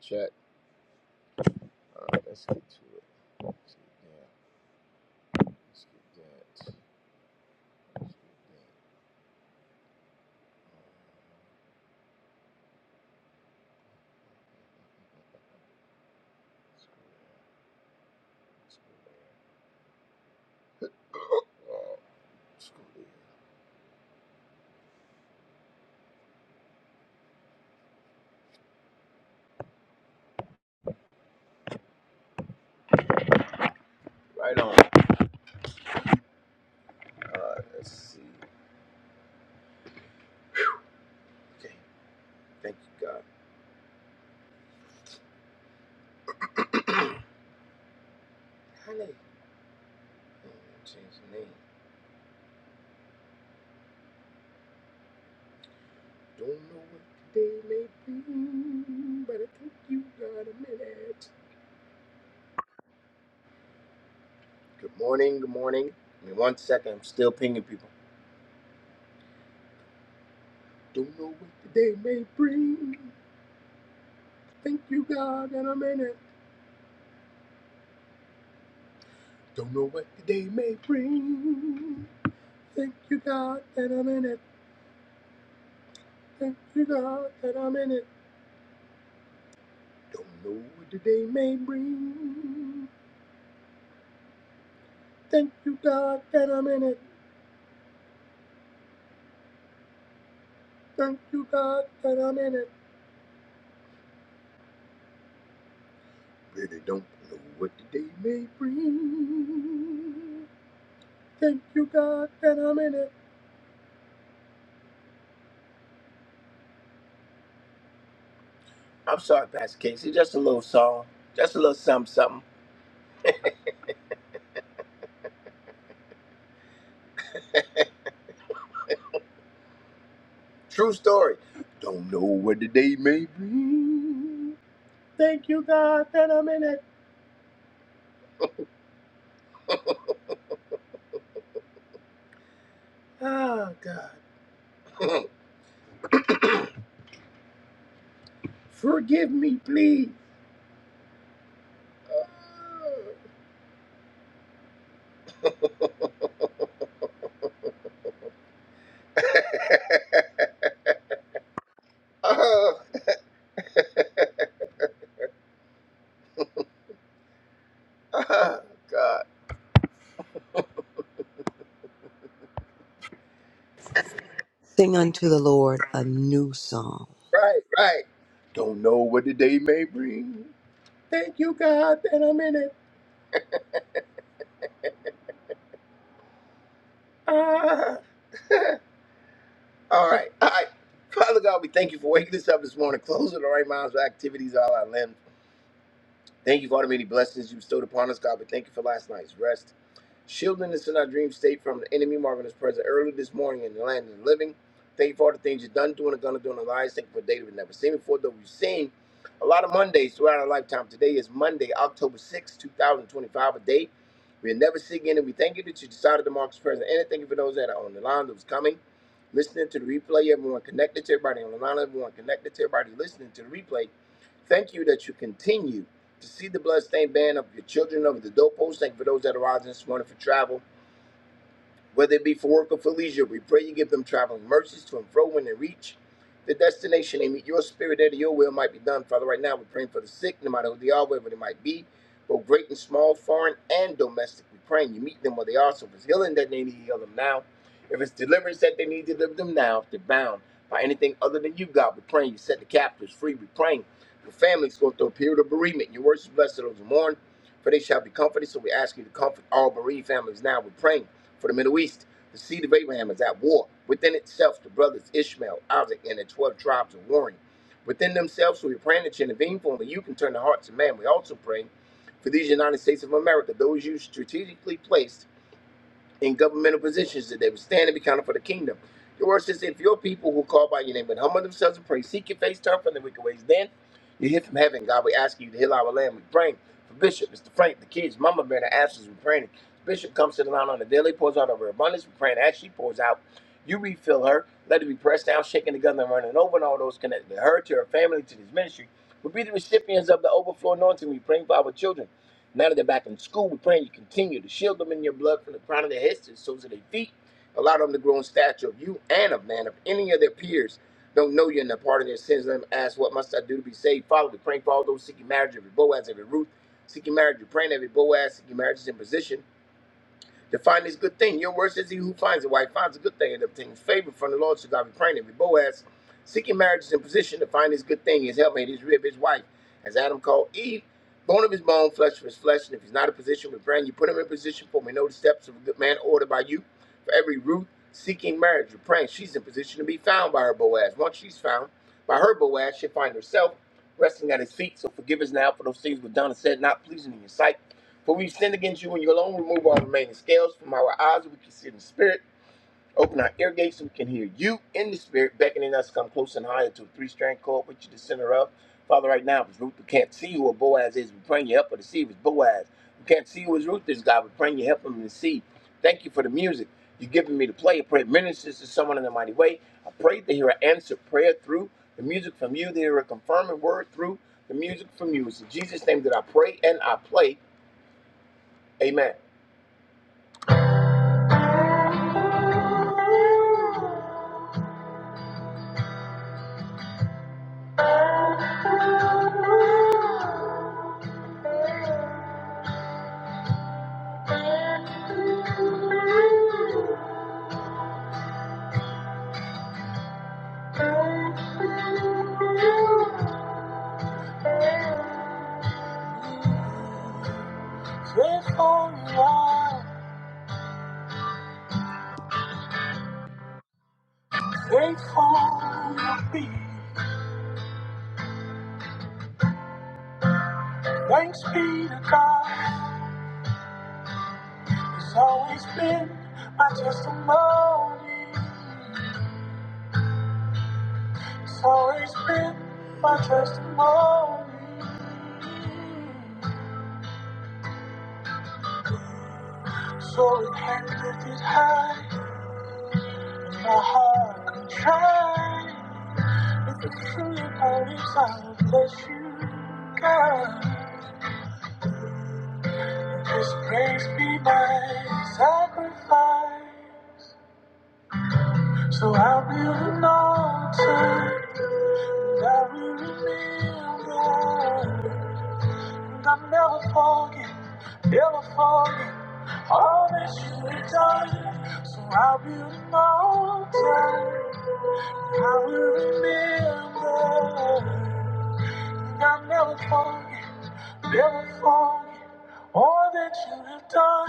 Chat. All right, let's get to it. Let's get that. Let's get that. Let's get that. Um, let's go there. Let's go there. Wow, let's go there. Right on. All right, let's see. Okay, thank you, God. Honey, I'm gonna change the name. Don't know what today may be, but I think you got a minute. Good morning, good morning. Give me one second, I'm still pinging people. Don't know what today may bring. Thank you, God, that I'm in it. Don't know what the day may bring. Thank you, God, that I'm in it. Thank you, God, that I'm in it. Don't know what the day may bring. Thank you, God, that I'm in it. Thank you, God, that I'm in it. Really don't know what the day may bring. Thank you, God, that I'm in it. I'm sorry, Pastor Casey. Just a little song. Just a little something, something. True story. Don't know what the day may bring. Thank you, God, that I'm in it. Ah, God. Forgive me, please. Oh, oh, God. Sing unto the Lord a new song. Right, right. Don't know what the day may bring. Thank you, God, that I'm in it. Ah. all right, all right. Father God, we thank you for waking us up this morning, closing the right minds with activities, all our limbs. Thank you for all the many blessings you bestowed upon us, God. But thank you for last night's rest, shielding us in our dream state from the enemy, marking us present early this morning in the land of the living. Thank you for all the things you've done, doing, and gonna do in our lives. Thank you for a day that we've never seen before, though we've seen a lot of Mondays throughout our lifetime. Today is Monday, October sixth, 2025, a day we'll never see again. And we thank you that you decided to mark us present. And thank you for those that are on the line, those coming, listening to the replay, everyone connected to everybody on the line, everyone connected to everybody listening to the replay. Thank you that you continue. To see the bloodstained band of your children over the doorpost, thank you for those that are rising this morning for travel. Whether it be for work or for leisure, we pray you give them traveling mercies to and fro when they reach the destination. They meet your spirit there that your will might be done. Father, right now we're praying for the sick, no matter who they are, wherever they might be, both great and small, foreign and domestic. We're praying you meet them where they are. So if it's healing that they need, heal them now. If it's deliverance that they need, deliver them now. If they're bound by anything other than you, God, we're praying you set the captives free. We're praying for families going through a period of bereavement. Your words blessed those who mourn for they shall be comforted. So we ask you to comfort all bereaved families now. We're praying for the Middle East. The seed of Abraham is at war within itself. The brothers Ishmael, Isaac, and the 12 tribes are warring within themselves. So we're praying that you intervene for only you can turn the hearts of man. We also pray for these United States of America, those you strategically placed in governmental positions that they would stand and be counted for the kingdom. Your word says, if your people who call by your name would humble themselves and pray, seek your face, turn from the wicked ways, then you hear from heaven. God, we ask you to heal our land. We pray for Bishop, Mr. Frank, the kids, Mama Bear, the answers. We're praying. Bishop comes to the line on the daily, pours out of her abundance. We're praying as she pours out. You refill her. Let it be pressed down, shaken together, and running over, and all those connected to her, to her family, to this ministry. will be the recipients of the overflow anointing. We pray for our children. Now that they're back in school, we're praying you continue to shield them in your blood from the crown of their heads to the soles of their feet. Allow them to grow in stature of you and of man. If any of their peers don't know you and are part of their sins, let them ask, What must I do to be saved? Father, we pray for all those seeking marriage, every Boaz, every Ruth, seeking marriage. You're praying every Boaz, seeking marriage is in position to find this good thing. Your word says he who finds a wife finds a good thing and obtains favor from the Lord. So God be praying every Boaz, seeking marriage is in position to find his good thing, his helpmate, his rib, his wife, as Adam called Eve, bone of his bone, flesh of his flesh. And if he's not in position with brand, you put him in position for me. Know the steps of a good man ordered by you. For every root seeking marriage, you're praying she's in position to be found by her Boaz. Once she's found by her Boaz, she'll find herself resting at his feet. So forgive us now for those things we've done and said, not pleasing in your sight. For we sinned against you and you alone remove all remaining scales from our eyes, we can see in the spirit. Open our ear gates so we can hear you in the spirit, beckoning us to come close and higher to a three strand cord, which you the center of. Father, right now, if it's Ruth who can't see who or Boaz is, we pray you help her to see if it's Boaz. Who can't see who as Ruth is, God, we pray you help him to see. Thank you for the music you are giving me to play. I pray it ministers to someone in a mighty way. I pray they hear an answered prayer through the music from you, they hear a confirming word through the music from you. It's in Jesus' name that I pray and I play. Amen. Therefore you are, therefore you'll be. Thanks be to God. It's always been my testimony. It's always been my testimony. So it can lift it high. My heart can try. If it's true, it I'll bless you, God. This praise be my sacrifice. So I build an altar and I remember. And I'll never forget, never forget all that you have done. So I build an altar and I will remember. And I'll never forget, never forget all that you have done.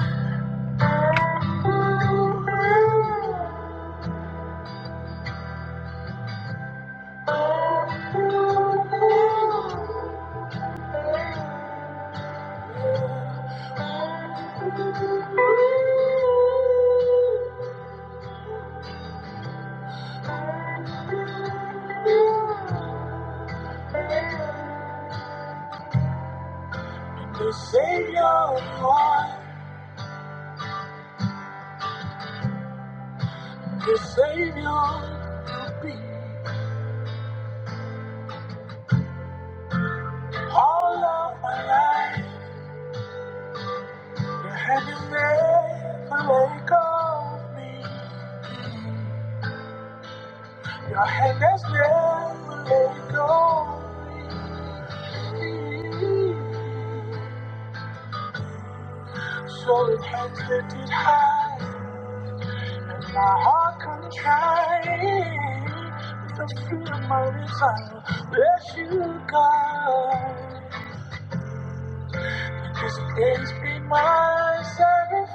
The Savior you are, the Savior you be. All of my life, your hand is never let go of me. Your hand has never let go of me. So it hands lifted high, and my heart contrite. With the fruit of my desire, bless you, God. Just this be my sacrifice.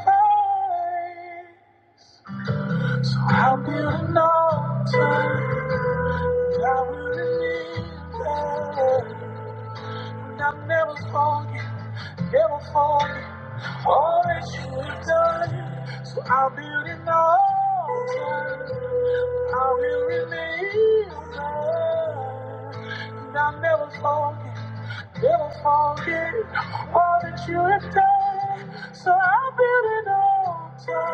So I'll build an altar. I will live there. I'll never forget, never forget all that you have done. So I'll build an altar. I will remember. And I'll never forget, never forget all that you have done. So I'll build an altar.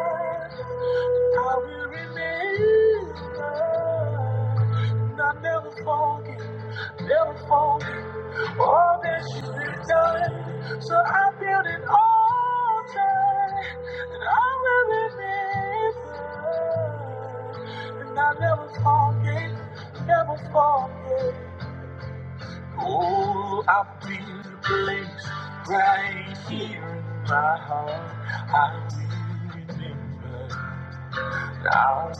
I will remember. And I'll never forget, never forget. All that you've done, so I build an altar and I will remember, and I never forget, never forget. Oh, I feel the place right here in my heart. I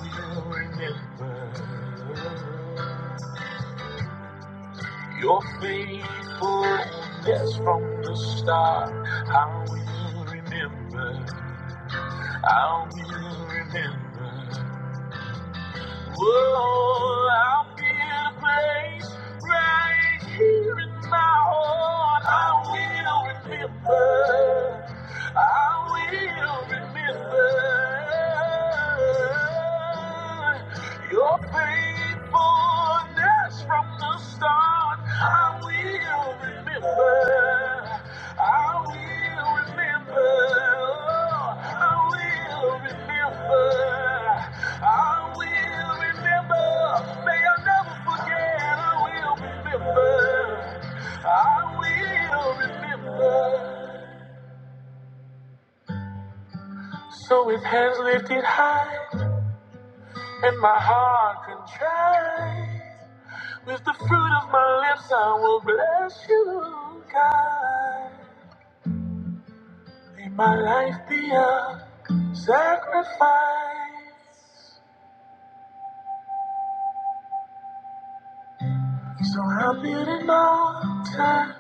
will remember, I will remember. Your faithfulness from the start, I will remember, I will remember. Whoa, I'm in a place right here in my heart. I will remember. I will remember your faithfulness from the start. I will remember. I will remember. I will so with hands lifted high and my heart contrite, with the fruit of my lips I will bless you, God. May my life be a sacrifice. Surrounded in altar.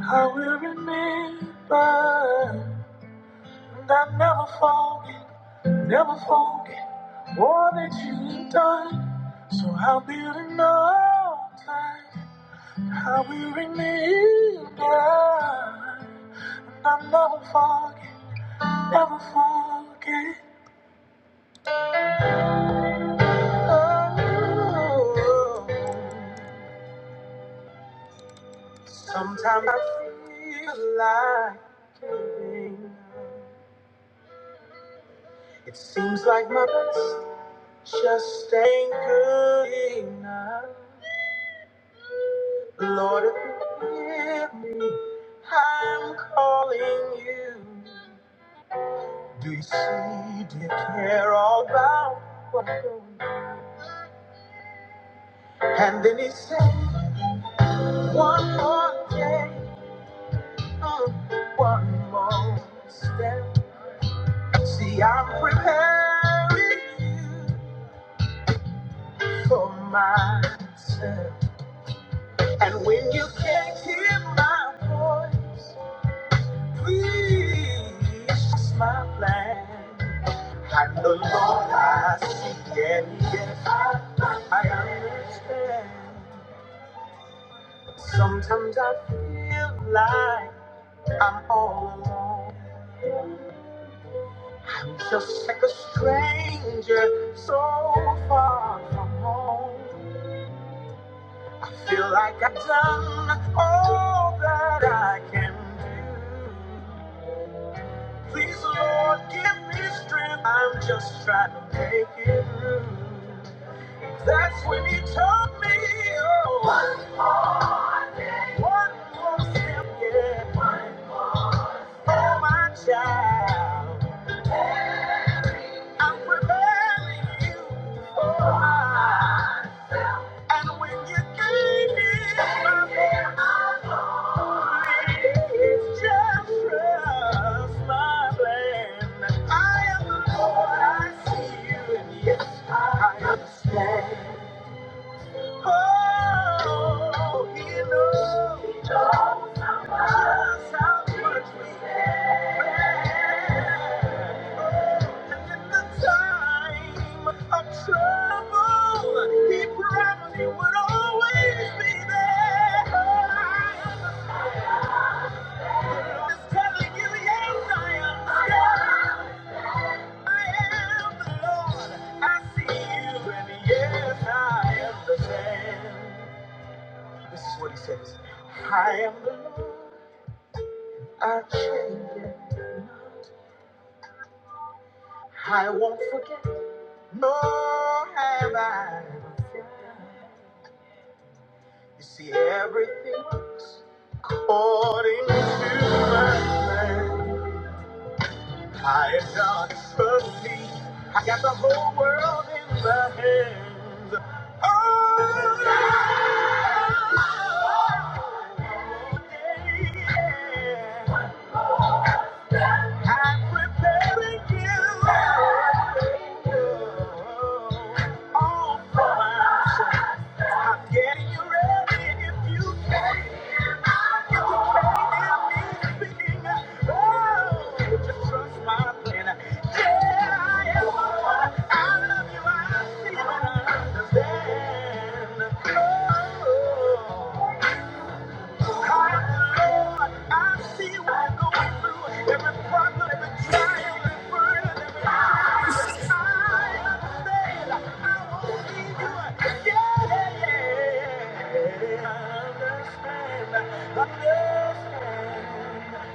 I will remember, and I never forget, never forget all that you've done. So I'll be in all time. I will remember, and I never forget, never forget. Oh, sometimes I feel like giving up. It seems like my best. Just ain't good enough. Lord, forgive me. I'm calling you. Do you see? Do you care all about what I'm doing? And then he said, One more day, uh, one more step. See, I'm preparing you for myself. And when you can't hear my voice, Please, it's my plan. I know Lord I see and yes, I I understand. Sometimes I feel like I'm all alone. I'm just like a stranger so far from home. I feel like I've done all that I can do. Please, Lord, give me strength. I'm just trying to make it through. That's when you told me, oh, one more one more step, yeah. one more. Oh, my child, I'm preparing you for mine. And when you gave me my please just trust my plan. I am the Lord, I see you, and yes, I understand. Oh, he knows just how much we have. Oh, And in the time of trouble, he promised he would always be there. The Lord telling you, you, yes, yes, I I I I am. the Lord. I see you, and yes, I understand. This is what he says. I am the Lord, I change it. I won't forget, nor have I. forgotten. You see, everything works according to my plan. I am God firstly. I got the whole world in my hands. Oh, yeah. I'm preparing you all for myself. I'm getting you ready if you can. You can faith in me speaking. Oh, just trust my plan. Yeah, I am. I love you. I see and understand. Oh.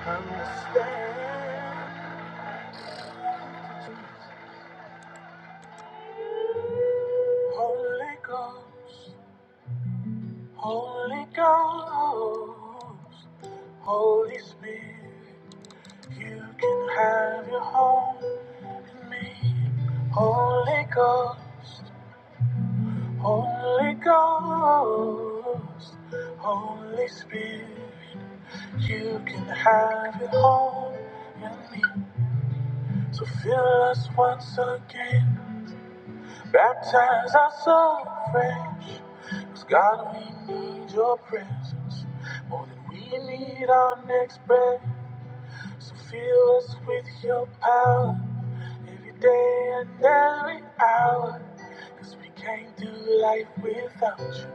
Understand, Holy Ghost, Holy Ghost, Holy Spirit. You can have your home in me. Holy Ghost, Holy Ghost, Holy Spirit. You can have your home in me. So fill us once again. Baptize us so fresh. 'Cause God, we need your presence more than we need our next breath. So fill us with your power. Every day and every hour, 'cause we can't do life without you.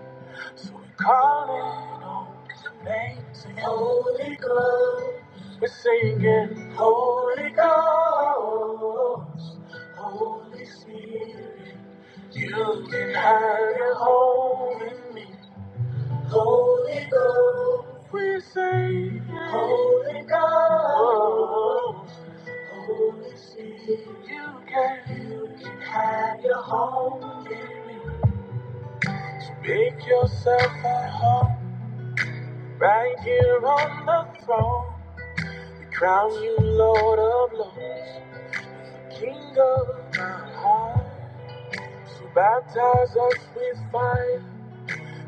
So we're calling on the name of Holy Ghost. We're singing, Holy Ghost, Holy Spirit, you can have your home in me. Holy Ghost, we say, Holy Ghost, Holy Spirit, you can, you can have your home in me. So make yourself at home, right here on the throne. We crown you Lord of Lords, King of my heart. So baptize us with fire.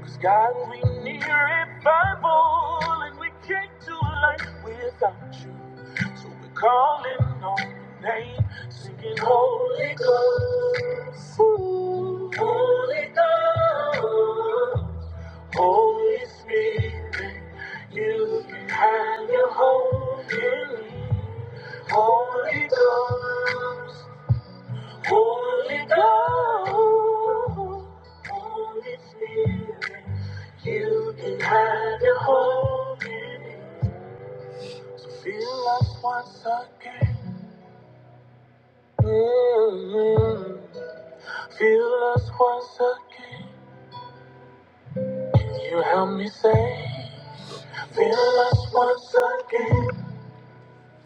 Cause God, we need revival, and we can't do life without you. So we're calling on your name, singing Holy Ghost. Ooh. Holy Ghost. Holy Spirit, you can have your home in me. Holy Ghost. Holy Ghost, Holy Spirit, you can have your whole minute. Feel us once again. mm Feel us once again. Can you help me say? Feel us once again.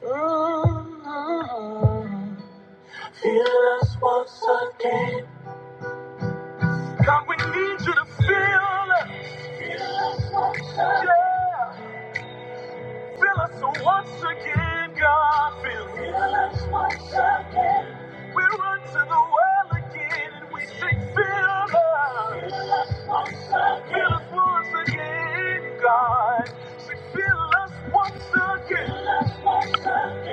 mm Feel us once again. God, we need you to fill us. Yeah. Fill us once again, God. Fill us. Fill us once again. We run to the well again and we say, fill us. Fill us once again, God. Say, fill us once again.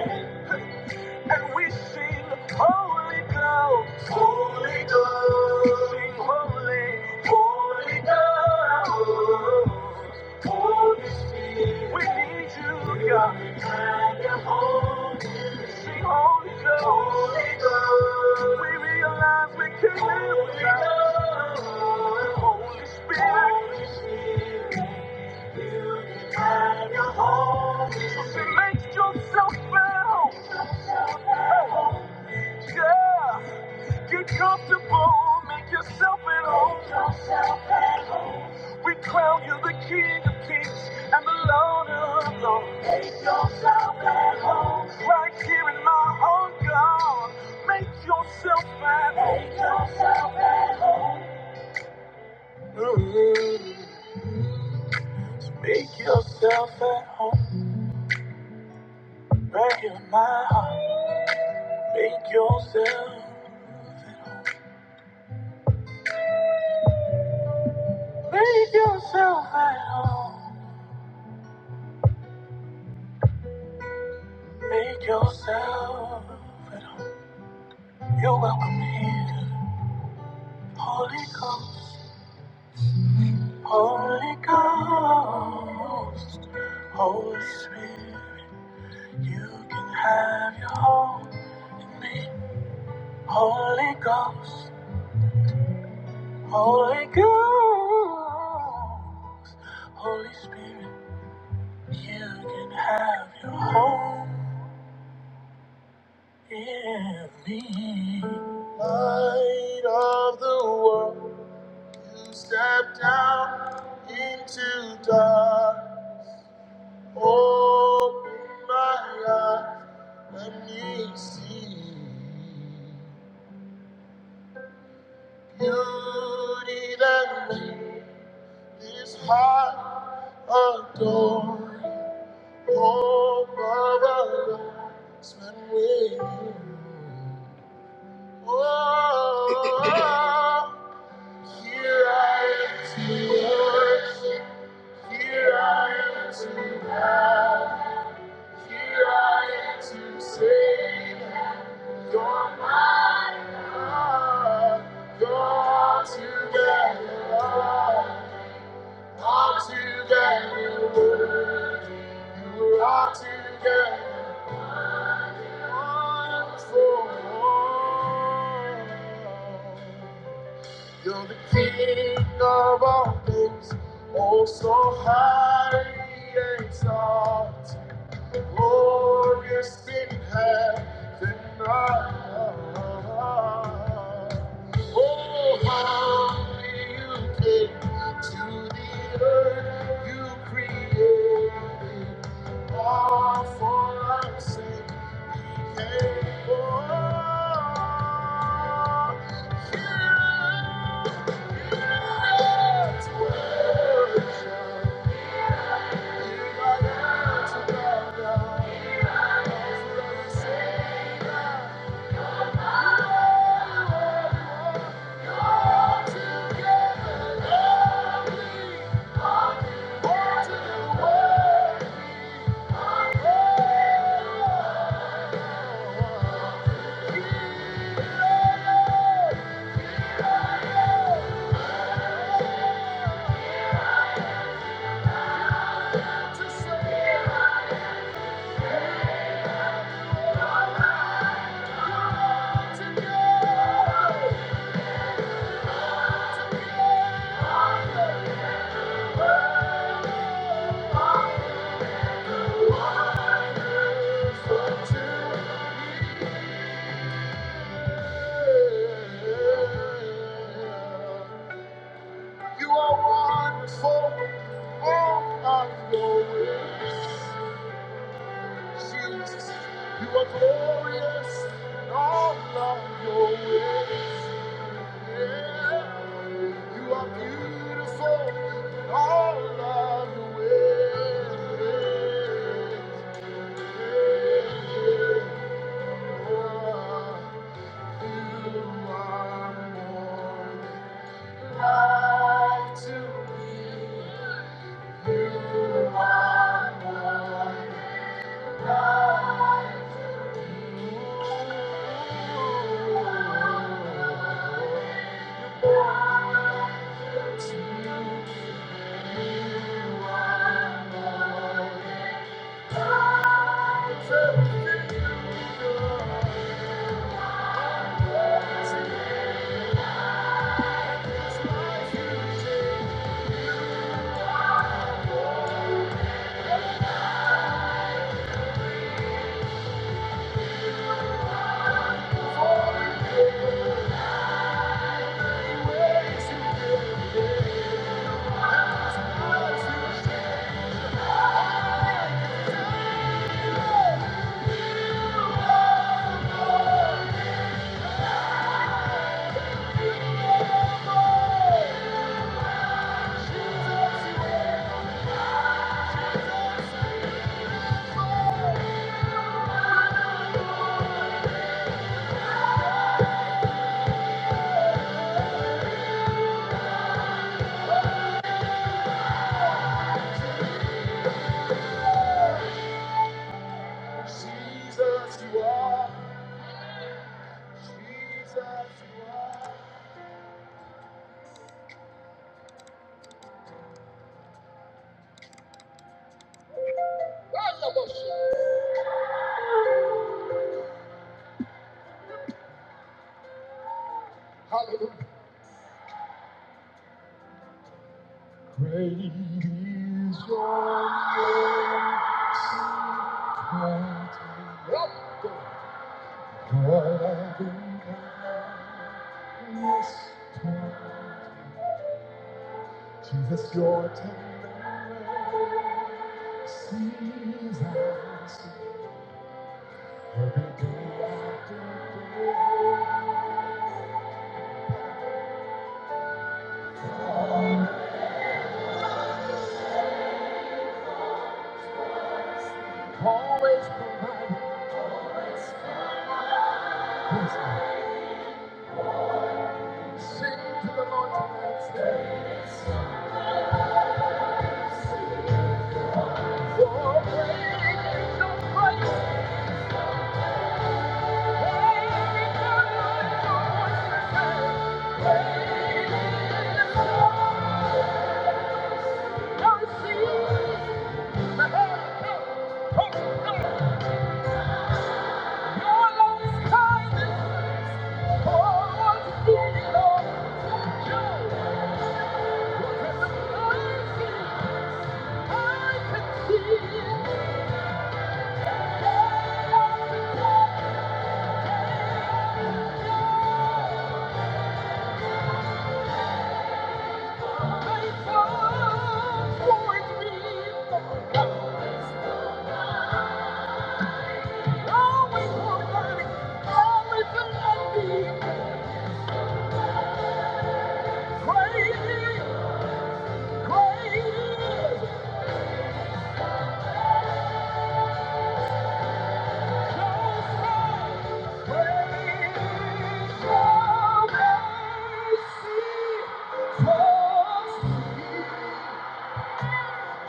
And we sing Holy God, Holy God, sing Holy, Holy God, Holy Spirit. We need you, God. and your home. Sing Holy God, Holy God. We realize we can live without you. Holy Spirit. Holy Spirit make yourself at home. Yeah, get comfortable, make yourself at home. We crown you the King of Kings and the Lord of Lords. Make yourself at home, right here in my own God. Make yourself at home. Make yourself at home. Mm. Make yourself at home. Breaking my heart. Make yourself. at home. Make yourself at home. Make yourself at home. You're welcome here. Holy Ghost. Holy Ghost. Holy Spirit. You can have your home in me. Holy Ghost. Holy Ghost. Holy Spirit. You can have your home in me. Light of the world, you step down into dark. Open my eyes, let me see. Beauty that made this heart adore. Hope of a life's with you. Oh, here I am to worship. Here I am to love. Here I am to say, You're my God. You're together, Lord. All together, worthy. You are together, wonderful. You're the king of all things, oh so highly exalted, glorious in heaven. and earth. Oh, how you came to the earth, you created all for our sin. Came for us. Together, together. You are wonderful, all of your ways. Jesus, you are glorious in all of your ways. Yeah. You are beautiful in all of your ways. Thank you. Cause your touch heals us. Every day I always provide a place. Sing to the Lord tonight. For great is your grace. Thank you. Your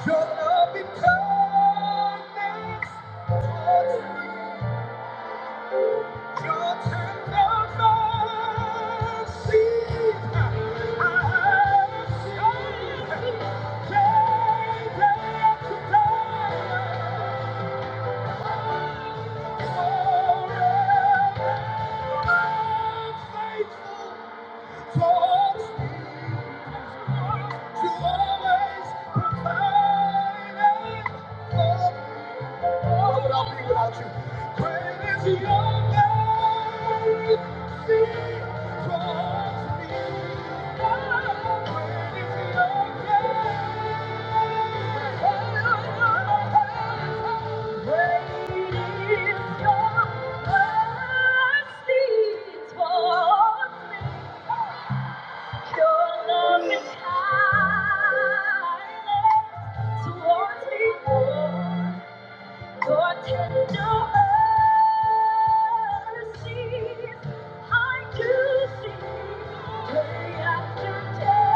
love becomes Your tender mercies I have seen day after day. Forever faithful, you always Oh, you. your mercy towards me. Great is your mercy towards me. Your love is kindness towards me, Lord. Your tender mercies I do see day after day.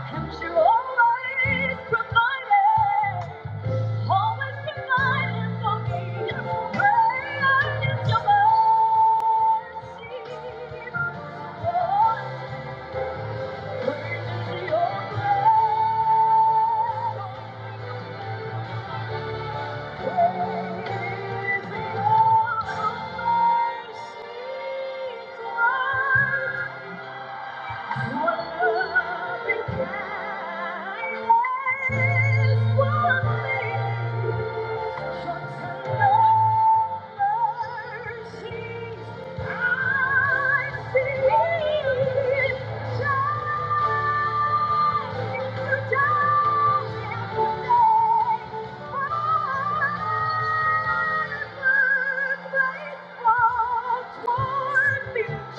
Oh, and you always provided. Always providing for me. Great is your mercy. Lord, Great is your grace. Great is your mercy. towards me.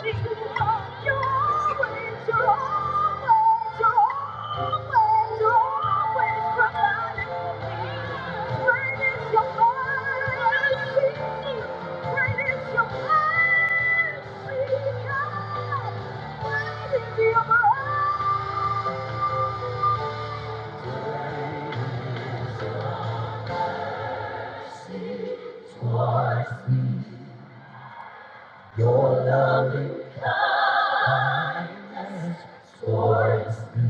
Thank you. Your loving towards me.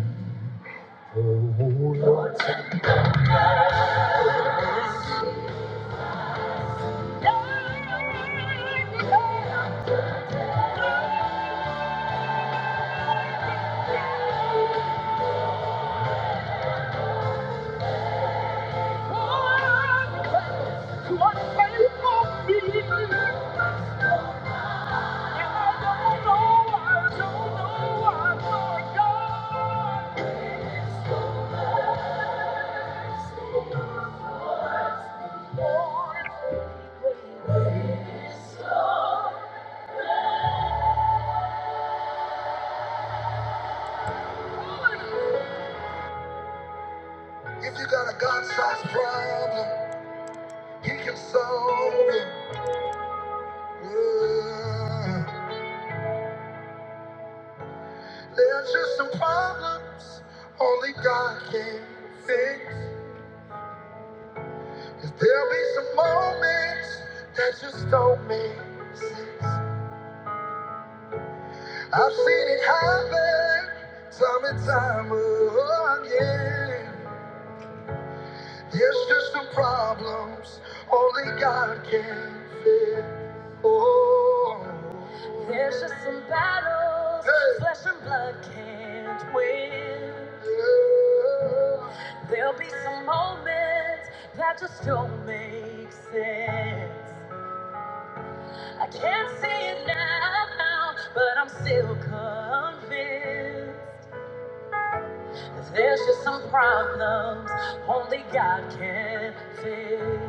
Oh, Lord, If you got a God-sized problem, He can solve it. Yeah. There's just some problems only God can fix. Cause there'll be some moments that just don't make sense. I've seen it happen time and time again. There's just some problems only God can fix. There's just some battles Hey. flesh and blood can't win. There'll be some moments that just don't make sense. I can't see it now, but I'm still convinced. There's just some problems only God can fix.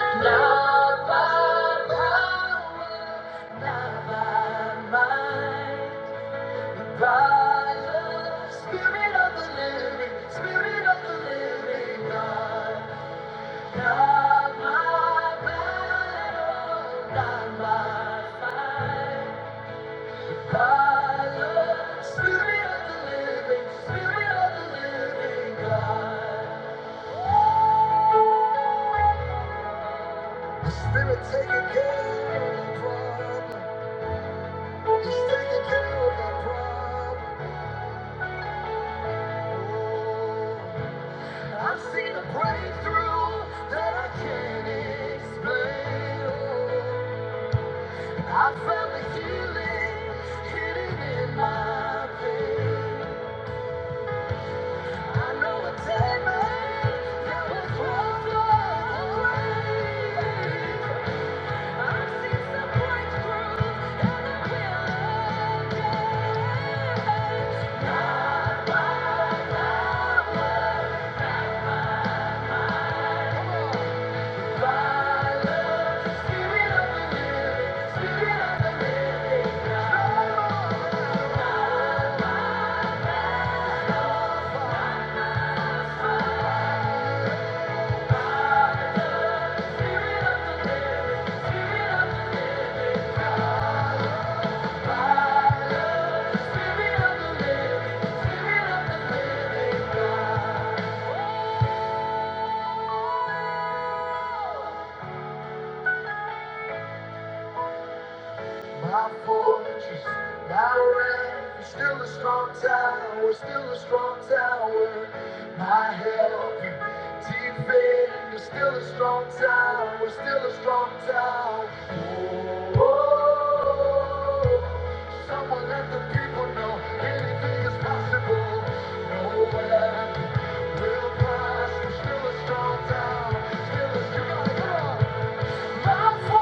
Not by power, not by might, but by the Spirit of the living, Spirit of the living God. Not my battle, not my fight. Spirit of the living, spirit of the living God. The spirit taking care of the problem. He's taking care of the problem. I've seen a breakthrough that I can't explain. Oh, I found the healing hidden in my pain. I know it take me till it's washed away. I've seen some breakthrough with faith. Now come on, by the Spirit of the Living, Spirit of the Living God. Spirit of the Living, Spirit of the My fortress, my refuge, still a strong tower, still a strong tower. My help, defender, still a strong tower, still a strong tower. Oh, oh, someone let the people know anything is possible. No weapon will prosper, still a strong tower, still a strong tower. Oh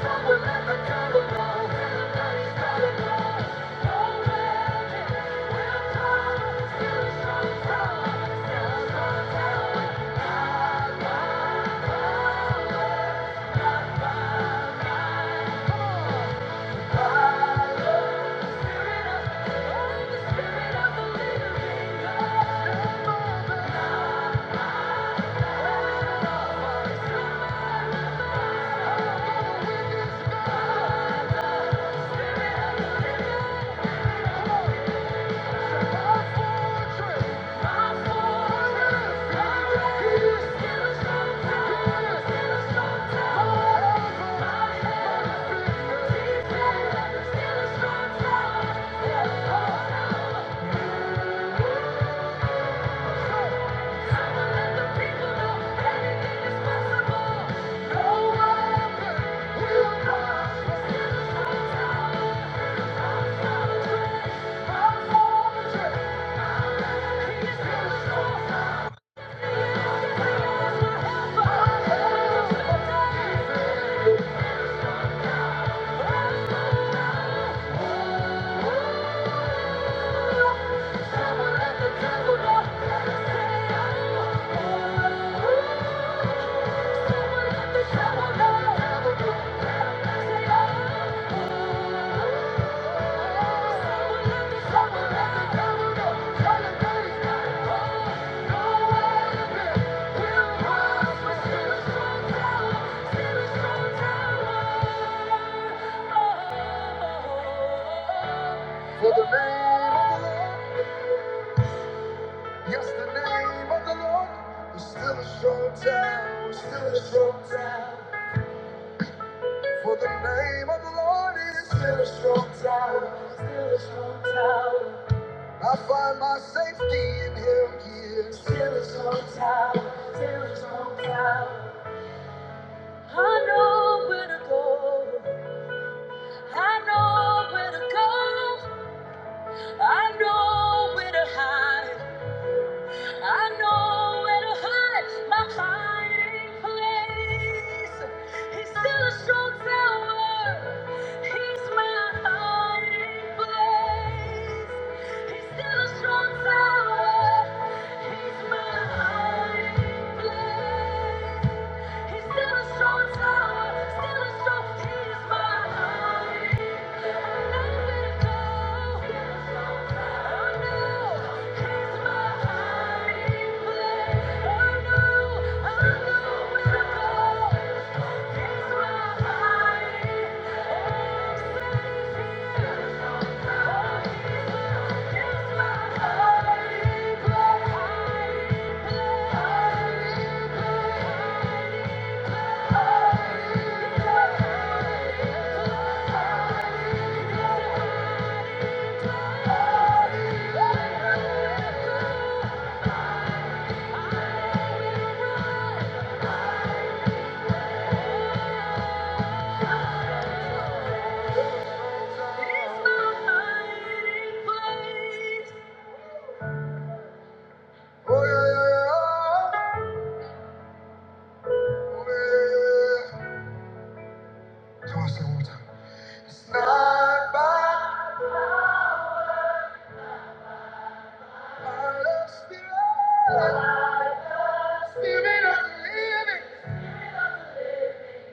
Thank you. Thank you. Yeah. Thank you. For the name of the Lord. Yes, the name of the Lord is still a strong town, still a strong town. For the name of the Lord is still a strong tower. Still a strong tower. I find my safety in Him. He is still a strong tower. Still a strong tower. I know where to go. I know where to go. I know where to hide. I know where to hide my hiding place. He's still a strong tower. He's my hiding place. He's still a strong tower. He's my hiding place. He's still a strong tower, still a strong. He my hiding. I know where to go. he's my hiding place. I know, I know where to go. He's my hiding, place, run.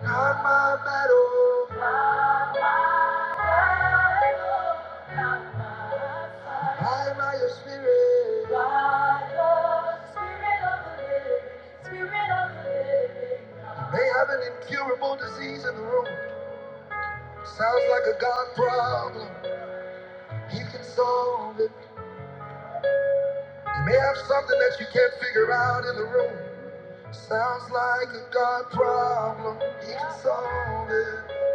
Not my battle, by my spirit. They have an incurable disease in the room. Sounds like a God problem. He can solve it. You may have something that you can't figure out in the room. Sounds like a God problem. He can solve it.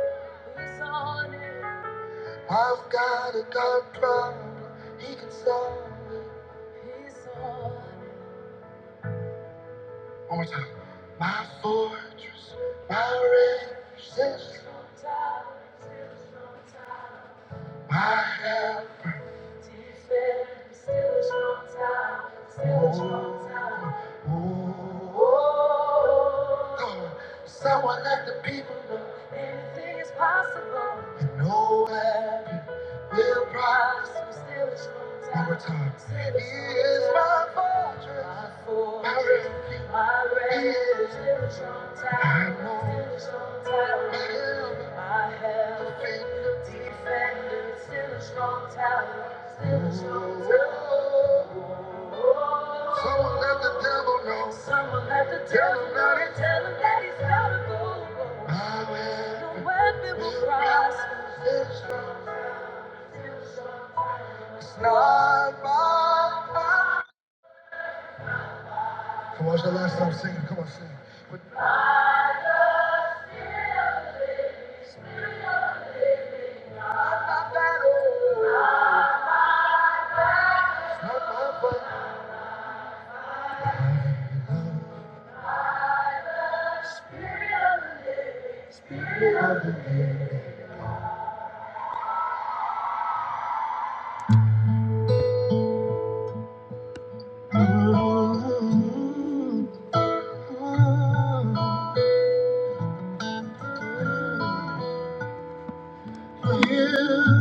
He's on it. I've got a God problem. He can solve it. He's on it. One more time. My fortress, my refuge, my help. Still a strong time, still a strong time. Oh, so I let the people know anything is possible. And nowhere will prosper. Still a strong time. One more time. Still a strong He is my time. fortress, my refuge, my refuge. He is Still a strong time. I know. Still a strong time. I have been defended, still a strong tower, still a strong tower. Someone knows. Someone had to tell him that it, tell him that he's gotta go. No weapon will prosper. Still a strong tower. No. Come on, it's the last time singing. Come on, sing. But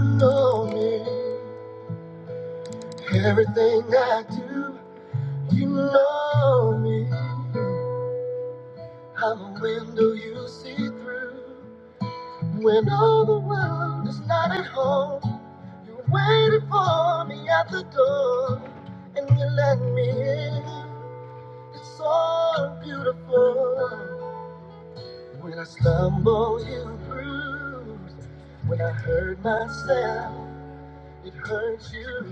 you know me, everything I do, you know me. I'm a window you see through when all the world is not at home. You waited for me at the door and you let me in. It's so beautiful. When I stumble, you bruise. When I hurt myself, it hurts you.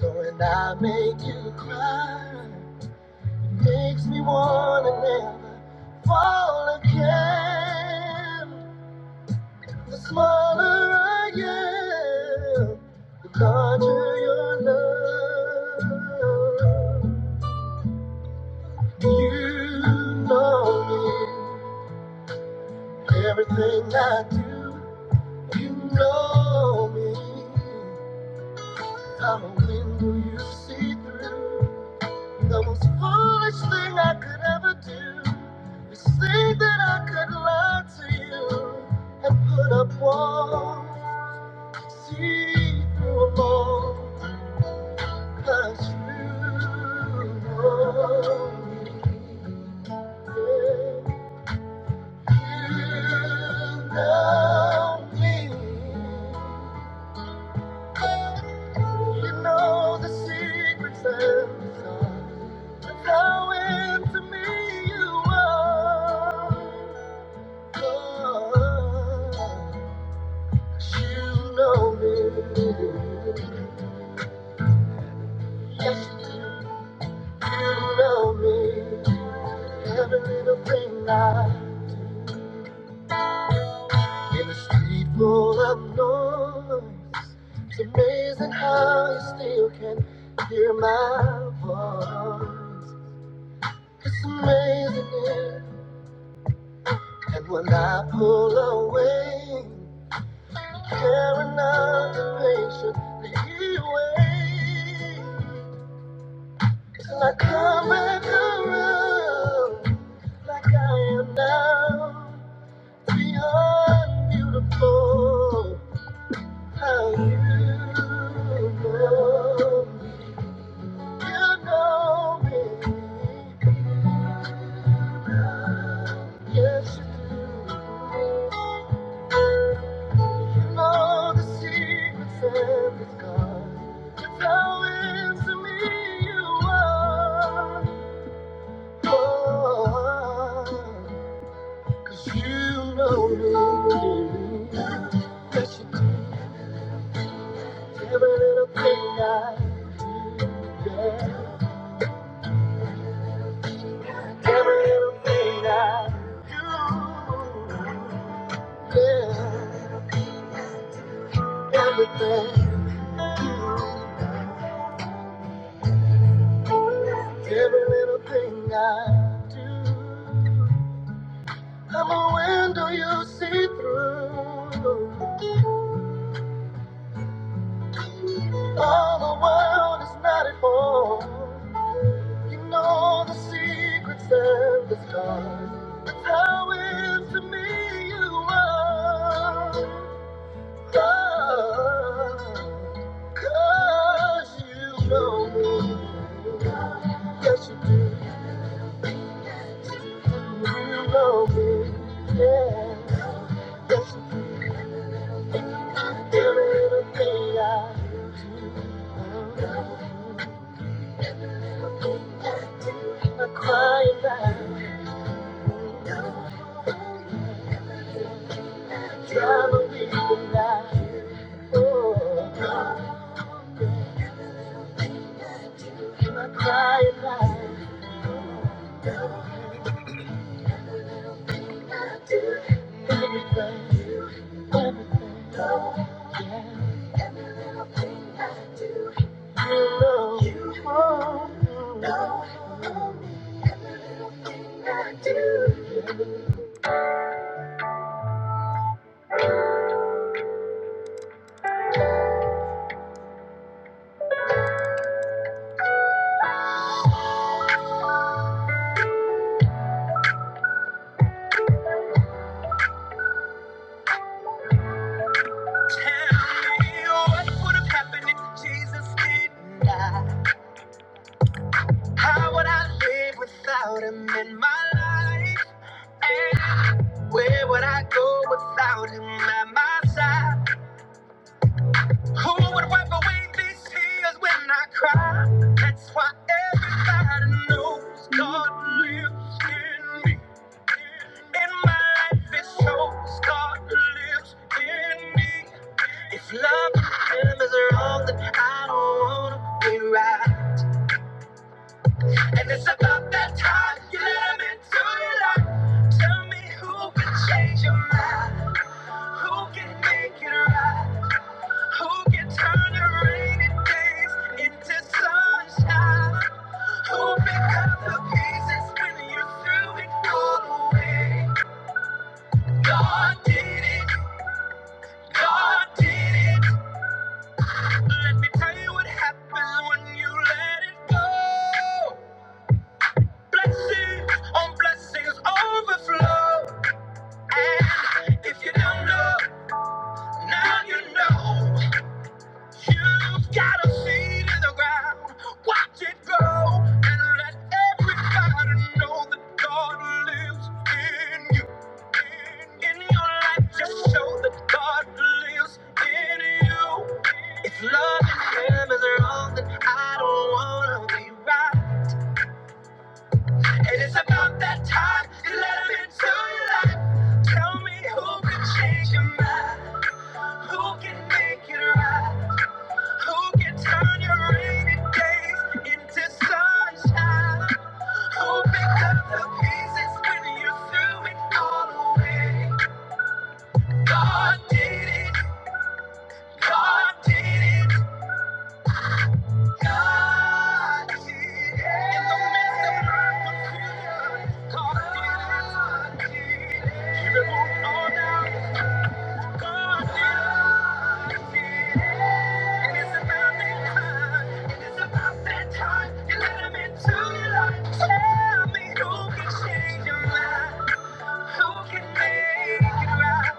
So when I make you cry, it makes me wanna never fall again. The smaller I am, the larger your love. You know me, everything I do. You know me, I'm a window you see through. The most foolish thing I could ever do is think that I could lie to you and put up walls, see through a wall. 'Cause you know now me. You know the secrets and thoughts of how into me you are. 'Cause you know me. Yes, you know me. Every little thing I pull up north. It's amazing how you still can hear my voice. It's amazing, yeah. And when I pull away, carrying not the patient, the way. Till I come back around, like I am now. Beyond beautiful, how you know me. You know me. Yes, you do. know the secrets of the sky. Now it's to me you are. Oh, Cause you know me. Yes, you do. Every little thing I do, every little thing I do. I'm a window you see through. All the world is not at home. You know the secrets of the stars. How is to me you are. God, 'cause you know me. Yes, you do know me. Yeah. Every little thing I do. I cry and laugh. Drive a Oh, I cry and Everything, everything. Yeah. You know. you know. What would have happened if Jesus didn't die? How would I live without him in my life? And where would I go without him at my side? Who would wipe away these tears when I cry? That's why everybody knows God lives in me. And my life is so scarred, lives in me. If love is wrong, then I don't wanna be right. And it's about that time you let me into your life. Tell me who can change your mind, who can make it right, who can turn your rainy days into sunshine, who pick up the pieces when you threw it all away. God did it. God did it. Let me tell you what happens when you let it go. Blessings on blessings overflow. And if you don't know, now you know. You've got a seed in the ground. Watch it grow and let everybody know that God lives in you. In, in your life, just show that God lives in you. It's loving Him is wrong, then I don't wanna be right. And it's about that time you let Him into your life. Tell me who can change your mind, who can make it right. Who can turn your rainy days into sunshine? Who picked up the pieces when you threw it all away? God did it. God did it. God did it. In the midst of my confusion, God did it. He removed all doubt. God did it. And it's about that time. And it's about that time. You let him into your life. Tell me who can change your mind. Who can make it right?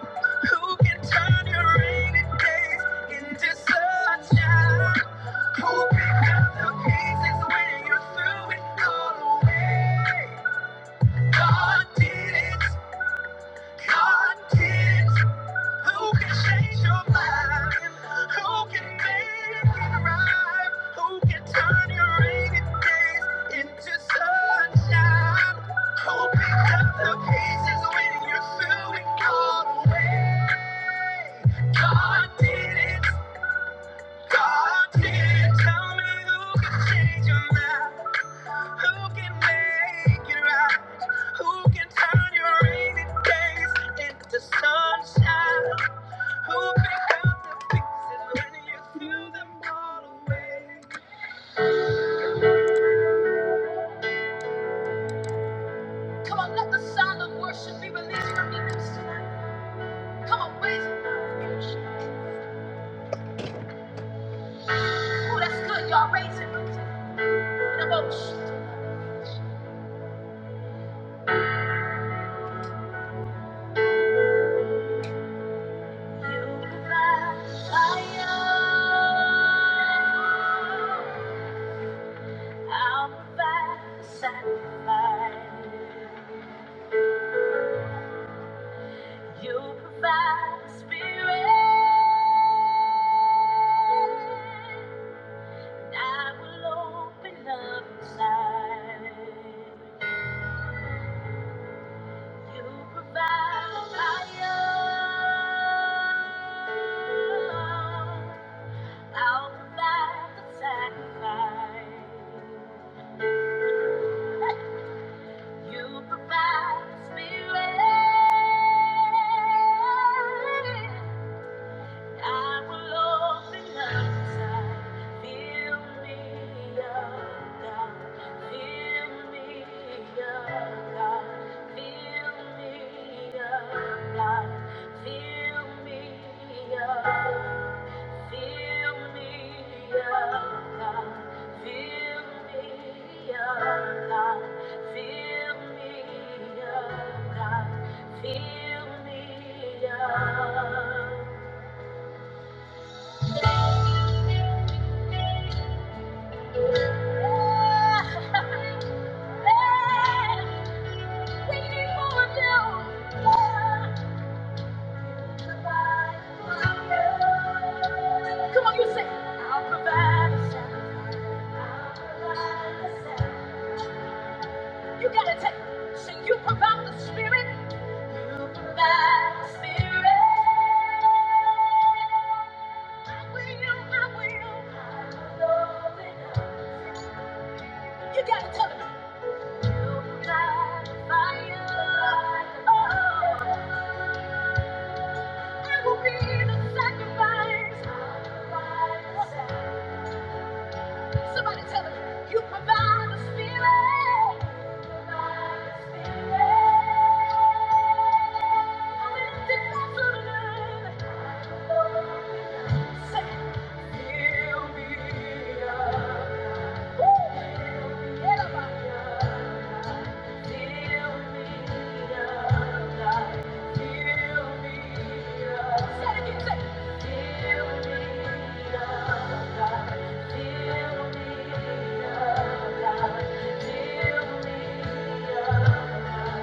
Who can turn your rainy days into sunshine? Who pick up the pieces when you threw it all away? God did it. God did it. Who can change your mind? Who can make it right? Who can turn your rainy days into sunshine? Who picked up the pieces when you're feeling all away? God did it. God did it. Tell me who can change your mind? Who can make it right? Who can turn your rainy days into sunshine? Come on, let the sound of worship be released from your lips tonight. Come on, raise it. Oh, that's good, y'all. Raise it. Raise it. In a boat. You provide fire. I'll provide the sacrifice. You provide the spirit. I will open up inside. You provide the fire. I'll provide the sacrifice. You provide the spirit. I will open up inside. Fill me up, God. Fill me up, God. Fill me up, God. Fill me up. Fill me up, God. Fill me up, God. Fill me up, God. Fill me up. Come on, you say, gotta take, sing, you provide the spirit. You I will the sacrifice. Somebody tell him, you provide the spirit. Thank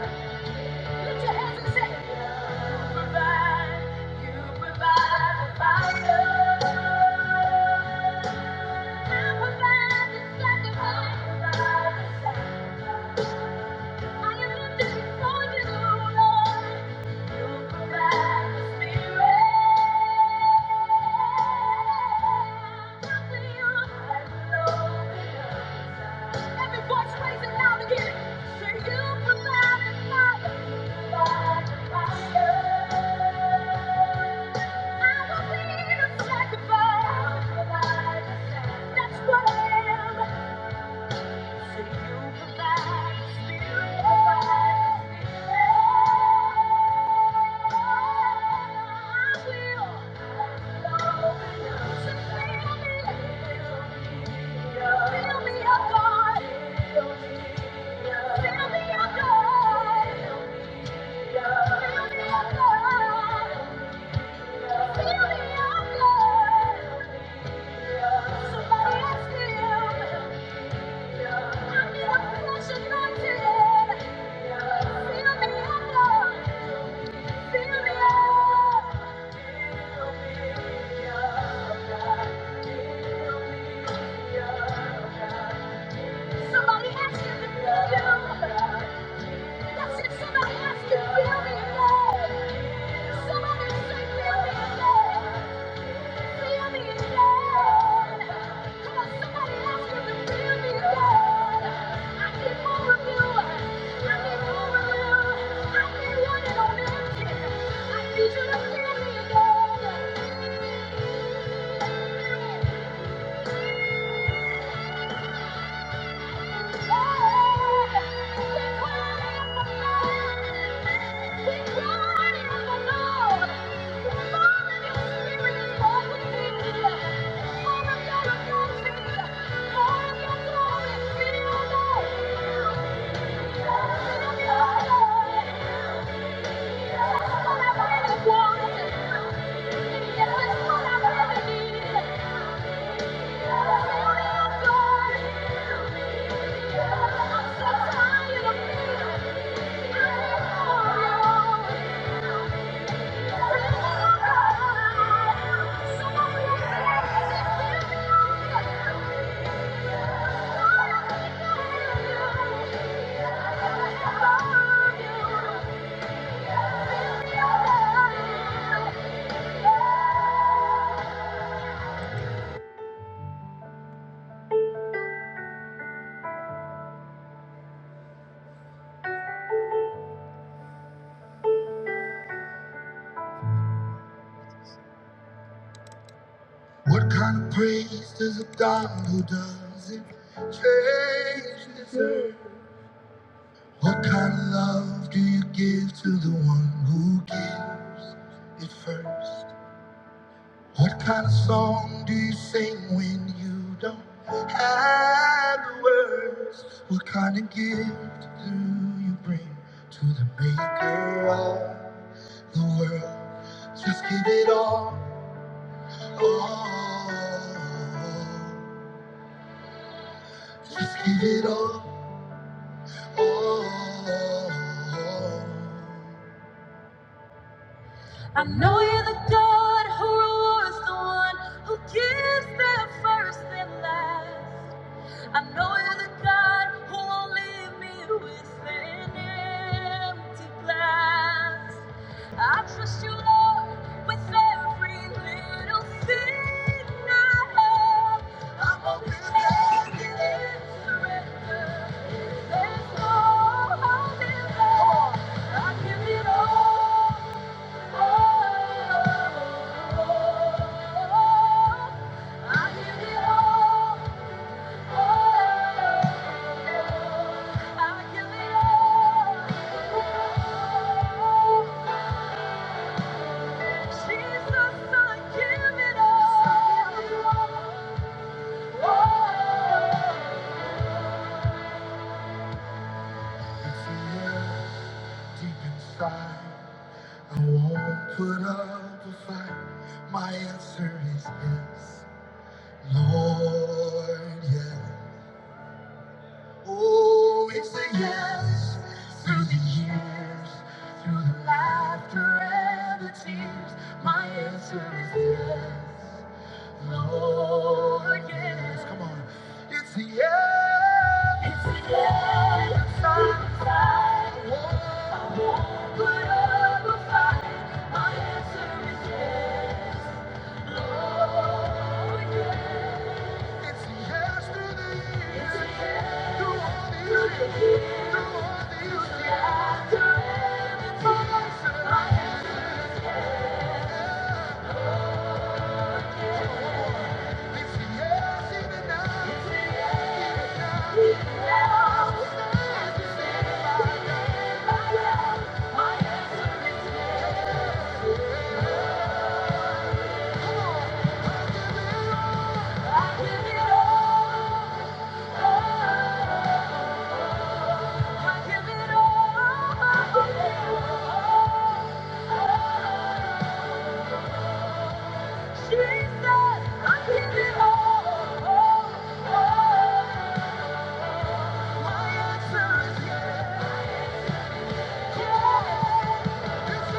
you. Lift your hands and You provide, you provide the fire. You provide the sacrifice. I am lifted before you, do, Lord. You provide the spirit. Every voice raise it loud again. Say you provided Father. Provide provider. I will the sacrifice. I will provide the sacrifice. That's what I am feel me, up, Lord. Somebody ask him. Somebody has to feel you. That's it. Somebody has to feel me again. Somebody say feel me again. I need you to feel me again. I Thank you. What kind of praise does a God who doesn't change deserve? What kind of love do you give to the one who gives it first? What kind of song do you sing when you don't have the words? What kind of gift do you bring to the maker of the world? Just give it all. all. Just give it all. I know you're the God who rewards the one who gives them first and last. I know you're the God who won't leave me with an empty glass. I trust you, Lord, with every little thing I have. I'm open-handed in surrender. There's no holding back. I give it all. Yes. Deep inside, I won't put up a fight. My answer is yes, Lord, yes. Oh, it's a yes through the years, through the laughter and the tears. For us and life, it's a yes even now. It's a yes even now. Even now. It's a yes by now. My answer is yes. Come on. I give it all. I give it all. Yeah. Yes. it's It's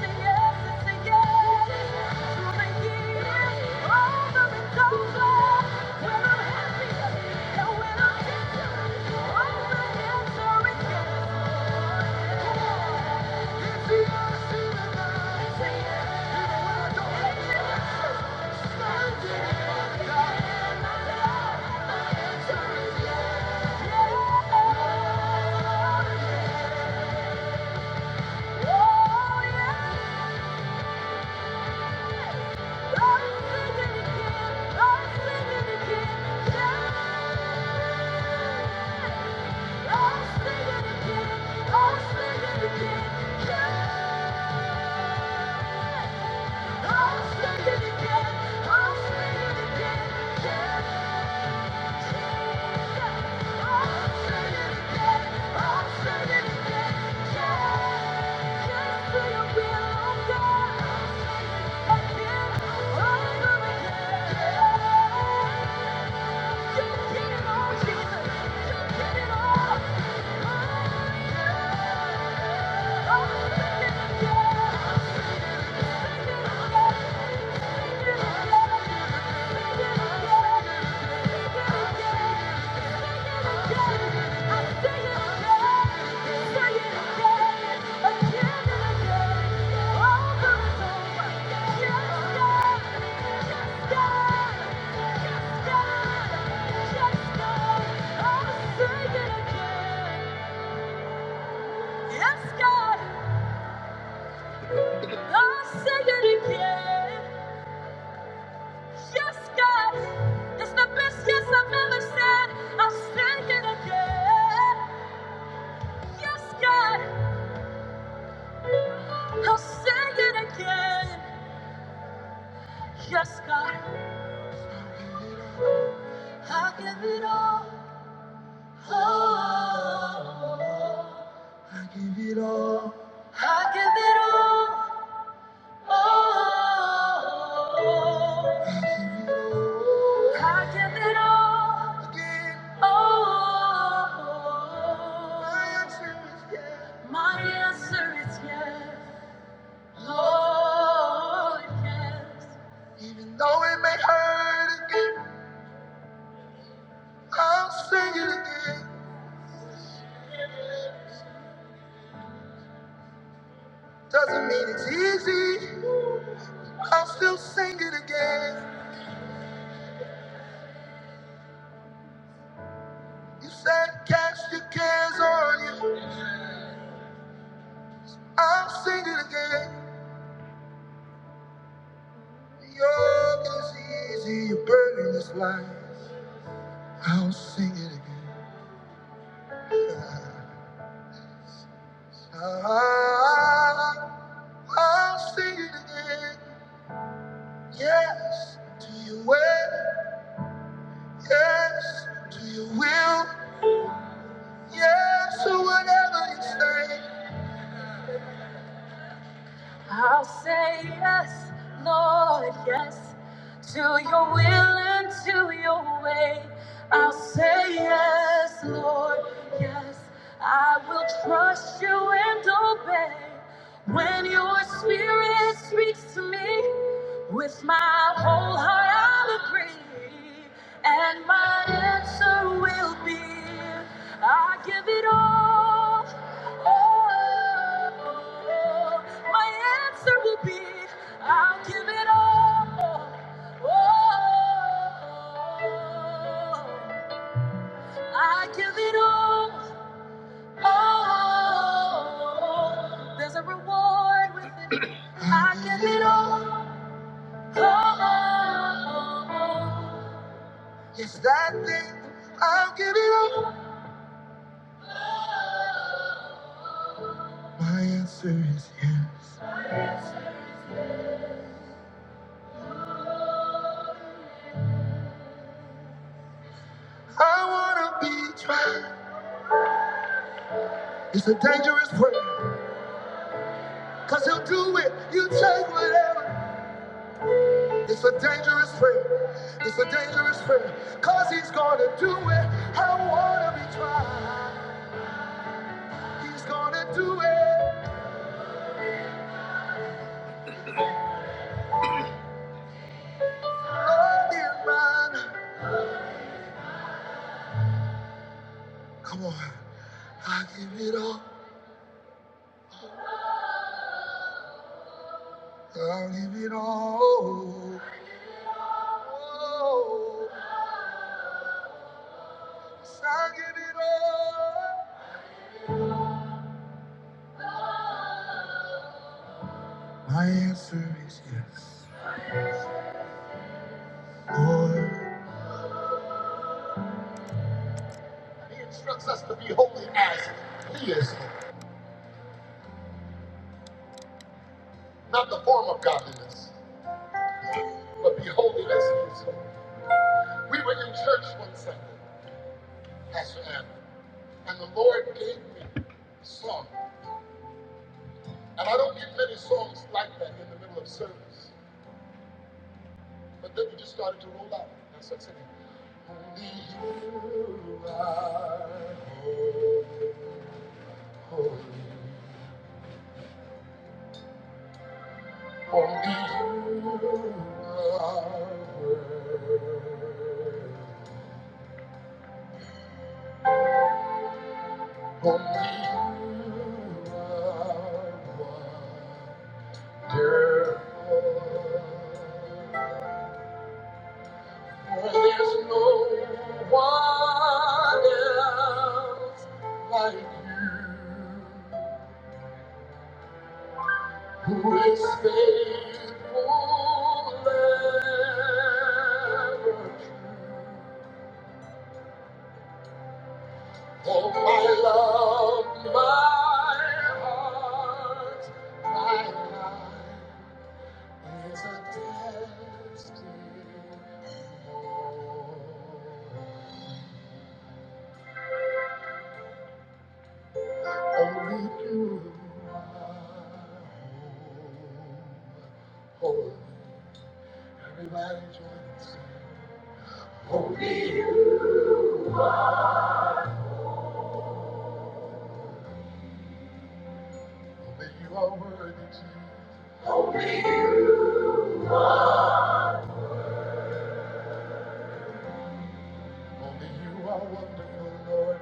a yes, it's a yes. yes. over the way over, when Oh, Yeah. Yeah. Yeah. Yes, God, I'll say it again. Yes, God, it's the best yes I've ever said. I'll sing it again. Yes, God, I'll sing it again. Yes, God, I give it all. Oh, I give it all. Oh, my answer is yes. My answer is yes. Lord, yes. Even though it may hurt again, I'll sing it again. Doesn't mean it's easy, I'll still sing it again. You said cast your cares on you, I'll sing it again. The yoke is easy, your burden is light, I'll sing it again. Ah, I'll sing it again, yes, to your way. Yes, to your will. Yes, to whatever you say. I'll say yes, Lord, yes. To your will and to your way, I'll say yes, Lord, yes. I will trust you and obey. When your spirit speaks to me, with my whole heart I'll agree, and my answer will be, I give it all. Oh, My answer will be, I'll give it all. Oh, I give it all. Oh, there's a reward with it. I give it all. Oh, it's that thing. I'll give it all. My answer is yes. I wanna be tried. It's a dangerous prayer, cause he'll do it. You take whatever. It's a dangerous prayer. It's a dangerous prayer. Cause he's gonna do it. I don't wanna be tried. He's gonna do it. Lord, dear mine. Come on. I give it all. I'll give it all. Oh, yes, I give it all. My answer is yes. Lord. We were in church one Sunday, Pastor Adam, and the Lord gave me a song. And I don't get many songs like that in the middle of service. But then we just started to roll out. And I started singing. Only you are holy. Only you are worthy. Only you are wonderful. There's no one else like you who is faithful ever. Oh, my love, my heart is attached to only you are holy. Everybody join us. Holy. Only you are worthy, Jesus. Only you are wonderful, Lord.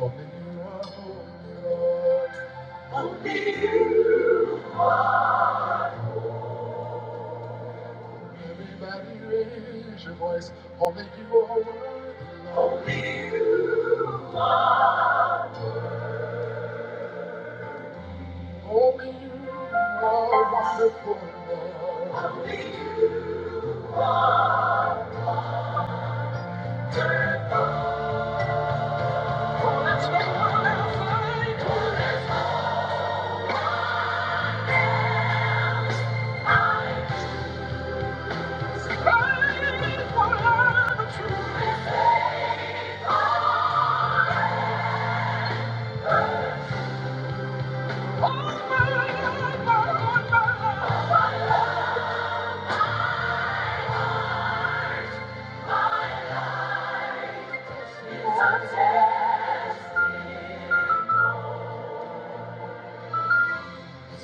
Only you are holy, Lord. Everybody raise your voice. Only you are worthy. Only you are wonderful, Lord.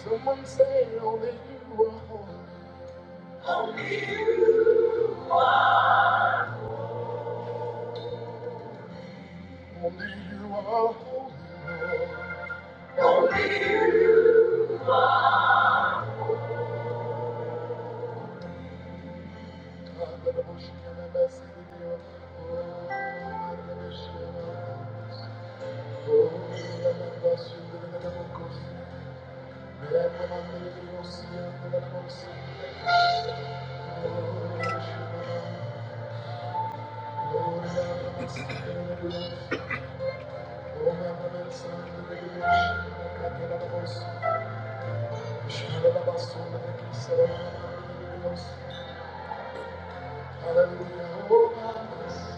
Someone say, only you are holy. Only you are holy, Lord. God, let the bush come and bless you. Oh, let the bush come. and bless you. Oh, let the bush come. and bless you. Let the man live in your sea and let the bush come. and bless you. Oh, Let the bush come. and bless you. Oh, Let the man son of the bush Let the bush come. and bless you. Hallelujah. oh, my bless you.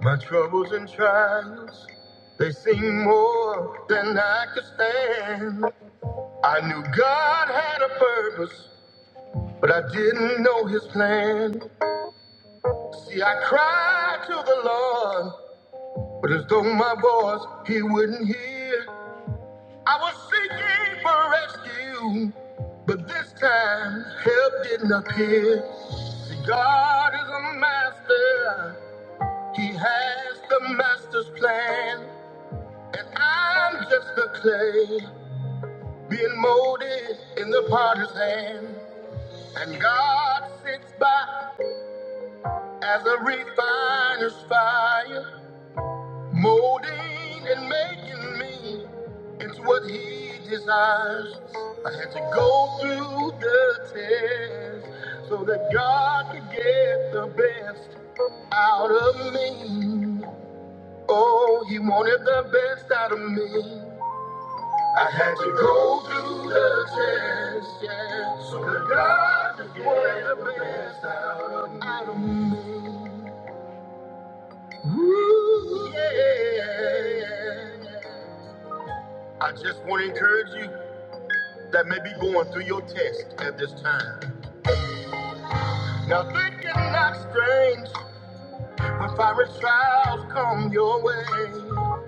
My troubles and trials, they seem more than I could stand. I knew God had a purpose, but I didn't know his plan. See, I cried to the Lord, but as though my voice he wouldn't hear. I was seeking for rescue, but this time help didn't appear. See, God is a master, he has the master's plan. And I'm just the clay being molded in the potter's hand. And God sits by As a refiner's fire, molding and making me into what he desires. I had to go through the test so that God could get the best out of me. Oh, he wanted the best out of me. I had to go through the test, yeah, so that God could get the best out of me. Ooh, yeah. I just want to encourage you that may be going through your test at this time. Now think it not strange when fiery trials come your way.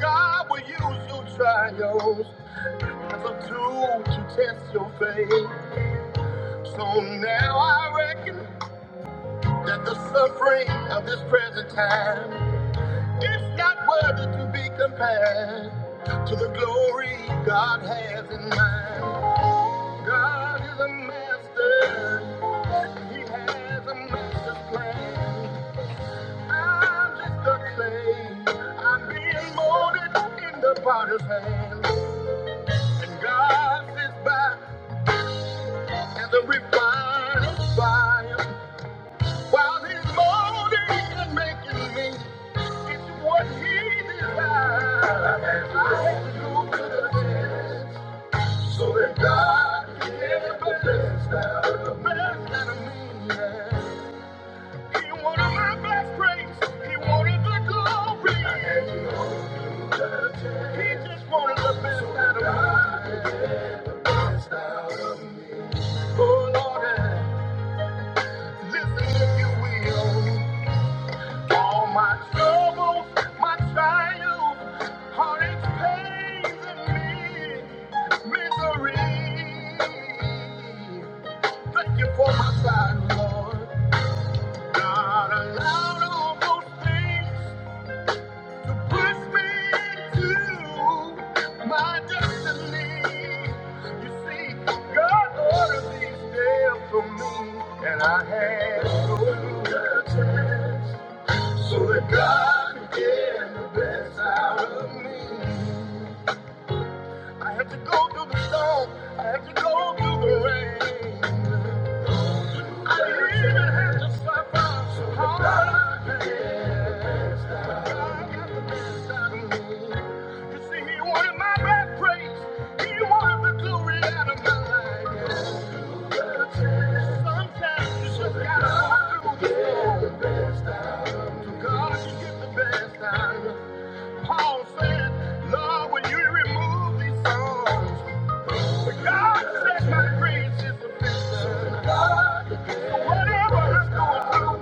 God will use your trials as a tool to test your faith. So now I reckon that the suffering of this present time It's not worthy to be compared to the glory God has in mind. God is a master, and He has a master plan. I'm just a clay, and this body is mine. I have to go to the best. God can get the best, the best. My best grace, He wanted the glory. He just wanted the best out of me. Oh, Lord, listen if you will. All my troubles, my trials, heartaches, pains, and misery. Thank you for my side, Lord. God allowed all those things. Push me to my destiny. You see, God ordered these days for me, and I had to go so that God could get the best out of me. I had to go through the storm. I had to go through the rain. Paul said, Lord, when you remove these songs, but God said my grace is sufficient. So whatever I'm going through,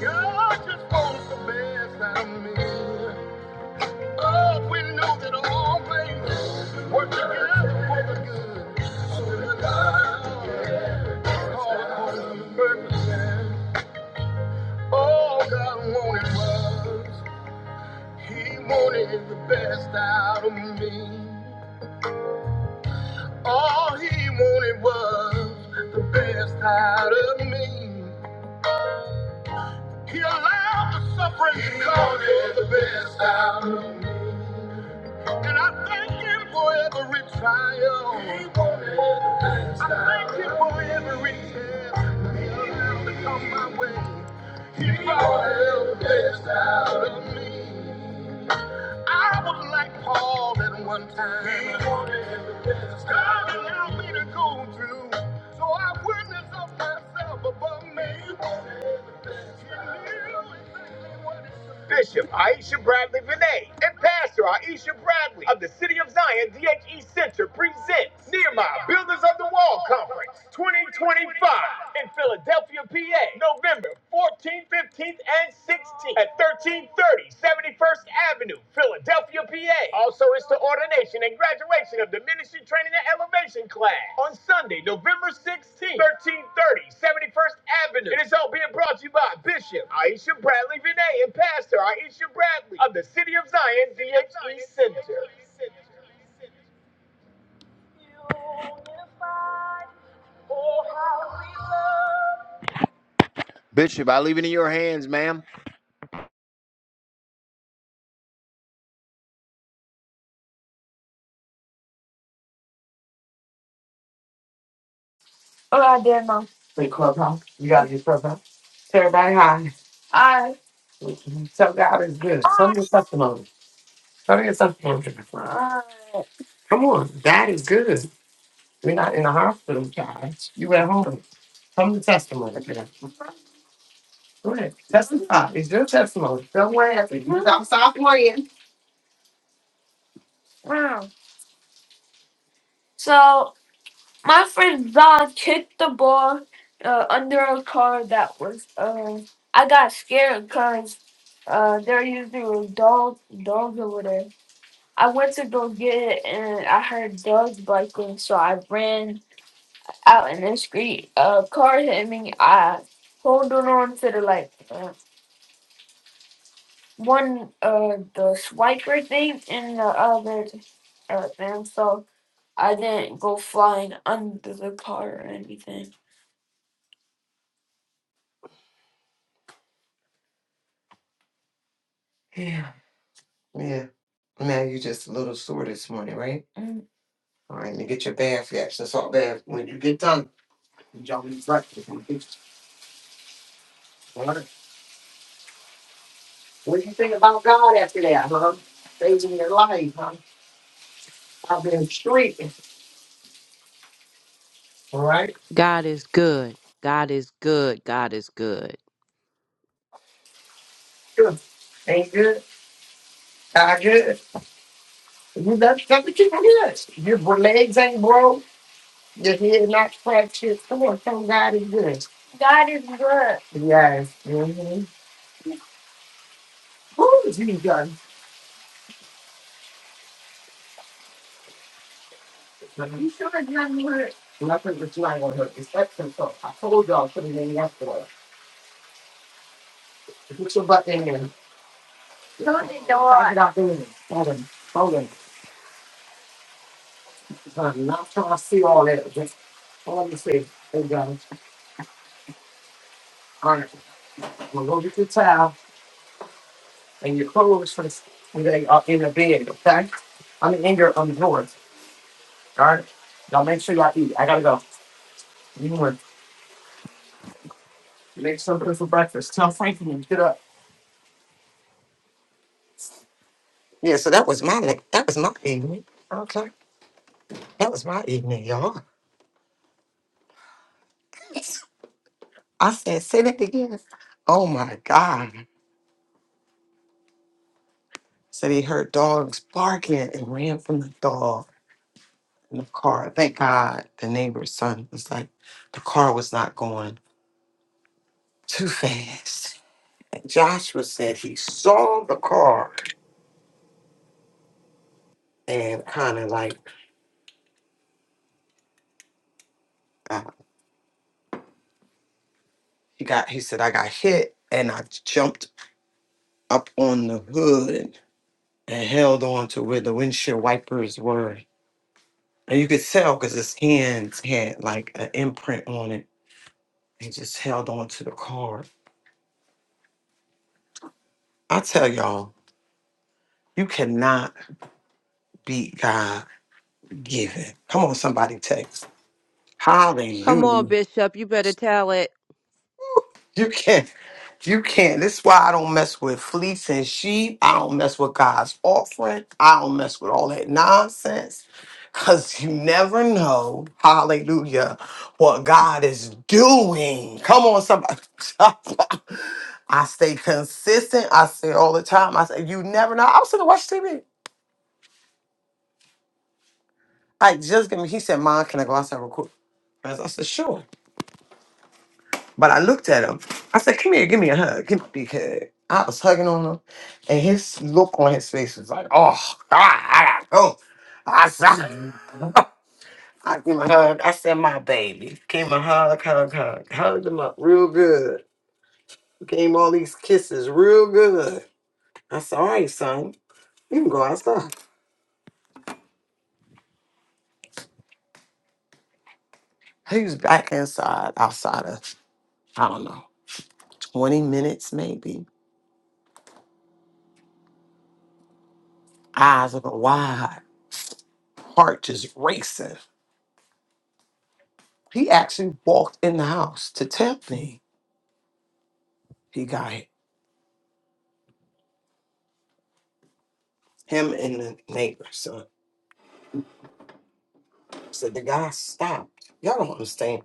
God just wants the best out of me. Oh, we know that all things work together for the good. So that God is all according the purpose and all God wanted was He wanted. He allowed the suffering to come for the good. And I thank Him for every trial. I thank Him for every test. He allowed to come my way. He brought it all one time. So Bishop Aisha Bradley Vinay and Pastor Aisha Bradley of the City of Zion DHE Center presents Nehemiah Builders of the Wall Conference 2025 in Philadelphia, PA, November 14th, 15th, and 16th at 1330 71st Avenue, Philadelphia your PA. Also, it's the ordination and graduation of the Ministry Training and Elevation class on Sunday, November 16th, 1330, 71st Avenue. It is all being brought to you by Bishop Aisha Bradley Vinay and Pastor Aisha Bradley of the City of Zion DHE Center. Bishop, I leave it in your hands, ma'am. Oh, I dare know. Wait, Clubhouse. You gotta use Clubhouse. Tell everybody hi. I. Mhm. Tell God is good. Tell me your testimony. Tell me your testimony. I. Come on, God is good. We're not in the hospital, God. You at home. Tell me the testimony. Go ahead. Testify. It's your testimony. Don't worry. After you stop, stop worrying. Wow. So My friend Zon kicked the ball uh, under a car that was. Uh, I got scared because uh, they're usually were dog, dogs over there. I went to go get it and I heard dogs barking, so I ran out in the street. A car hit me. I holded on to the like uh, one uh, the swiper thing and the other uh, thing, so I didn't go flying under the car or anything. Yeah, Yeah. Now you're just a little sore this morning, right? Mm. All right, and you get your bath, your Epsom salt bath. When you get done, you jump in the breakfast. All right. What do you think about God after that, huh? Saving your life, huh? I've been streaking. All right, God is good. God is good. God is good. good. Ain't good. Not good. You love something you good. Your legs ain't broke. Your head not fractured. Come on, tell God is good. God is good. Yes. Mm-hmm. Who is he good? You sure it's nothing hurt? Nothing, it's not gonna hurt. It's that simple. I told y'all, put it in yesterday. Put your butt in there. No, they don't. Pack it out in there. Hold on, hold on. I'm not trying to see all that. Just, all let me see. There you go. All right, I'm gonna go get your towel and your clothes from, when they are in the bed, okay? I mean, in your, um, drawers, all right? Y'all make sure y'all eat. I gotta go. You want, make something for breakfast. Tell Frankie to get up. Yeah, so that was my, that was my evening. Okay. That was my evening, y'all. I said, say that again. Oh my God. So they heard dogs barking and ran from the dog in the car. Thank God the neighbor's son was like, the car was not going too fast. And Joshua said he saw the car and kind of like, uh, he got, he said, I got hit and I jumped up on the hood and held on to where the windshield wipers were. And you could tell because his hands had like an imprint on it and just held on to the card. I tell y'all, you cannot beat God given. Come on, somebody text. Come on, Hallelujah. Bishop. You better tell it. You can't. You can't. This is why I don't mess with fleece and sheep. I don't mess with God's offering. I don't mess with all that nonsense. Because you never know, hallelujah, what God is doing. Come on, somebody. I stay consistent. I say all the time. I say, you never know. I was sitting to watch TV. I just give me, he said, Mom, can I go outside real quick? I said, I said, sure. But I looked at him. I said, come here, give me a hug. Give me a big hug. I was hugging on him, and his look on his face was like, oh, God, I gotta go. I said, I give him a hug. I said, my baby. Gave him a hug, hug, hug. Hugged him up real good. Gave him all these kisses real good. I said, all right, son, you can go outside. He was back inside, outside of, I don't know, 20 minutes maybe. Eyes open wide. heart just racing. He actually walked in the house to tell me he got hit. Him and the neighbor. So, so the guy stopped. Y'all don't understand.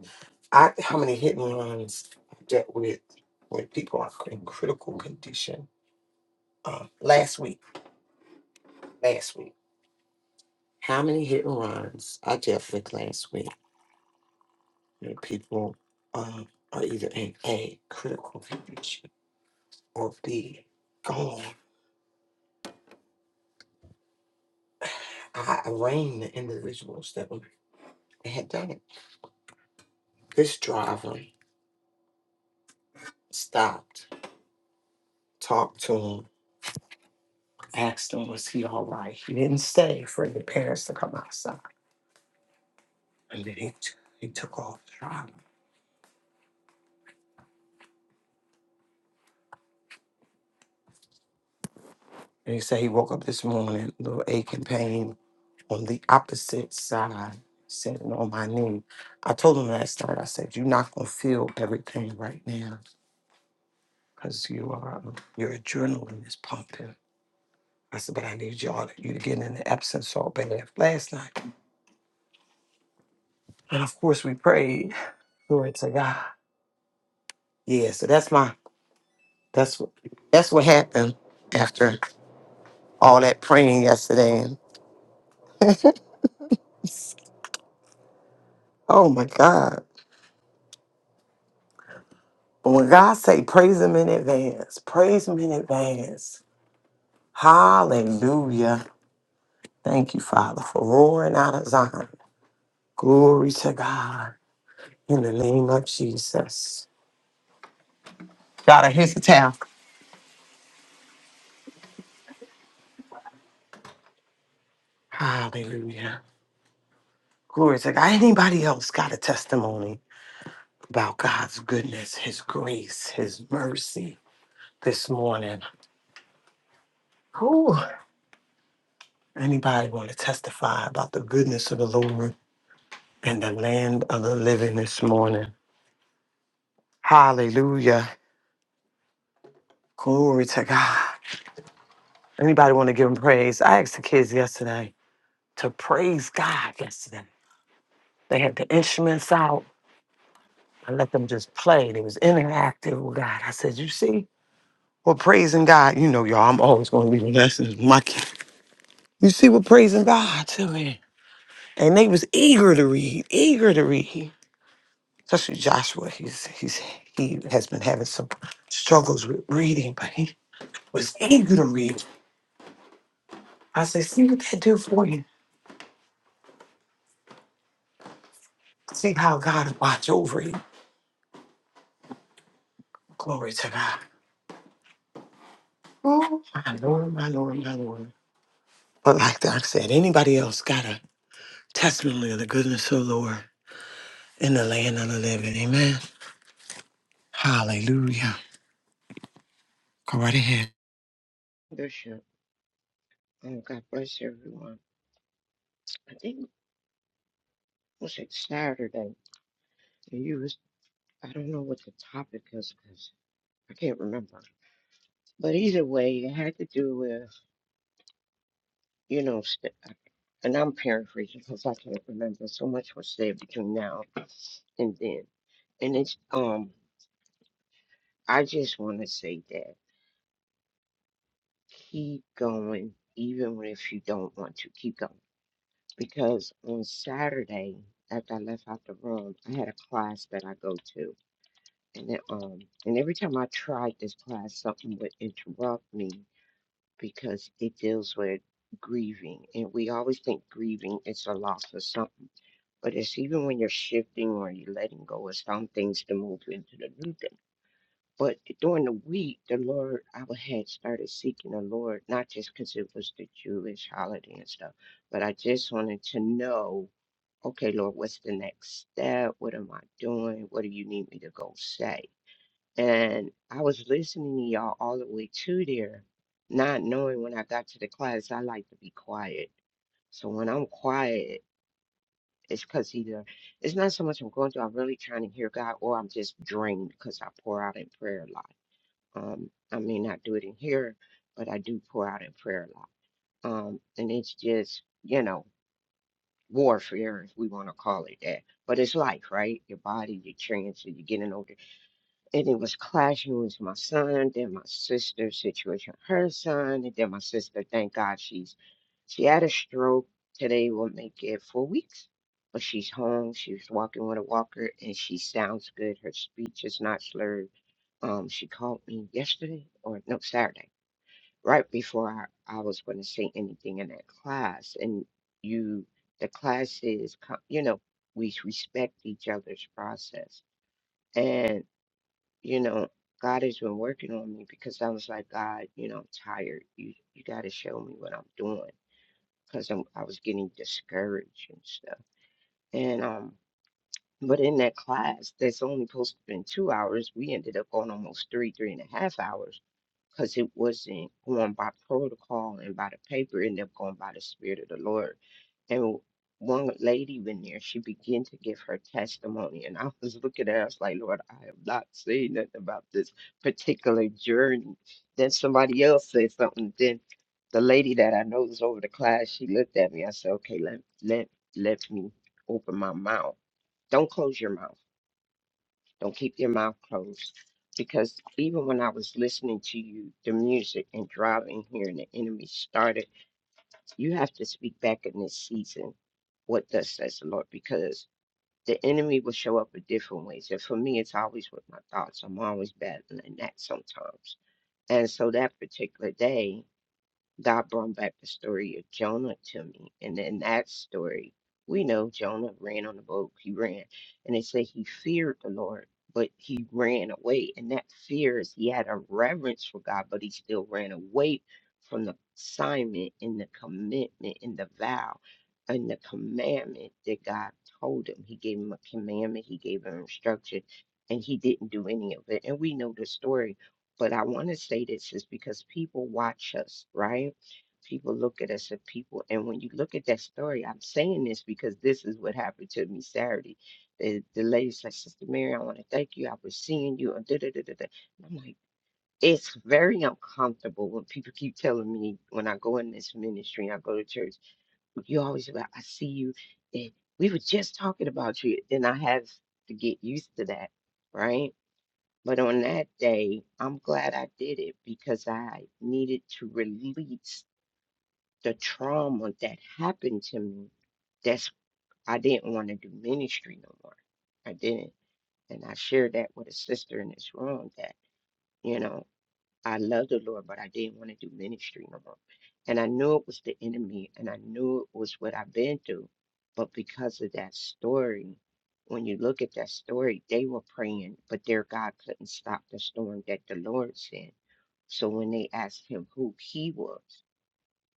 I how many hit and runs I dealt with with people are in critical condition. Uh, last week, last week, how many hit and runs I dealt with last week? Where people um, are either in a critical condition or b gone. I arraigned the individuals that were. they had done it. This driver stopped, talked to him, asked him, was he all right? He didn't stay for the parents to come outside. And then he, t- he took off driving. And he said he woke up this morning, a little ache and pain on the opposite side, sitting on my knee. I told him last night, I said, you're not going to feel everything right now because you are, your adrenaline is pumping. I said, but I need y'all to, you to get in the Epsom salt bath last night. And of course we prayed Glory to God. Yeah, so that's my that's what that's what happened after all that praying yesterday. And oh my God. But when God say praise him in advance, praise him in advance. Hallelujah. Thank you, Father, for roaring out of Zion. Glory to God. In the name of Jesus. God, I hear the towel. Hallelujah. Glory to God. Anybody else got a testimony about God's goodness, his grace, his mercy? this morning. Whew. Anybody want to testify about the goodness of the Lord and the land of the living this morning? Hallelujah. Glory to God. Anybody want to give him praise? I asked the kids yesterday to praise God yesterday. They had the instruments out. I let them just play. They was interactive with God. I said, You see, we're praising God. You know, y'all, I'm always going to leave lessons. with My kid. You see, we're praising God to me. And they was eager to read, eager to read. especially Joshua. He's he's he has been having some struggles with reading, but he was eager to read. I said, see what that do for you. See how God will watch over you. Glory to God. Oh, my Lord, my Lord, my Lord. But like Doc said, anybody else got a testimony of the goodness of the Lord in the land of the living? Amen. Hallelujah. Go right ahead. Bishop, and God bless everyone. I think it was it Saturday, and you was I don't know what the topic is because I can't remember. But either way, it had to do with you know, st- and I'm paraphrasing because I can't remember. So much was said between now and then, and it's um, I just want to say that keep going even if you don't want to keep going because on Saturday after I left out the room, I had a class that I go to And it, um, and every time I tried this class, something would interrupt me because it deals with grieving, and we always think grieving is a loss of something, but it's even when you're shifting or you're letting go of some things to move into the new thing. But during the week, the Lord, I wa- had started seeking the Lord, not just because it was the Jewish holiday and stuff, but I just wanted to know, okay, Lord, what's the next step? What am I doing? What do you need me to go say? And I was listening to y'all all the way to there, not knowing when I got to the class, I like to be quiet. So when I'm quiet, it's because either it's not so much I'm going through, I'm really trying to hear God, or I'm just drained because I pour out in prayer a lot. Um, I may not do it in here, but I do pour out in prayer a lot. Um, and it's just, you know, warfare, if we want to call it that. But it's life, right? Your body, your chance, you get getting older and it was clashing with my son, then my sister's situation, her son, and then my sister, thank God she's she had a stroke. Today will make it four weeks. But she's home, she's walking with a walker and she sounds good. Her speech is not slurred. Um she called me yesterday or no Saturday, right before I, I was gonna say anything in that class. And you the class is co- you know, we respect each other's process you know, God has been working on me because I was like, God, you know, I'm tired. You you got to show me what I'm doing because I'm I was getting discouraged and stuff. And um, but in that class, that's only supposed to been two hours. We ended up going almost three, three and a half hours because it wasn't going by protocol and by the paper, it ended up going by the Spirit of the Lord. And one lady went there, she began to give her testimony. And I was looking at her, I was like, Lord, I have not seen nothing about this particular journey. Then somebody else said something. Then the lady that I know is over the class, she looked at me. I said, Okay, let, let, let me open my mouth. Don't close your mouth don't keep your mouth closed. Because even when I was listening to you, the music and driving here and the enemy started, you have to speak back in this season. What thus says the Lord? Because the enemy will show up in different ways. And for me, it's always with my thoughts. I'm always battling that sometimes. And so that particular day, God brought back the story of Jonah to me. And in that story, we know Jonah ran on the boat. He ran. And they say he feared the Lord, but he ran away. And that fear is he had a reverence for God, but he still ran away from the assignment and the commitment and the vow and the commandment that God told him. He gave him a commandment, he gave him instruction, and he didn't do any of it. And we know the story but I want to say this is because people watch us, right? People look at us and people, and when you look at that story, I'm saying this because this is what happened to me Saturday. The, the lady said, Sister Mary, I want to thank you. I was seeing you. And da, da, da, da, da. And I'm like, it's very uncomfortable when people keep telling me when I go in this ministry and I go to church, you always about, I see you. And we were just talking about you. And I have to get used to that, right? But on that day, I'm glad I did it because I needed to release the trauma that happened to me. That's I didn't want to do ministry no more. I didn't. And I shared that with a sister in this room that, you know. I loved the Lord, but I didn't want to do ministry no more. And I knew it was the enemy, and I knew it was what I've been through. But because of that story, when you look at that story, they were praying, but their God couldn't stop the storm that the Lord sent. So when they asked him who he was,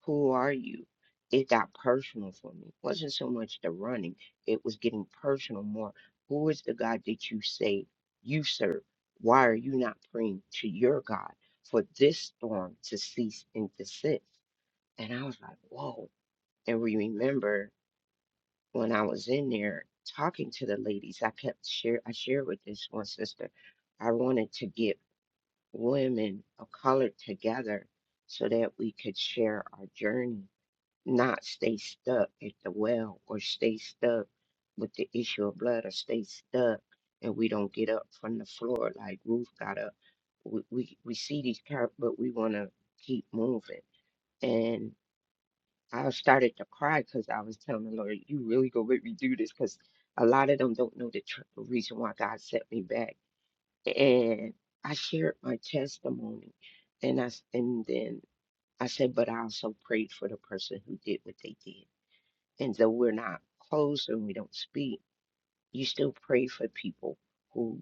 who are you? It got personal for me. It wasn't so much the running, it was getting personal more. Who is the God that you say you serve? Why are you not praying to your God for this storm to cease and desist? And I was like, whoa. And we remember when I was in there talking to the ladies, I kept share I shared with this one sister. I wanted to get women of color together so that we could share our journey not stay stuck at the well or stay stuck with the issue of blood or stay stuck and we don't get up from the floor like Ruth got up. We we, we see these characters, but we want to keep moving. And I started to cry because I was telling the Lord, "You really gonna make me do this?" Because a lot of them don't know the tr- the reason why God set me back. And I shared my testimony, and I s- and then I said, "But I also prayed for the person who did what they did." and though we're not close and we don't speak, you still pray for people who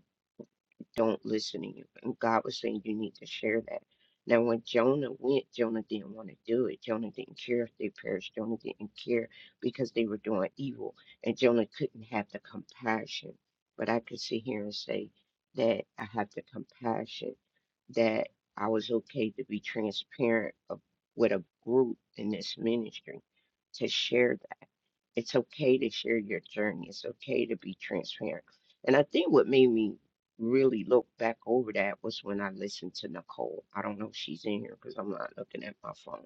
don't listen to you. And God was saying you need to share that. Now, when Jonah went, Jonah didn't want to do it. Jonah didn't care if they perished. Jonah didn't care because they were doing evil. And Jonah couldn't have the compassion. But I could sit here and say that I have the compassion that I was okay to be transparent of, with a group in this ministry to share that. It's okay to share your journey. It's okay to be transparent. And I think what made me really look back over that was when I listened to Nicole. I don't know if she's in here because I'm not looking at my phone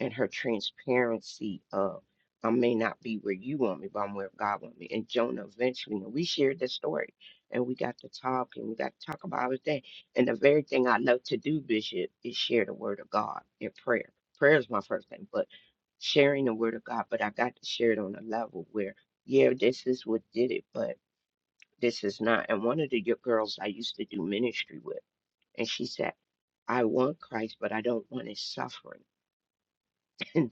and her transparency of I may not be where you want me, but I'm where God want me. And Jonah eventually, and we shared the story, and we got to talk, and we got to talk about everything. And the very thing I love to do, Bishop, is share the word of God in prayer. Prayer is my first thing, but sharing the word of God. But I got to share it on a level where, yeah, this is what did it, but this is not. And one of the y- girls I used to do ministry with, and she said, I want Christ, but I don't want his suffering. And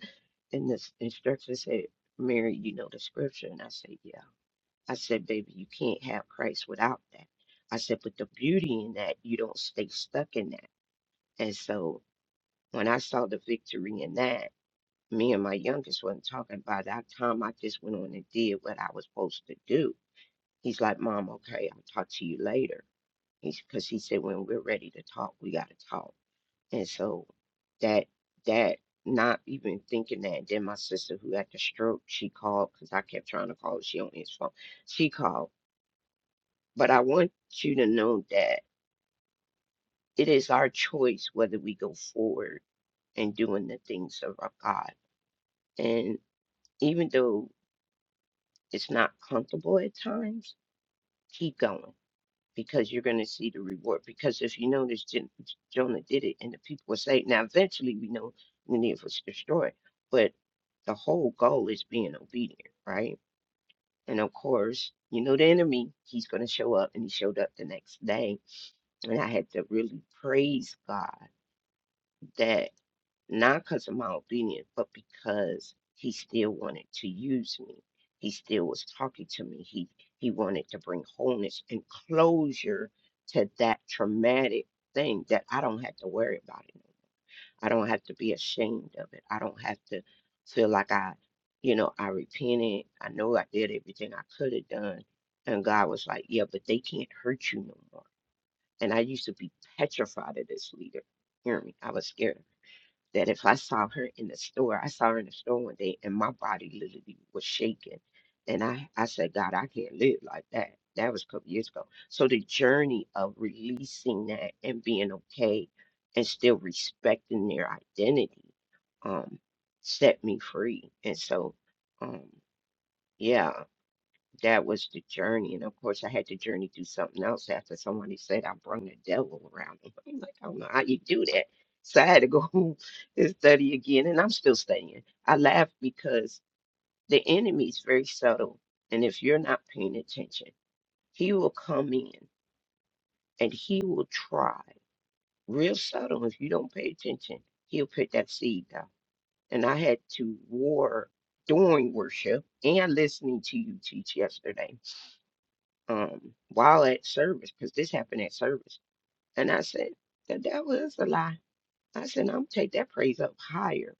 and this instructor said, Mary, you know the scripture. And I said, Yeah. I said, baby, you can't have Christ without that. I said, but the beauty in that, you don't stay stuck in that. And so when I saw the victory in that, me and my youngest wasn't talking about it. That time I just went on and did what I was supposed to do. He's like, Mom, okay, I'll talk to you later. He's because he said when we're ready to talk, we gotta talk. And so that that not even thinking that. Then my sister who had the stroke, she called because I kept trying to call her. She don't answer phone. She called. But I want you to know that it is our choice whether we go forward and doing the things of our God. And even though it's not comfortable at times, keep going because you're going to see the reward. Because if you notice, Jen- Jonah did it, and the people were saved. Now, eventually, we know many of us destroyed, but the whole goal is being obedient, right? And of course, you know the enemy; he's going to show up, and he showed up the next day. And I had to really praise God that not because of my obedience, but because he still wanted to use me. He still was talking to me. He he wanted to bring wholeness and closure to that traumatic thing that I don't have to worry about it. I don't have to be ashamed of it. I don't have to feel like I, you know, I repented. I know I did everything I could have done. And God was like, Yeah, but they can't hurt you no more. And I used to be petrified of this leader. Hear me. I was scared that if I saw her in the store, I saw her in the store one day and my body literally was shaking. And I, I said, God, I can't live like that. That was a couple years ago. So the journey of releasing that and being okay and still respecting their identity um, set me free. And so, um, yeah, that was the journey. And of course, I had to journey through something else after somebody said I brung the devil around. I'm like, I don't know how you do that. So I had to go home and study again, and I'm still studying. I laugh because the enemy is very subtle, and if you're not paying attention, he will come in and he will try real subtle. If you don't pay attention, he'll put that seed down. And I had to war during worship and listening to you teach yesterday um, while at service, because this happened at service. And I said, the devil is a lie. I said, I'm gonna take that praise up higher.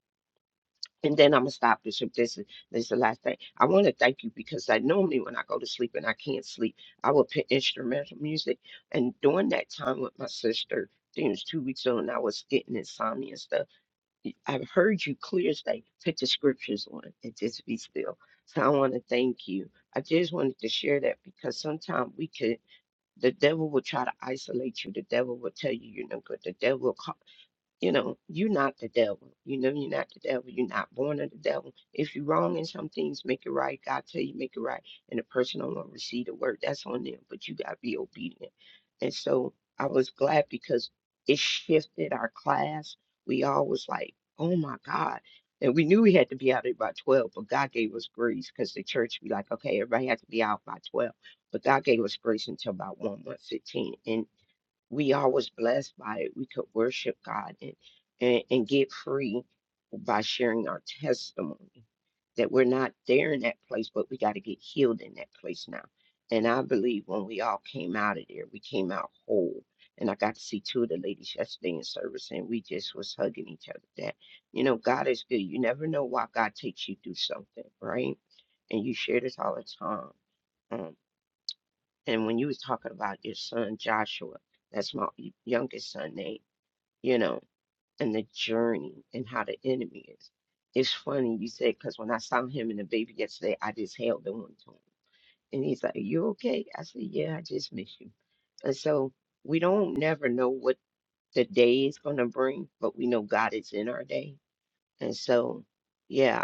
And then I'm gonna stop this. this is this is the last thing, I want to thank you because I normally when I go to sleep and I can't sleep, I will put instrumental music. And during that time with my sister, I think it was two weeks ago, and I was getting insomnia and stuff. y- I've heard you clear as day. Put the scriptures on and just be still. So I want to thank you. I just wanted to share that because sometimes we could the devil will try to isolate you. The devil will tell you you're no good. The devil will ca- you know, you're not the devil. You know, you're not the devil. You're not born of the devil. If you're wrong in some things, make it right. God tell you, make it right. And the person don't want to receive the word, that's on them. But you got to be obedient. And so I was glad because it shifted our class. We all was like, oh my God. And we knew we had to be out there by 12, but God gave us grace because the church be like, okay, everybody had to be out by 12. But God gave us grace until about 1, 1:15, we all was blessed by it. We could worship God and, and, and get free by sharing our testimony that we're not there in that place, but we got to get healed in that place now. And I believe when we all came out of there, we came out whole. And I got to see two of the ladies yesterday in service, and we just was hugging each other. That you know, God is good. You never know why God takes you through something, right? And you share this all the time. Mm. And when you was talking about your son Joshua, that's my youngest son name, you know, and the journey and how the enemy is. It's funny you said because when I saw him and the baby yesterday, I just held on to him, and he's like, "You okay?" I said, "Yeah, I just miss you." And so we don't never know what the day is gonna bring, but we know God is in our day, and so. Yeah,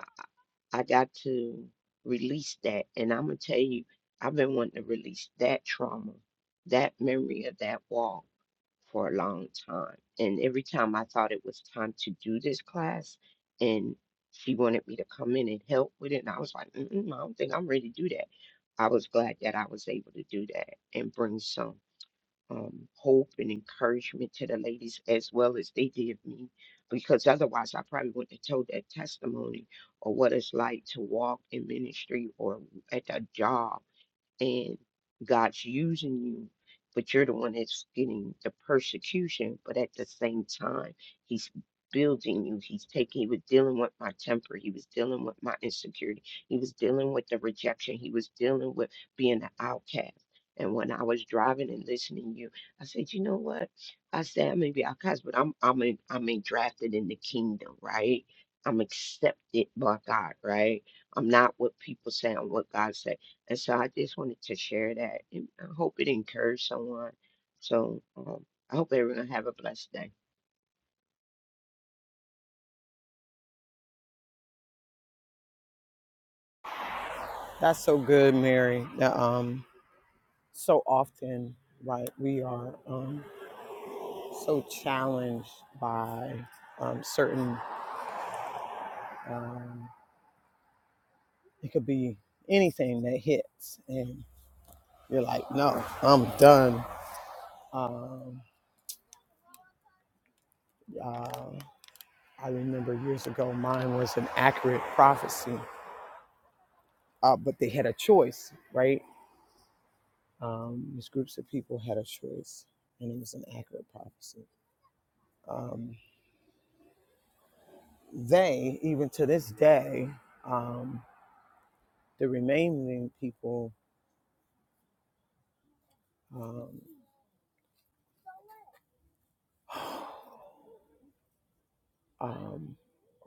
I got to release that. And I'm going to tell you, I've been wanting to release that trauma, that memory of that walk for a long time. And every time I thought it was time to do this class, and she wanted me to come in and help with it, and I was like, Mm-mm, I don't think I'm ready to do that. I was glad that I was able to do that and bring some um, hope and encouragement to the ladies as well as they did me, because otherwise I probably wouldn't have told that testimony or what it's like to walk in ministry or at a job and God's using you, but you're the one that's getting the persecution. But at the same time, He's building you. He's taking, He was dealing with my temper. He was dealing with my insecurity. He was dealing with the rejection. He was dealing with being an outcast. And when I was driving and listening to you, I said, you know what? I said, I may be outcast, but I'm I'm in, I'm in drafted in the kingdom, right? I'm accepted by God, right? I'm not what people say, I'm what God said. And so I just wanted to share that. And I hope it encouraged someone. So um, I hope everyone have a blessed day. That's so good, Mary. That, um, so often, right? We are. Um, so challenged by um, certain um, it could be anything that hits and you're like no i'm done um, uh, i remember years ago mine was an accurate prophecy uh, but they had a choice right um, these groups of people had a choice and it was an accurate prophecy um, they even to this day um, the remaining people um, um,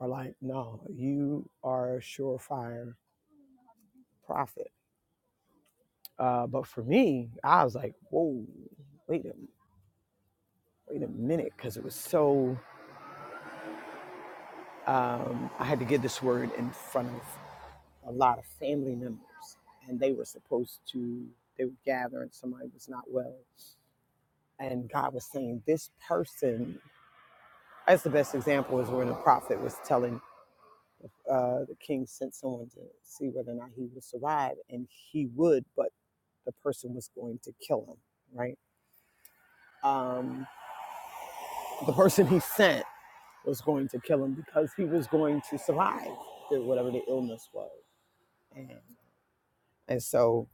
are like, no, you are a surefire prophet. Uh, but for me, I was like, whoa, wait a, wait a minute, because it was so, um, I had to get this word in front of a lot of family members, and they were supposed to, they were gathering, somebody was not well. And God was saying, this person, that's the best example is when the prophet was telling uh, the king sent someone to see whether or not he would survive, and he would, but the person was going to kill him, right? Um, the person he sent was going to kill him because he was going to survive the- whatever the illness was. And, and so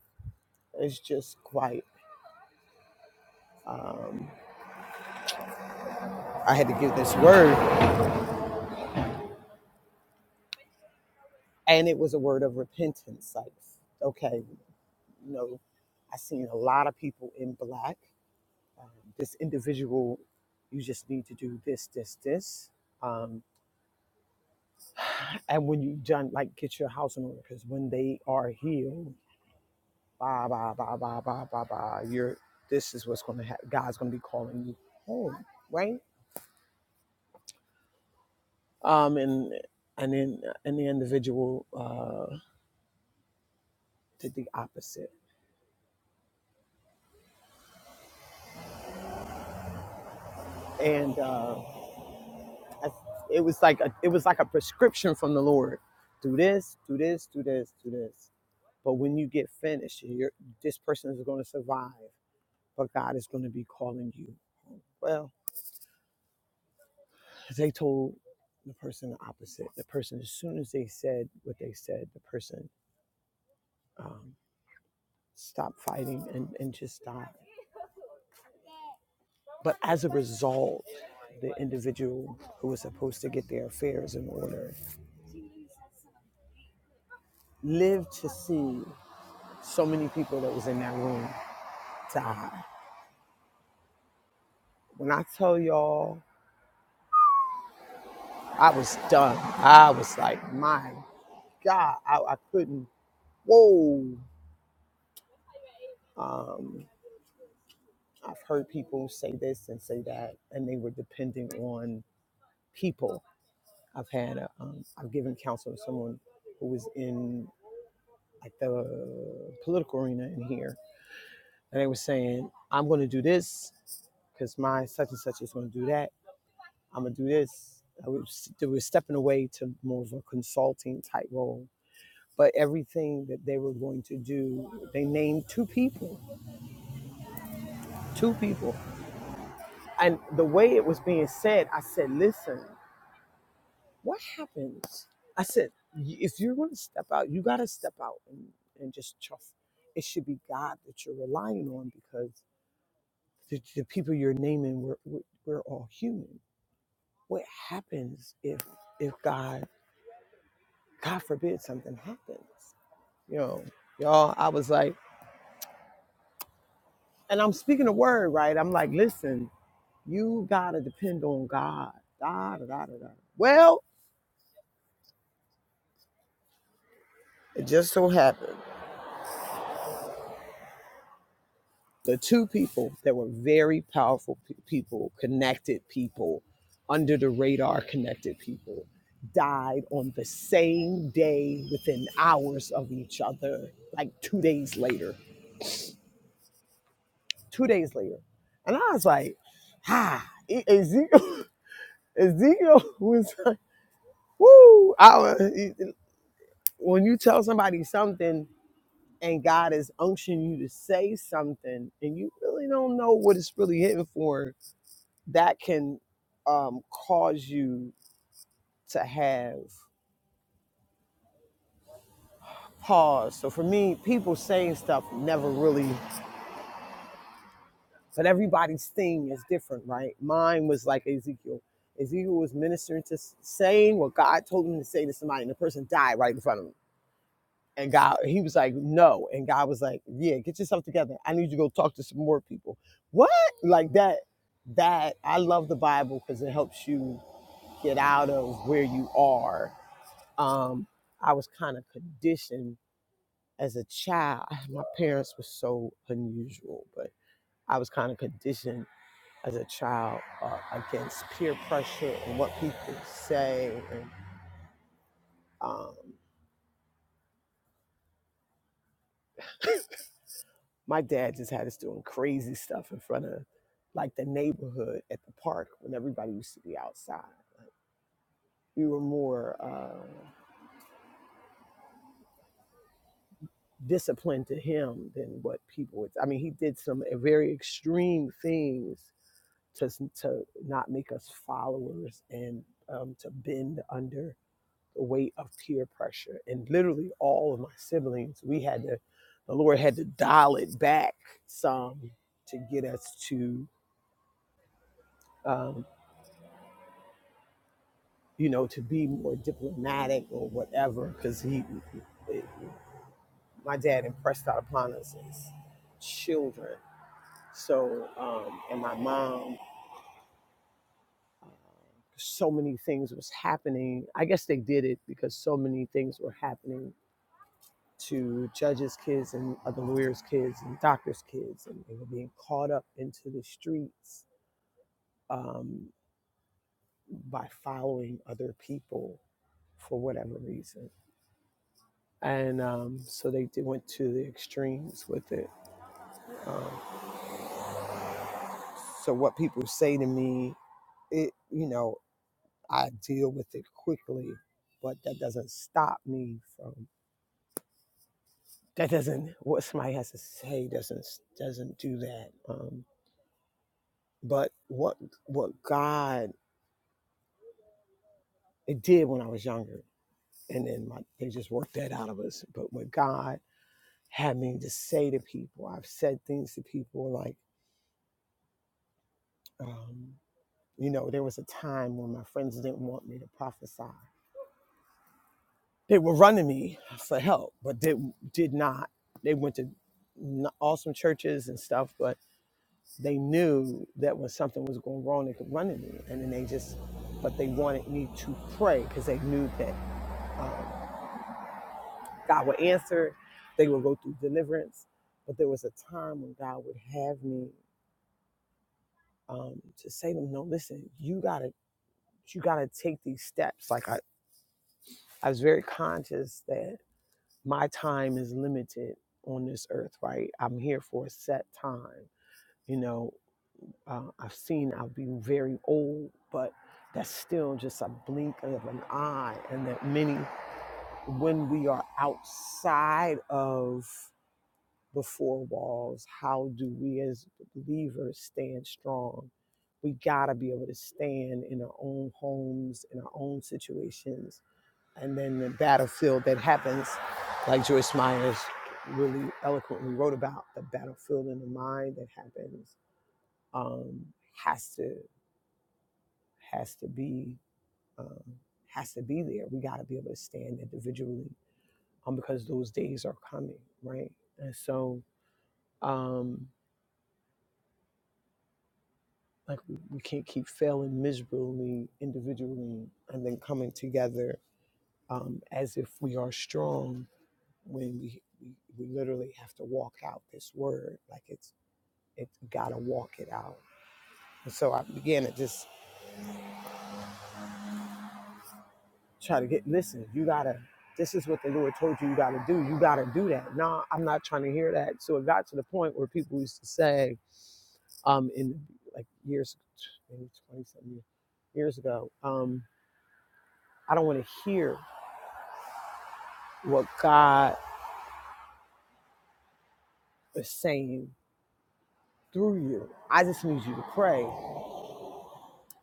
it's just quite, um, I had to give this word, and it was a word of repentance. Like, okay, you know, I've seen a lot of people in black. um, this individual, you just need to do this, this, this. Um, and when you done, like, get your house in order, because when they are healed, bah, bah, bah, bah, bah, bah, bah, you're, this is what's going to happen. God's going to be calling you home, right? Um, and, and then, and the individual, uh, did the opposite. And, uh, I, it was like a, it was like a prescription from the Lord. Do this, do this, do this, do this. But when you get finished, you're, this person is going to survive, but God is going to be calling you. Well, they told the person the opposite. The person, as soon as they said what they said, the person um, stopped fighting and, and just died. But as a result, the individual who was supposed to get their affairs in order lived to see so many people that was in that room die. When I tell y'all, I was done. I was like, my God, I, I couldn't. Whoa. Um, I've heard people say this and say that, and they were dependent on people. I've had, a, um, I've given counsel to someone who was in like the political arena in here, and they were saying, I'm going to do this because my such and such is going to do that. I'm going to do this. I was, they were stepping away to more of a consulting type role. But everything that they were going to do, they named two people, two people And the way it was being said, I said, listen, what happens? I said, if you're going to step out, you got to step out and, and just trust. It should be God that you're relying on because the, the people you're naming, we're, we're we're all human. What happens if if God, God forbid, something happens? You know, y'all, I was like, and I'm speaking a word, right? I'm like, listen, you got to depend on God. Da, da, da, da, da. Well, it just so happened. the two people that were very powerful pe- people, connected people, under the radar connected people, died on the same day within hours of each other, like two days later. Two days later. And I was like, ah, E- Ezekiel, Ezekiel was like, woo. I, was- when you tell somebody something and God is unctioning you to say something and you really don't know what it's really hitting for, that can um, cause you to have pause. So for me, people saying stuff never really, but everybody's thing is different, right? Mine was like Ezekiel. Ezekiel was ministering to s- saying what God told him to say to somebody, and the person died right in front of him. And God, he was like, no. And God was like, yeah, get yourself together. I need you to go talk to some more people. What? Like that. That I love the Bible because it helps you get out of where you are um, I was kind of conditioned as a child. My parents were so unusual, but I was kind of conditioned as a child uh, against peer pressure and what people say. And um, my dad just had us doing crazy stuff in front of like the neighborhood at the park when everybody used to be outside. We were more. um, discipline to him than what people would. I mean, he did some eh, very extreme things to to not make us followers and um, to bend under the weight of peer pressure. And literally, all of my siblings, we had to, the Lord had to dial it back some to get us to, um, you know, to be more diplomatic or whatever, because he, it, my dad impressed that upon us as children So, um, and my mom, uh, so many things was happening. I guess they did it because so many things were happening to judges' kids and other lawyers' kids and doctors' kids, and they were being caught up into the streets um, by following other people for whatever reason. And um, so they did, went to the extremes with it. Um, so what people say to me, it you know I deal with it quickly, but that doesn't stop me from that doesn't what somebody has to say doesn't doesn't do that. Um, but what what God it did when I was younger, and then my, they just worked that out of us. But what God had me to say to people, I've said things to people like, um, you know, there was a time when my friends didn't want me to prophesy, They were running me for help, but they did not. They went to n- awesome churches and stuff, but they knew that when something was going wrong, they could run to me. And then they just, but they wanted me to pray because they knew that um, God would answer. They would go through deliverance. But there was a time when God would have me um, to say to them, no, listen, you got to, you got to take these steps. Like I, I was very conscious that my time is limited on this earth, right? I'm here for a set time. You know, uh, I've seen I'll be very old, but that's still just a blink of an eye. And that many, when we are outside of the four walls, how do we as believers stand strong? We gotta be able to stand in our own homes, in our own situations, and then the battlefield that happens, like Joyce Myers really eloquently wrote about, the battlefield in the mind that happens um, has to has to be um, has to be there. We got to be able to stand individually um, because those days are coming, right? And so, um, like we, we can't keep failing miserably individually and then coming together um, as if we are strong when we, we we literally have to walk out this word like it's it's gotta walk it out and so i began to just try to get listen you gotta this is what the lord told you you gotta do you gotta do that no i'm not trying to hear that so it got to the point where people used to say um in like years maybe 20 something years ago um i don't want to hear what god is saying through you i just need you to pray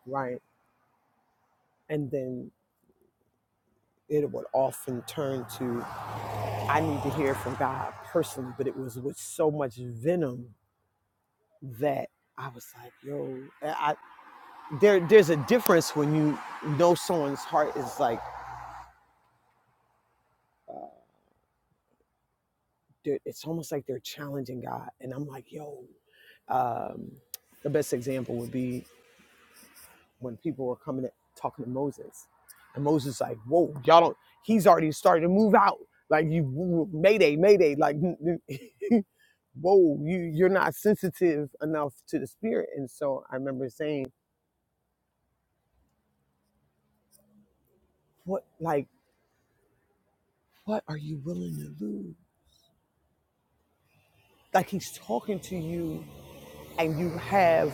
right and then it would often turn to I need to hear from God personally, but it was with so much venom that I was like, yo, I, there, there's a difference when you know someone's heart is like, they're- it's almost like they're challenging God. And I'm like, yo, um, the best example would be when people were coming at, talking to Moses. And Moses like, whoa, y'all don't, he's already starting to move out. Like you, mayday, mayday, like, whoa, you, you're not sensitive enough to the spirit. And so I remember saying, what, like, what are you willing to lose? Like he's talking to you and you have,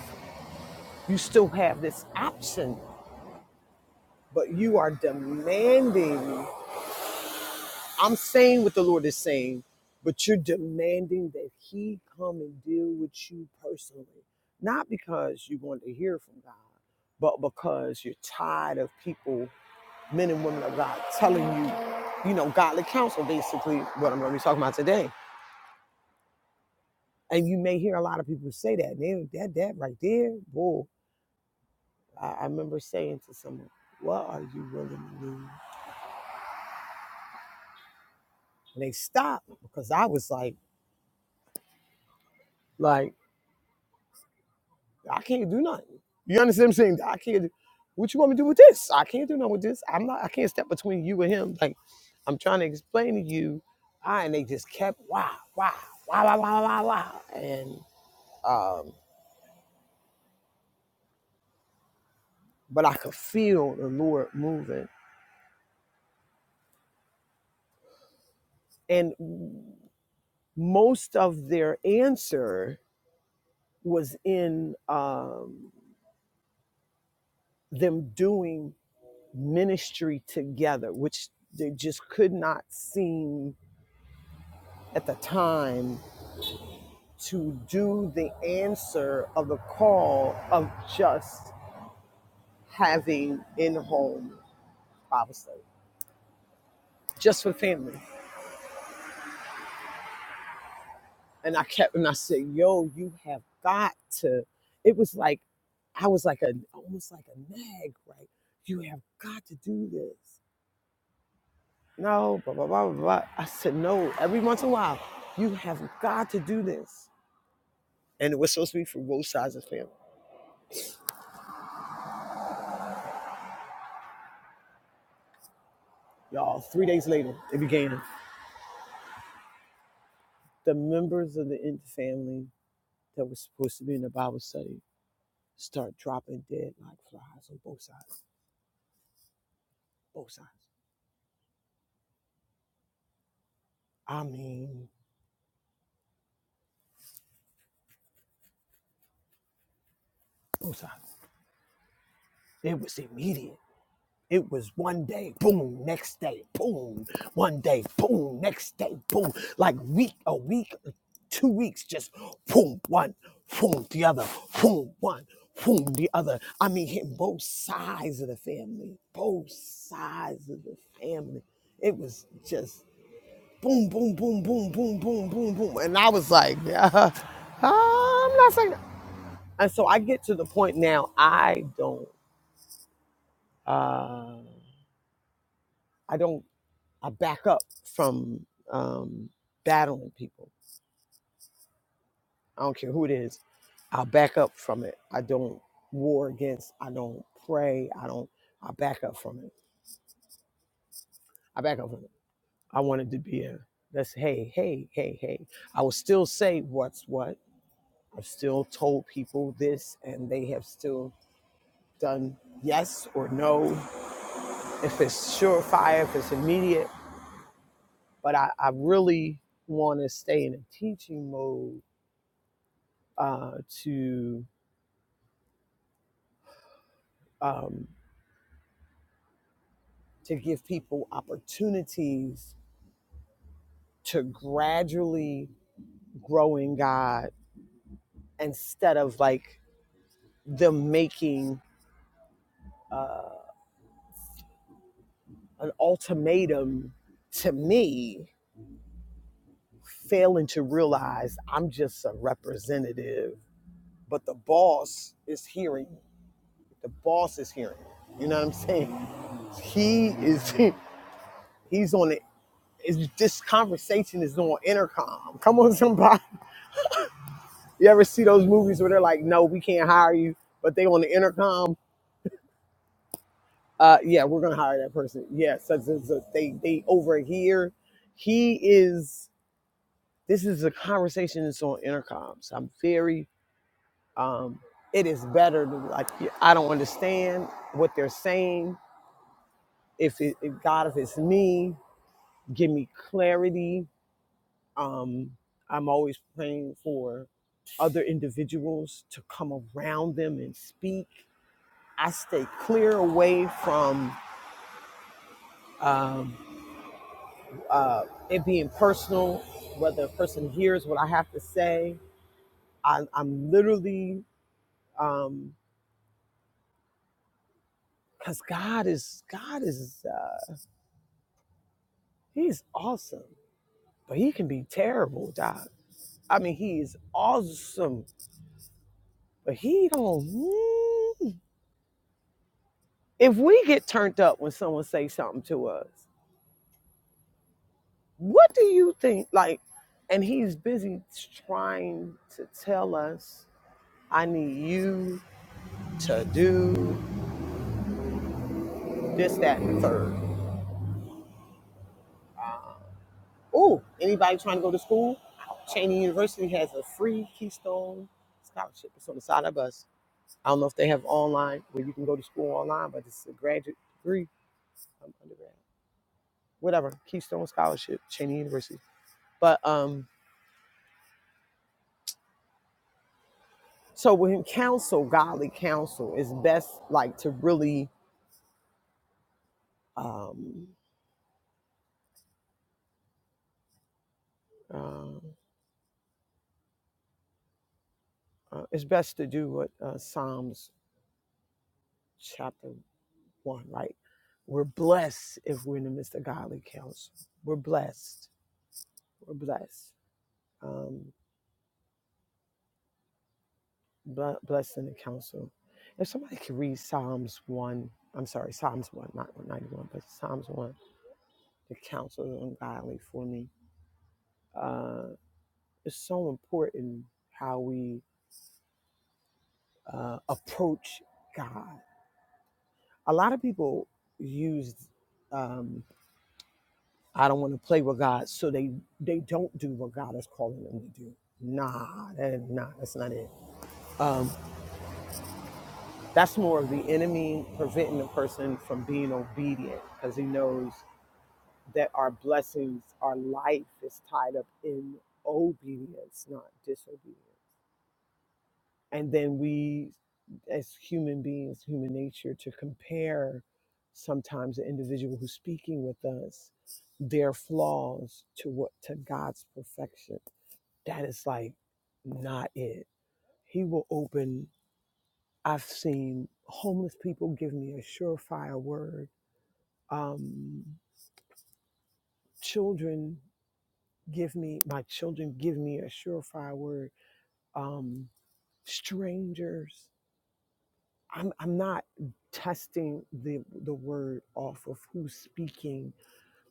you still have this option, but you are demanding I'm saying what the Lord is saying, but you're demanding that He come and deal with you personally. Not because you want to hear from God, but because you're tired of people, men and women of God, telling you, you know, godly counsel, basically, what I'm going to be talking about today. And you may hear a lot of people say that. They, that, that right there, whoa. I, I remember saying to someone, what are you willing to do? And they stopped because I was like, like, I can't do nothing. You understand what I'm saying? I can't. do- What you want me to do with this? I can't do nothing with this. I'm not. I can't step between you and him. Like I'm trying to explain to you. I and they just kept wow, wow, wow, wow, wow, wow, wow, and um, but I could feel the Lord moving, and most of their answer was in um, them doing ministry together, which they just could not seem at the time to do the answer of the call of just having in home Bible study, just for family. And I kept and I said, "Yo, you have got to." It was like I was like a almost like a nag, right? You have got to do this. No, blah blah blah blah. blah. I said, "No." Every once in a while, you have got to do this. And it was supposed to be for both sides of the family. Y'all, three days later, it began. The members of the in- family that was supposed to be in the Bible study start dropping dead like flies on both sides. Both sides. I mean, both sides. It was immediate. It was one day, boom, next day, boom, one day, boom, next day, boom. Like week, a week, two weeks, just boom, one, boom, the other, boom, one, boom, the other. I mean, hitting both sides of the family, both sides of the family. It was just boom, boom, boom, boom, boom, boom, boom, boom. And I was like, uh, I'm not saying. that. And so I get to the point now. I don't. Uh, I don't. I back up from um, battling people. I don't care who it is. I'll back up from it. I don't war against. I don't pray. I don't. I back up from it. I back up from it. I wanted to be a. That's hey, hey, hey, hey. I will still say what's what. I've still told people this, and they have still done yes or no, if it's surefire, if it's immediate. But I, I really want to stay in a teaching mode uh, to um, to give people opportunities to gradually grow in God instead of like them making uh, an ultimatum to me, failing to realize I'm just a representative, but the boss is hearing The boss is hearing. it. You know what I'm saying? He is he's on it. It's, this conversation is on intercom. Come on, somebody. You ever see those movies where they're like, "No, we can't hire you," but they on the intercom? Uh, yeah, we're gonna hire that person. Yeah, so, so, so they they over here. He is. This is a conversation that's on intercoms. I'm very. Um, it is better to like. I don't understand what they're saying. If it, if God, if it's me, give me clarity. Um, I'm always praying for other individuals to come around them and speak. I stay clear away from um, uh, it being personal, whether a person hears what I have to say. I, I'm literally, um, because God is God is uh, He's awesome, but He can be terrible, Doc. I mean, He is awesome, but He don't. hmm, if we get turned up when someone says something to us, what do you think? Like, and he's busy trying to tell us, I need you to do this, that, and third. Ooh, anybody trying to go to school? Cheney University has a free Keystone scholarship. It's on the side of us. I don't know if they have online where you can go to school online, but it's a graduate degree, um, undergrad, whatever. Keystone scholarship, Cheney University. But um, So when counsel, godly counsel is best like to really, um, uh, uh, it's best to do what uh, Psalms chapter one, right? We're blessed if we're in the midst of godly counsel. We're blessed. We're blessed. Um, ble- blessed in the counsel. If somebody could read Psalms one, I'm sorry, Psalms one, not 91, but Psalms one, the counsel is ungodly for me. Uh, it's so important how we uh, approach God. A lot of people use, um, I don't want to play with God, so they they don't do what God is calling them to do. Nah, that, nah, that's not it. Um, that's more of the enemy preventing the person from being obedient because he knows that our blessings, our life is tied up in obedience, not disobedience. and then we as human beings human nature to compare sometimes the individual who's speaking with us their flaws to what to god's perfection that is like not it he will open i've seen homeless people give me a surefire word um children give me my children give me a surefire word um strangers I'm I'm not testing the the word off of who's speaking.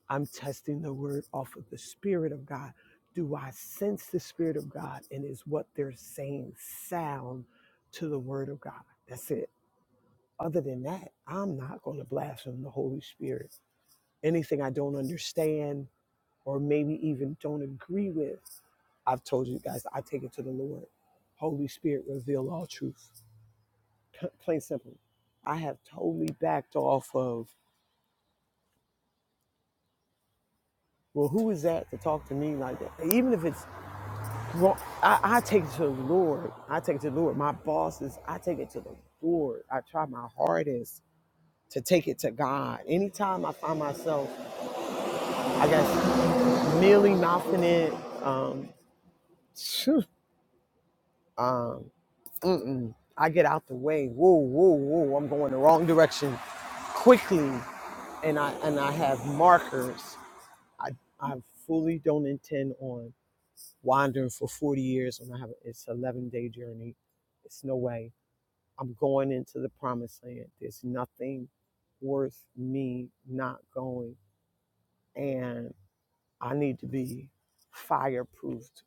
I'm testing the word off of the spirit of God. Do I sense the spirit of God and is what they're saying sound to the word of God? That's it. Other than that, I'm not going to blaspheme the Holy Spirit. Anything I don't understand or maybe even don't agree with, I've told you guys, I take it to the Lord. Holy Spirit, reveal all truth. P- plain simple. I have totally backed off of, well, who is that to talk to me like that? Even if it's wrong, I, I take it to the Lord. I take it to the Lord. My bosses, I take it to the Lord. I try my hardest to take it to God. Anytime I find myself, I guess, merely mouthing it, um, phew, um, mm-mm, I get out the way. Whoa, whoa, whoa, I'm going the wrong direction quickly. And I, and I have markers I I fully don't intend on wandering for 40 years when I have it's 11 day journey. It's no way. I'm going into the promised land. There's nothing worth me not going, and I need to be fireproofed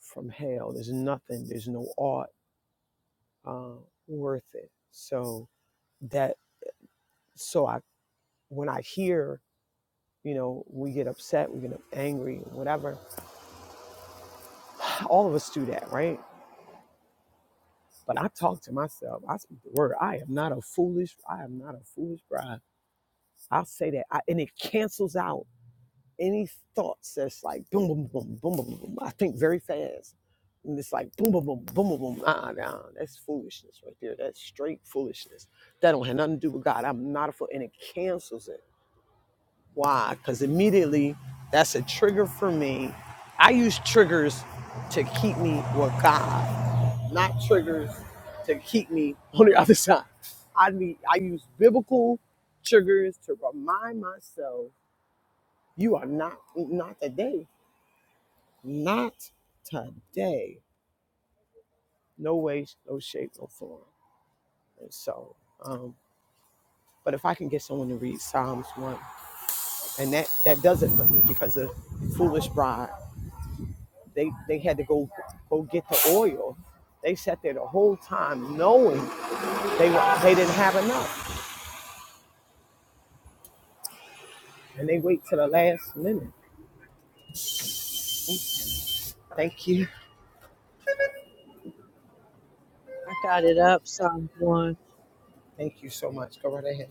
from hell. There's nothing. There's no art uh, worth it. So that so I when I hear you know we get upset, we get angry, whatever. All of us do that, right? But I talk to myself. I speak the word. I am not a foolish. I am not a foolish bride. I'll say that, I, and it cancels out any thoughts that's like boom, boom, boom, boom, boom, boom. I think very fast, and it's like boom, boom, boom, boom, boom, boom. Ah, nah, that's foolishness right there. That's straight foolishness. That don't have nothing to do with God. I'm not a fool, and it cancels it. Why? Because immediately, that's a trigger for me. I use triggers to keep me with God not triggers to keep me on the other side. I need I use biblical triggers to remind myself you are not not today. Not today. No way, no shape, no form. And so, um, but if I can get someone to read Psalms one, and that that does it for me because the foolish bride, they they had to go go get the oil. They sat there the whole time knowing they were, they didn't have enough, and they wait till the last minute Thank you. I got it up, Psalms 1. Thank you so much. Go right ahead.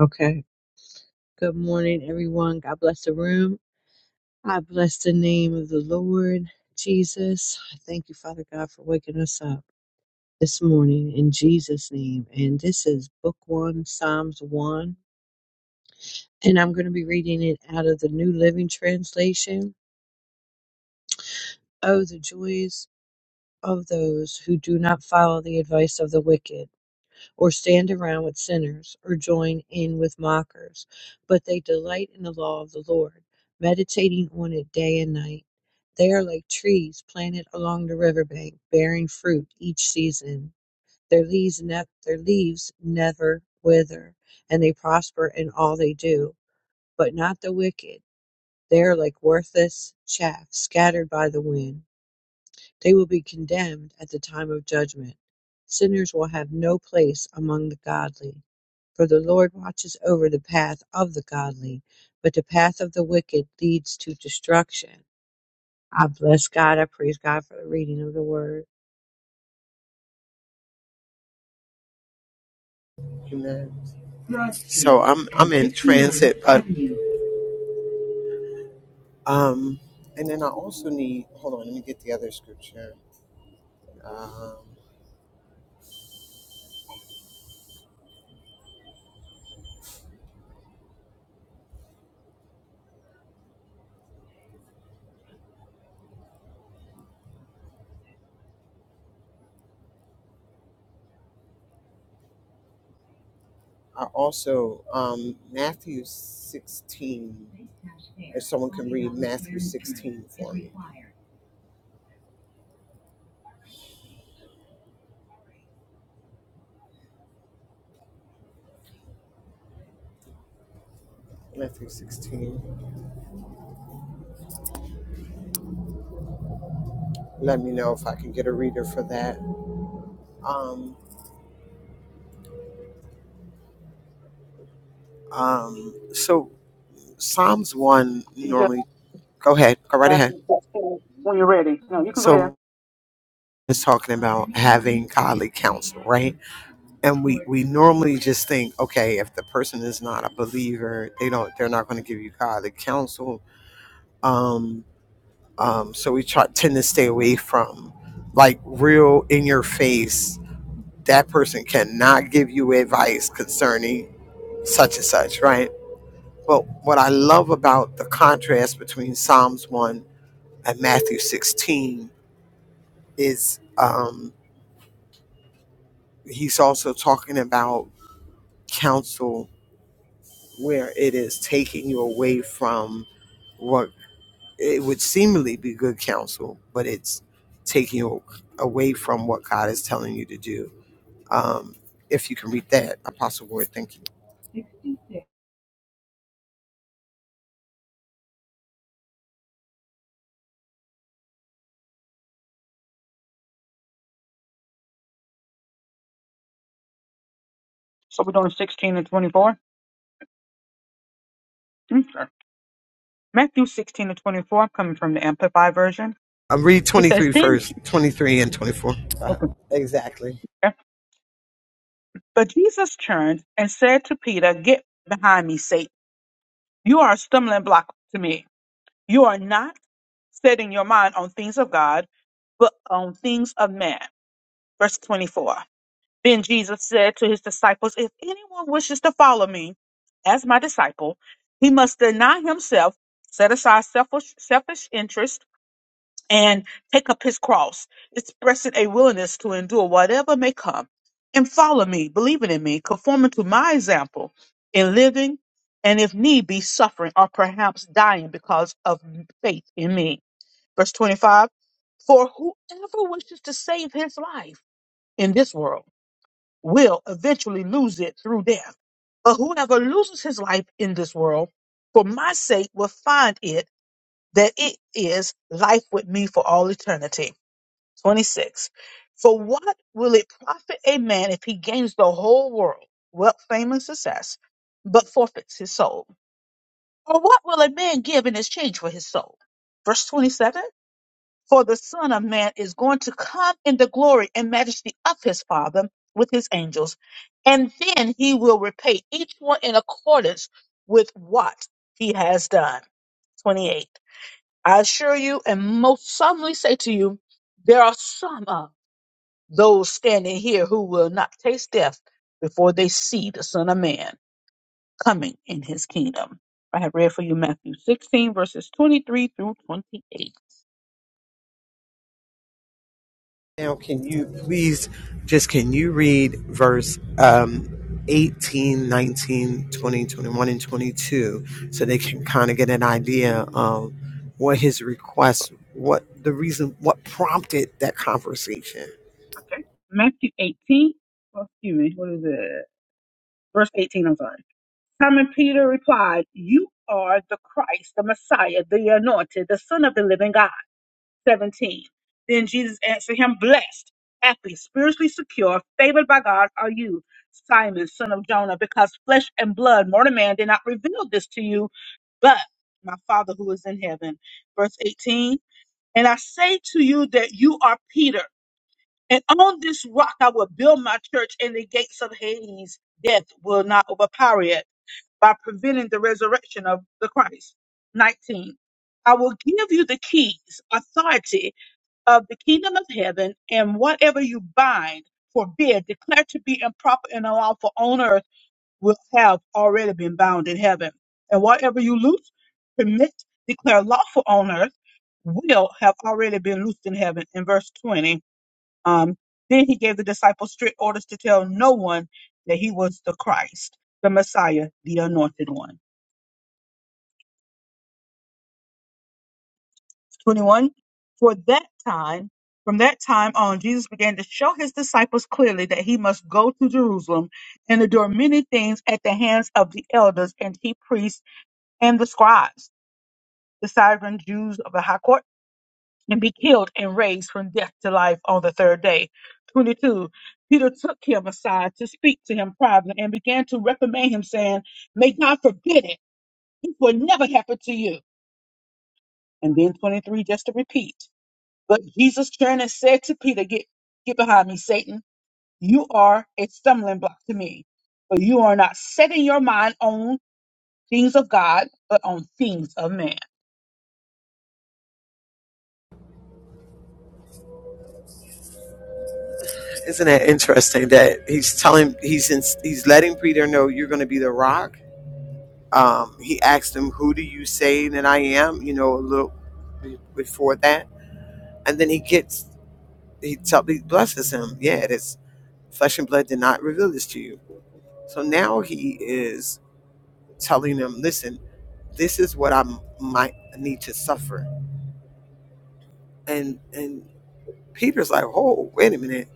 Okay. Good morning, everyone. God bless the room. I bless the name of the Lord Jesus. I thank you, Father God, for waking us up this morning in Jesus' name. And this is Book 1, Psalms 1. And I'm going to be reading it out of the New Living Translation. Oh, the joys of those who do not follow the advice of the wicked or stand around with sinners, or join in with mockers. But they delight in the law of the Lord, meditating on it day and night. They are like trees planted along the riverbank, bearing fruit each season. Their leaves, ne- their leaves never wither, and they prosper in all they do. But not the wicked. They are like worthless chaff scattered by the wind. They will be condemned at the time of judgment. Sinners will have no place among the godly. For the Lord watches over the path of the godly, but the path of the wicked leads to destruction. I bless God. I praise God for the reading of the word. Amen. So I'm I'm in transit, but um, and then I also need. Hold on, let me get the other scripture. Um, I also um Matthew 16. Matthew 16. Let me know if I can get a reader for that. Um, um. So Psalms one You just normally. Go ahead. Go right back to ahead. Matthew when you're ready. No, you can go ahead. So it's talking about having godly counsel, right? and we we normally just think okay if the person is not a believer they don't they're not going to give you godly counsel um um so we try tend to stay away from like real in your face that person cannot give you advice concerning such and such right but what i love about the contrast between psalms 1 and matthew 16 is um he's also talking about counsel where it is taking you away from what it would seemingly be good counsel, but it's taking you away from what God is telling you to do. Um, if you can read that, Apostle Ward, thank you. So we're doing 16 and 24. Mm, Sure. Matthew 16 and 24, I'm coming from the Amplified version. Um, read It says, 23 Then, first, 23 and 24. Uh, okay. exactly. yeah. but Jesus turned and said to Peter, 'Get behind me, Satan. You are a stumbling block to me. You are not setting your mind on things of God, but on things of man. Verse 24. Then Jesus said to his disciples, If anyone wishes to follow me as my disciple, he must deny himself, set aside selfish, selfish interest, and take up his cross, expressing a willingness to endure whatever may come, and follow me, believing in me, conforming to my example in living, and if need be, suffering or perhaps dying because of faith in me. Verse 25 For whoever wishes to save his life in this world, will eventually lose it through death. But whoever loses his life in this world for my sake will find it that it is life with me for all eternity. 26. For what will it profit a man if he gains the whole world, wealth, fame, and success, but forfeits his soul? Or what will a man give in exchange for his soul? Verse 27 for the Son of Man is going to come in the glory and majesty of his Father with his angels, and then he will repay each one in accordance with what he has done. 28. I assure you and most solemnly say to you, there are some of those standing here who will not taste death before they see the Son of Man coming in his kingdom. I have read for you Matthew 16, verses 23 through 28. Now, can you please just can you read verse um, 18, nineteen, twenty, twenty-one, and 22 so they can kind of get an idea of what his request, what the reason, what prompted that conversation? Okay. Matthew 18, oh, excuse me, what is it? Verse 18, I'm sorry. Simon Peter replied, You are the Christ, the Messiah, the anointed, the Son of the living God. 17. Then Jesus answered him, Blessed, happy, spiritually secure, favored by God are you, Simon, son of Jonah, because flesh and blood, mortal man, did not reveal this to you, but my Father who is in heaven. Verse 18. And I say to you that you are Peter. And on this rock I will build my church, and the gates of Hades, death, will not overpower it by preventing the resurrection of the Christ. 19. I will give you the keys, authority of the kingdom of heaven, and whatever you bind, forbid, declare to be improper and unlawful on earth will have already been bound in heaven. And whatever you loose, permit, declare lawful on earth will have already been loosed in heaven. In verse 20. Um, then he gave the disciples strict orders to tell no one that he was the Christ, the Messiah, the anointed one. 21. For that time, from that time on, Jesus began to show his disciples clearly that he must go to Jerusalem and endure many things at the hands of the elders and chief priests and the scribes, the sovereign Jews of the high court and be killed and raised from death to life on the third day. 22. Peter took him aside to speak to him privately and began to reprimand him, saying, May God forbid it. It will never happen to you. And then 23, just to repeat. But Jesus turned and said to Peter, Get, get behind me, Satan. You are a stumbling block to me, for you are not setting your mind on things of God, but on things of man. Isn't that interesting that he's telling, he's in, he's letting Peter know you're going to be the rock, um, he asked him, "Who do you say that I am?" You know, a little be- before that, and then he gets he tell he blesses him. Yeah, this flesh and blood did not reveal this to you. So now he is telling him, "Listen, this is what I m- might need to suffer." And and Peter's like, "Oh, wait a minute.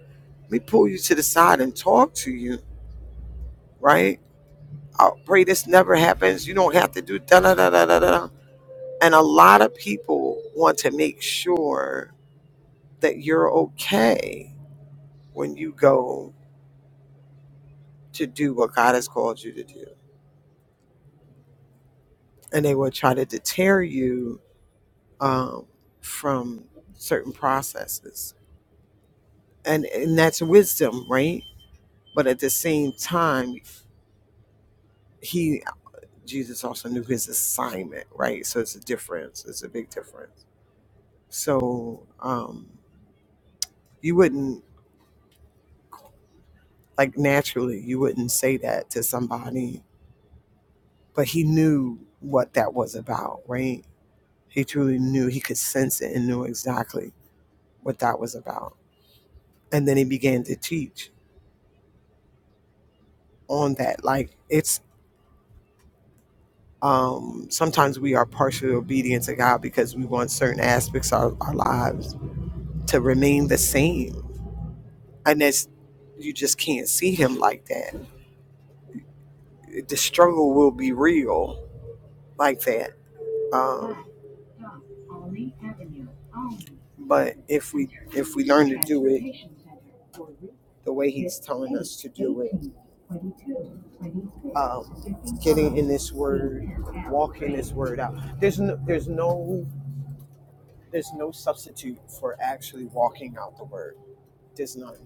Let me pull you to the side and talk to you, right?" I pray this never happens. You don't have to do da da da da da da. da." And a lot of people want to make sure that you're okay when you go to do what God has called you to do. And they will try to deter you um, from certain processes. And, and that's wisdom, right? But at the same time, he, Jesus also knew his assignment, right? So it's a difference. It's a big difference. So um, you wouldn't, like naturally, you wouldn't say that to somebody, but he knew what that was about, right? He truly knew, he could sense it and knew exactly what that was about. And then he began to teach on that. Like it's um sometimes we are partially obedient to God because we want certain aspects of our lives to remain the same. And that's you just can't see him like that. The struggle will be real like that. Um but if we if we learn the way he's telling us to um in this word walk in this word out. There's no there's no there's no substitute for actually walking out the word. There's none.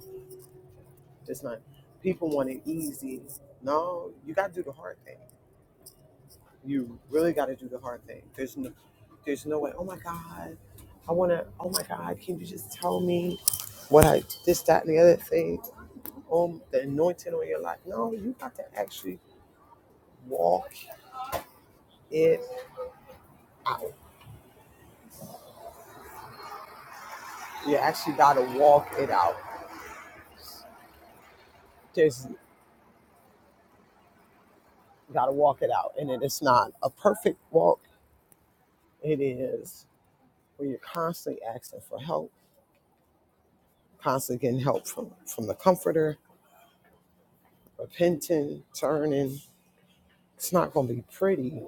There's none. People want it easy. No, you got to do the hard thing. You really got to do the hard thing. There's no, there's no way. Oh my God, I want to. Oh my God, can you just tell me what I this, that, and the other thing? Um, the anointing on your life. No, you got to actually walk it out. You actually got to walk it out. There's got to walk it out, and it is not a perfect walk. It is. where you're constantly asking for help, constantly getting help from, from the comforter, repenting, turning. It's not going to be pretty,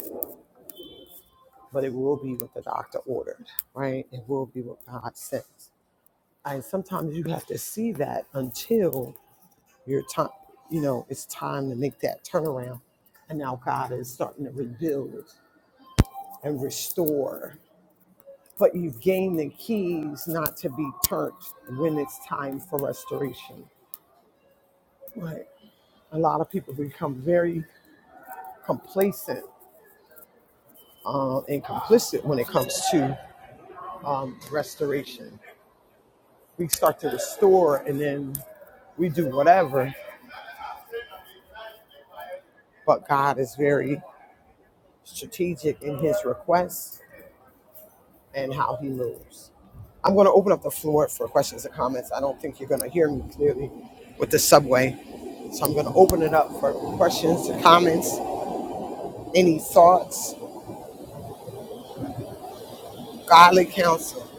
but it will be what the doctor ordered, right? It will be what God says. And sometimes you have to see that until your time, you know, it's time to make that turnaround. And now God is starting to rebuild and restore. But you've gained the keys not to be turned when it's time for restoration. right? a lot of people become very complacent uh, and complicit when it comes to um, restoration. We start to restore and then we do whatever, but God is very strategic in his requests and how he moves. I'm going to open up the floor for questions and comments. I don't think you're going to hear me clearly with the subway. So I'm going to open it up for questions and comments, any thoughts, godly counsel.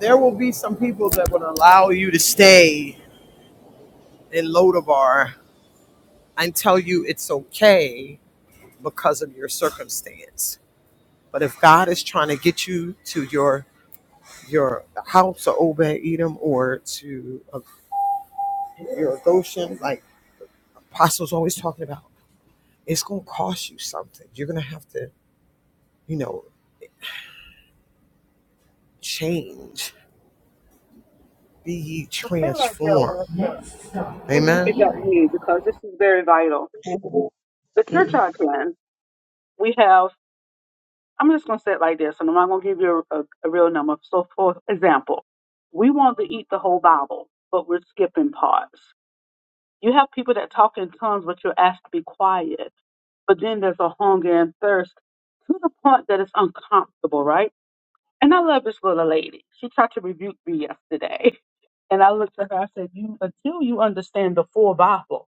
There will be some people that would allow you to stay in Lodabar and tell you it's okay because of your circumstance. But if God is trying to get you to your your house of Obed Edom or to uh, your Goshen, like Apostle's always talking about, it's going to cost you something. You're going to have to, you know, change, be ye Well, stay right there, transformed. Esther. Maybe you could help me because this is very vital. Mhm. The church I attend, we have, I'm just going to say it like this, and I'm not going to give you a, a, a real number. So, for example, we want to eat the whole Bible, but we're skipping parts. You have people that talk in tongues, but you're asked to be quiet. But then there's a hunger and thirst to the point that it's uncomfortable, right? And I love this little lady. She tried to rebuke me yesterday. And I looked at her, I said, you, Until you understand the full Bible,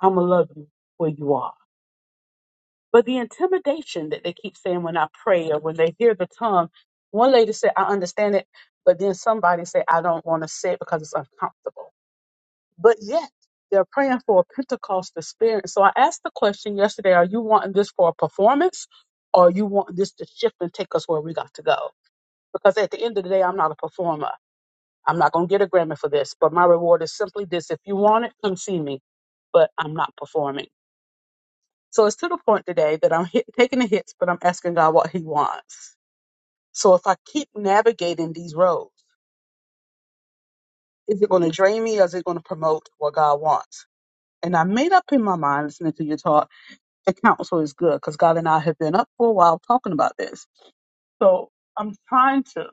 I'm going to love you where you are. But the intimidation that they keep saying when I pray or when they hear the tongue, one lady said, I understand it, but then somebody said, I don't want to say it because it's uncomfortable. But yet, they're praying for a Pentecost experience. So I asked the question yesterday Are you wanting this for a performance or you want this to shift and take us where we got to go? Because at the end of the day, I'm not a performer. I'm not going to get a Grammy for this, but my reward is simply this. If you want it, come see me, but I'm not performing. So it's to the point today that I'm hit, taking the hits, but I'm asking God what He wants. So if I keep navigating these roads, is it going to drain me or is it going to promote what God wants? And I made up in my mind listening to your talk that counsel is good because God and I have been up for a while talking about this. So I'm trying to,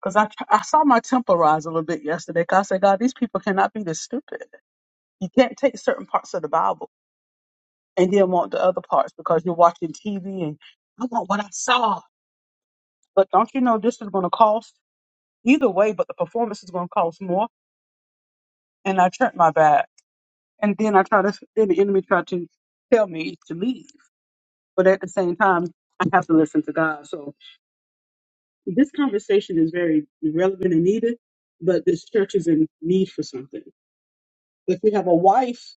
because I, I saw my temper rise a little bit yesterday. Cause I said, God, these people cannot be this stupid. You can't take certain parts of the Bible and then want the other parts because you're watching TV and I want what I saw. But don't you know this is going to cost either way? But the performance is going to cost more. And I turned my back, and then I try to then the enemy tried to tell me to leave. But at the same time, I have to listen to God. So this conversation is very relevant and needed. But this church is in need for something. If we have a wife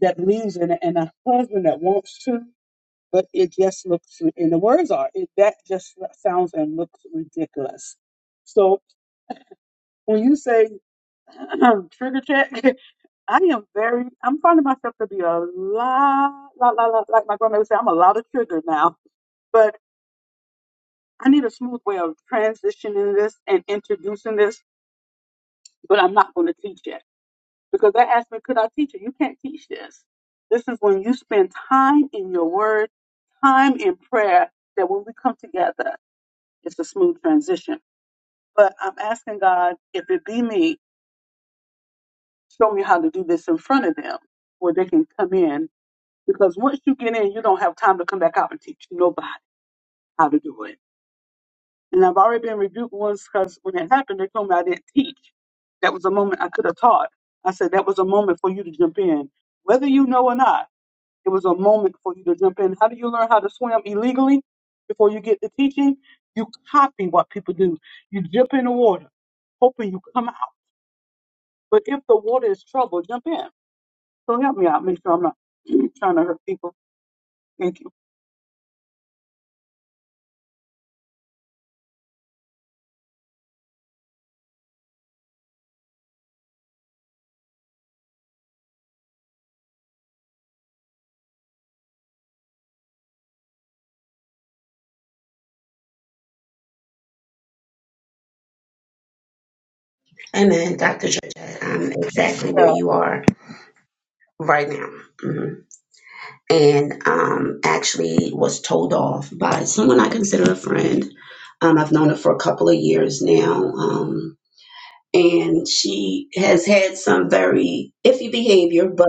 that believes in it and a husband that wants to, but it just looks. And the words are it, that just sounds and looks ridiculous. So when you say Trigger check. I am very, I'm finding myself to be a lot, lot, lot, lot, like my grandma would say, I'm a lot of trigger now. But I need a smooth way of transitioning this and introducing this, but I'm not going to teach it. Because they asked me, could I teach it? You can't teach this. This is when you spend time in your word, time in prayer, that when we come together, it's a smooth transition. But I'm asking God, if it be me, show me how to do this in front of them where they can come in because once you get in, you don't have time to come back out and teach nobody how to do it. And I've already been rebuked once because when it happened, they told me I didn't teach. That was a moment I could have taught. I said that was a moment for you to jump in, whether you know or not. It was a moment for you to jump in. How do you learn how to swim illegally? Before you get to teaching, you copy what people do. You jump in the water, hoping you come out. But if the water is troubled, jump in. So help me out. Make sure I'm not trying to hurt people. Thank you. Amen, Dr. Georgette. I'm exactly where Yeah. you are right now. hmm And um, actually was told off by someone I consider a friend. Um, I've known her for a couple of years now. Um, and she has had some very iffy behavior, but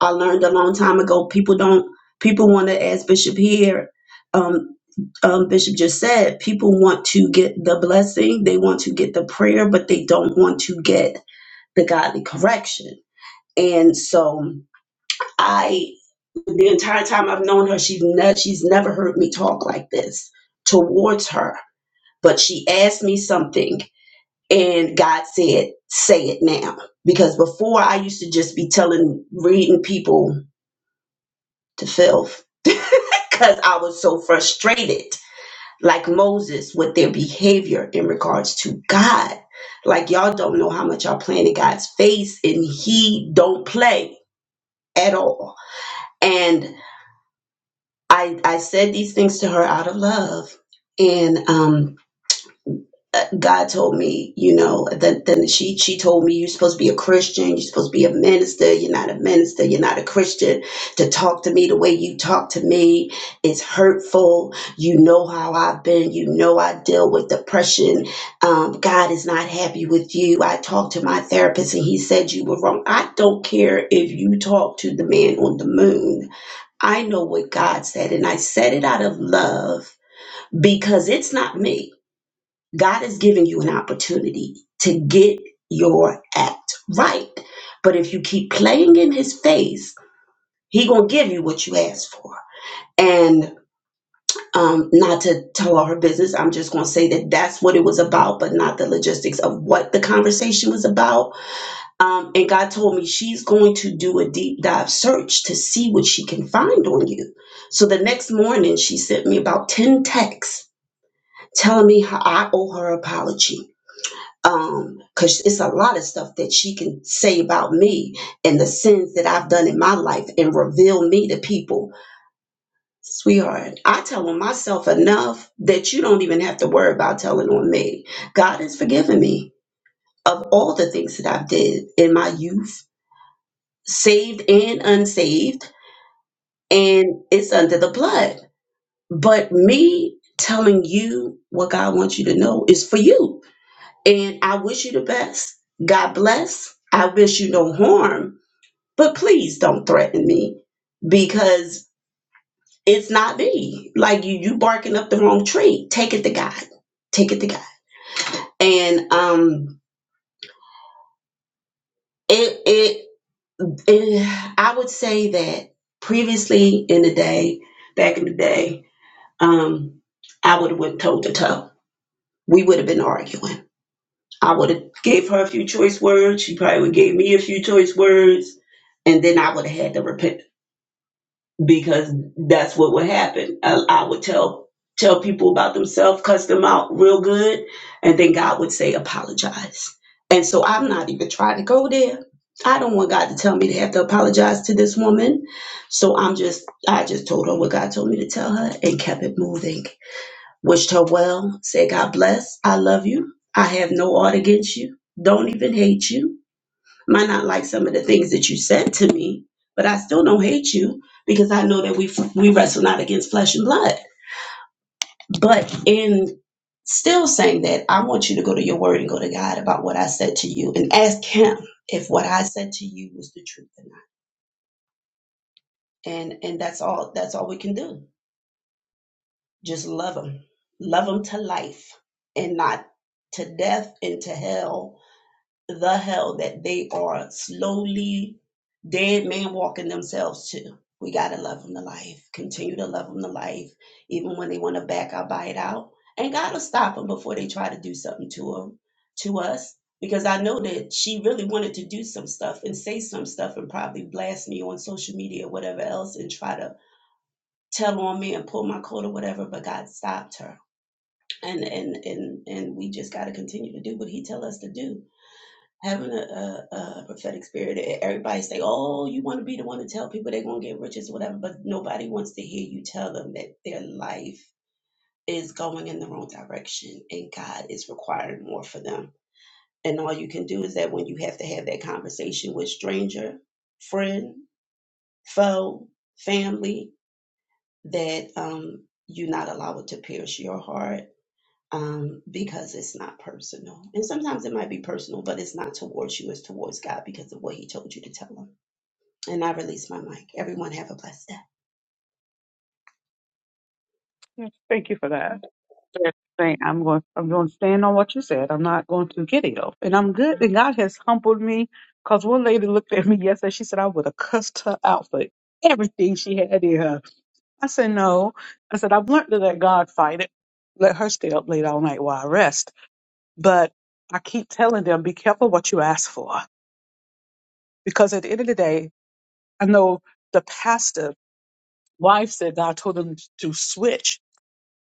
I learned a long time ago people don't, people want to, as Bishop here, um, um, Bishop just said, people want to get the blessing, they want to get the prayer, but they don't want to get the godly correction. And so I, the entire time I've known her, she's ne- she's never heard me talk like this towards her. But she asked me something, and God said, "Say it now," because before I used to just be telling, reading people to filth, because I was so frustrated, like Moses, with their behavior in regards to God. Like y'all don't know how much y'all playing in God's face, and He don't play at all and I I said these things to her out of love, and um, uh, God told me, you know, that then she she told me you're supposed to be a Christian, you're supposed to be a minister, you're not a minister, you're not a Christian. To talk to me the way you talk to me is hurtful. You know how I've been, you know I deal with depression. Um, God is not happy with you. I talked to my therapist and he said you were wrong. I don't care if you talk to the man on the moon I know what God said, and I said it out of love because it's not me. God is giving you an opportunity to get your act right. But if you keep playing in his face, he gonna give you what you asked for. And um, not to tell all her business, I'm just gonna say that that's what it was about, but not the logistics of what the conversation was about Um, and God told me she's going to do a deep dive search to see what she can find on you. So the next morning, she sent me about 10 texts telling me how I owe her apology. Um, cause it's a lot of stuff that she can say about me and the sins that I've done in my life and reveal me to people. Sweetheart, I tell on myself enough that you don't even have to worry about telling on me. God has forgiven me of all the things that I've did in my youth saved and unsaved, and it's under the blood. But me telling you what God wants you to know is for you. And I wish you the best. God bless. I wish you no harm, but please don't threaten me because it's not me. Like you, you barking up the wrong tree. Take it to God. Take it to God. And um, it, it, it I would say that previously in the day, back in the day, um, I would have went toe to toe. We would have been arguing. I would have gave her a few choice words. She probably would gave me a few choice words, and then I would have had to repent because that's what would happen. I, I would tell tell people about themselves, cuss them out real good, and then God would say apologize. And so I'm not even trying to go there. I don't want God to tell me to have to apologize to this woman. So I'm just I just told her what God told me to tell her and kept it moving wished her well, said, God bless, I love you. I have no art against you. Don't even hate you. Might not like some of the things that you said to me, but I still don't hate you because I know that we we wrestle not against flesh and blood. But in still saying that, I want you to go to your word and go to God about what I said to you and ask him if what I said to you was the truth or not. And and that's all that's all we can do. Just love him. Love him to life and not to death and to hell the hell that they are slowly dead man walking themselves to. We got to love them to life. Continue to love them to life. Even when they want to back our bite out. And God will stop them before they try to do something to them, to us. Because I know that she really wanted to do some stuff and say some stuff and probably blast me on social media or whatever else and try to tell on me and pull my coat or whatever, but God stopped her. And and and and we just gotta continue to do what he tell us to do having a, a, a prophetic spirit. E- Everybody say, "Oh, you want to be the one to tell people they're going to get riches, or whatever," but nobody wants to hear you tell them that their life is going in the wrong direction and God is requiring more for them. And all you can do is that when you have to have that conversation with stranger, friend, foe, family, that um, you not allow it to pierce your heart um, because it's not personal. And sometimes it might be personal, but it's not towards you, it's towards God because of what He told you to tell Him. And I release my mic. Everyone have a blessed day. Thank you for that. just saying I'm going I'm going to stand on what you said. I'm not going to get ill. And I'm good and God has humbled me because one lady looked at me yesterday, she said I would have cussed her out for everything she had in her. I said no. I said I've learned to let God fight it. Let her stay up late all night while I rest. But I keep telling them, be careful what you ask for. Because at the end of the day, I know the pastor wife said God told them to switch.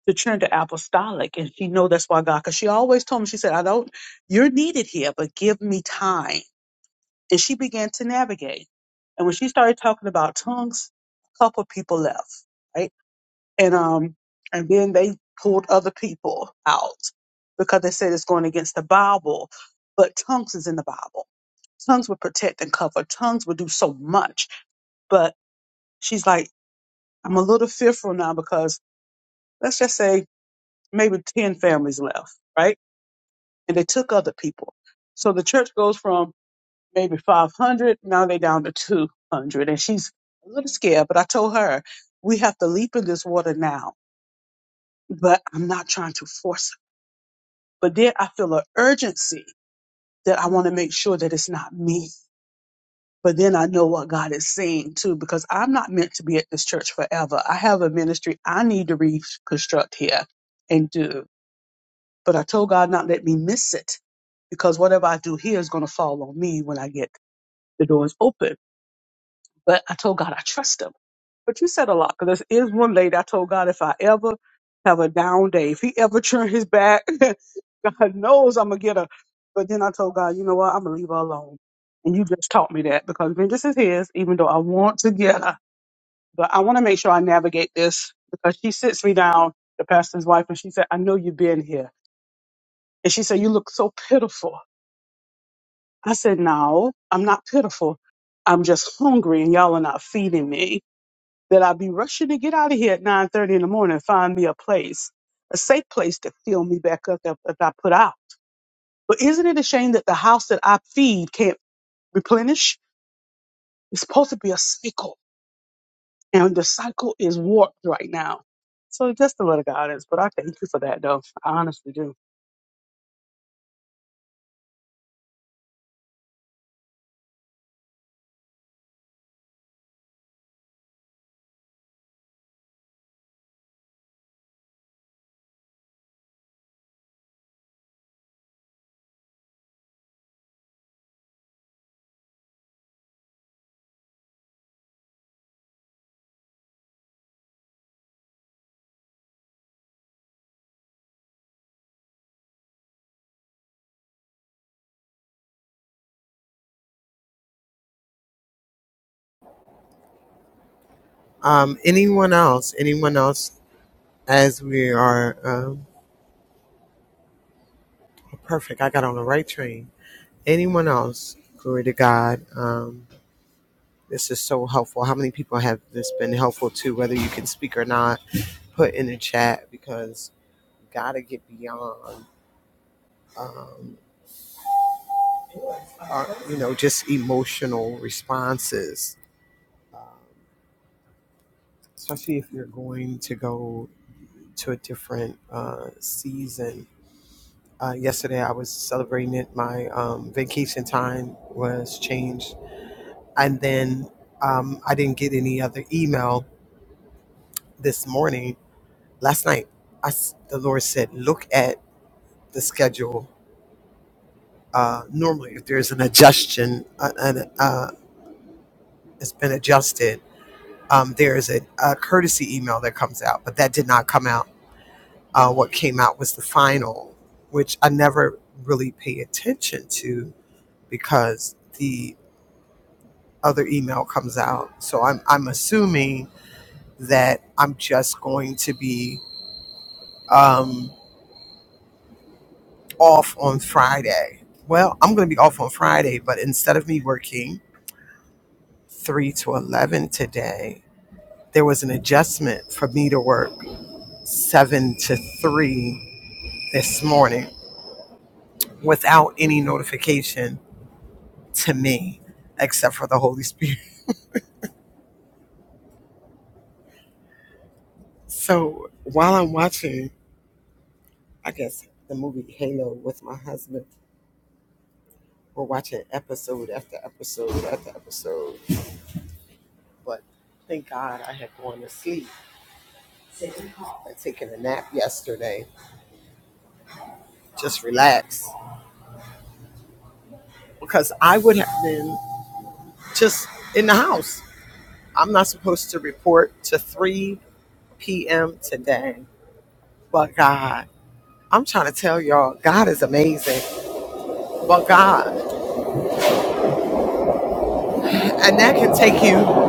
to turn to apostolic and she know that's why god because she always told me she said i don't you're needed here but give me time and she began to navigate and when she started talking about tongues a couple of people left right and um and then they pulled other people out because they said it's going against the bible but tongues is in the bible tongues would protect and cover tongues would do so much but she's like i'm a little fearful now because let's just say maybe 10 families left right and they took other people. So the church goes from maybe 500, now they down to 200. And she's a little scared, but I told her, we have to leap in this water now, but I'm not trying to force it. But then I feel an urgency that I want to make sure that it's not me. But then I know what God is saying too, because I'm not meant to be at this church forever. I have a ministry I need to reconstruct here and do. But I told God not let me miss it because whatever I do here is going to fall on me when I get the door is open. But I told God I trust him. But you said a lot because there is one lady I told God if I ever have a down day, if he ever turn his back, God knows I'm gonna get her. But then I told God, you know what, I'm gonna leave her alone. And you just taught me that because vengeance is his, even though I want to get her. But I want to make sure I navigate this because she sits me down, the pastor's wife, and she said, I know you've been here. And she said, You look so pitiful. I said, No, I'm not pitiful. I'm just hungry and y'all are not feeding me. that I'll be rushing to get out of here at 9.30 in the morning and find me a place, a safe place to fill me back up if, if I put out. But isn't it a shame that the house that I feed can't replenish? It's supposed to be a cycle, and the cycle is warped right now. So just a little guidance, but I thank you for that, though. I honestly do. Um, anyone else? Anyone else? As we are um, perfect, I got on the right train. Anyone else? Glory to God. Um, This is so helpful. How many people have this been helpful to, whether you can speak or not? Put in the chat because we gotta get beyond, um, our, you know, just emotional responses, um, especially if you're going to go to a different uh, season. Uh, yesterday, I was celebrating it. My um, vacation time was changed, and then um, I didn't get any other email this morning last night I s the lord said look at the schedule uh, normally if there's an adjustment uh, an, uh, it's been adjusted um, there is a, a courtesy email that comes out but that did not come out uh, what came out was the final which i never really pay attention to because the other email comes out so i'm, I'm assuming that i'm just going to be um, off on Friday. Well, I'm going to be off on Friday, but instead of me working 3 to 11 today, there was an adjustment for me to work 7 to 3 this morning without any notification to me except for the Holy Spirit. So while I'm watching, I guess, the movie Halo with my husband, we're watching episode after episode after episode. But thank God I had gone to sleep and taken a nap yesterday just relax because I would have been just in the house. I'm not supposed to report to 3 p.m. today, but God, I'm trying to tell y'all, God is amazing, but God, and that can take you.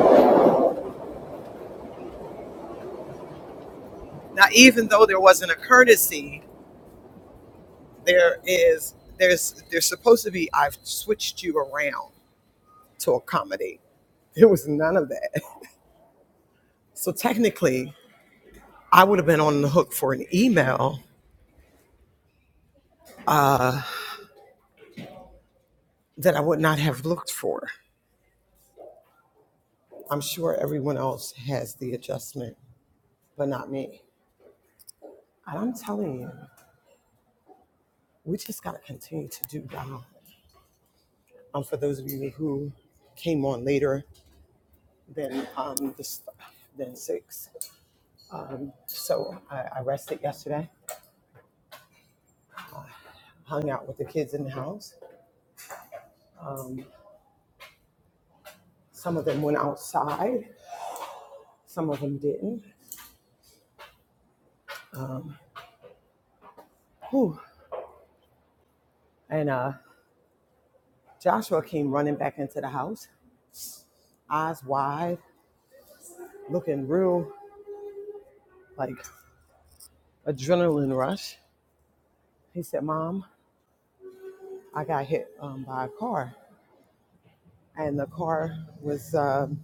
Now, even though there wasn't a courtesy, there is there's there's supposed to be. I've switched you around to accommodate. There was none of that. So technically, I would have been on the hook for an email uh, that I would not have looked for I'm sure everyone else has the adjustment, but not me. And I'm telling you, we just got to continue to do God. Um, for those of you who came on later than um, this, than six, um, so I, I rested yesterday, hung out with the kids in the house. Um, some of them went outside, some of them didn't. Um, whew. And uh, Joshua came running back into the house, eyes wide, looking real like adrenaline rush He said, Mom, I got hit um, by a car, and the car was, um,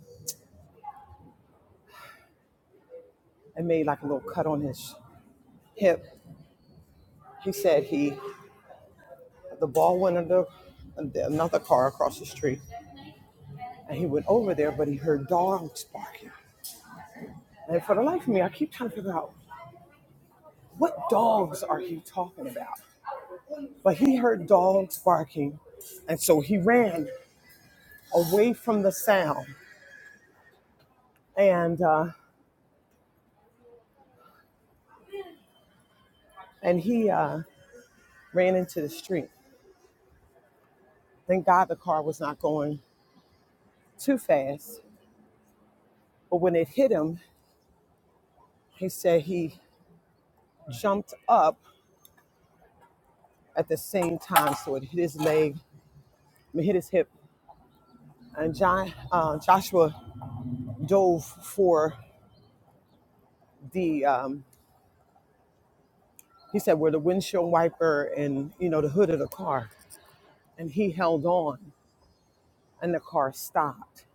it made like a little cut on his hip. He said he, the ball went under another car across the street, and he went over there, but he heard dogs barking. And for the life of me, I keep trying to figure out what dogs are he talking about? But he heard dogs barking, and so he ran away from the sound, and uh, and he uh, ran into the street. Thank God the car was not going too fast. But when it hit him, he said he jumped up at the same time, so it hit his leg, I mean, hit his hip. And John, uh, Joshua dove for the, um, he said, where the windshield wiper and you know the hood of the car, and he held on, and the car stopped.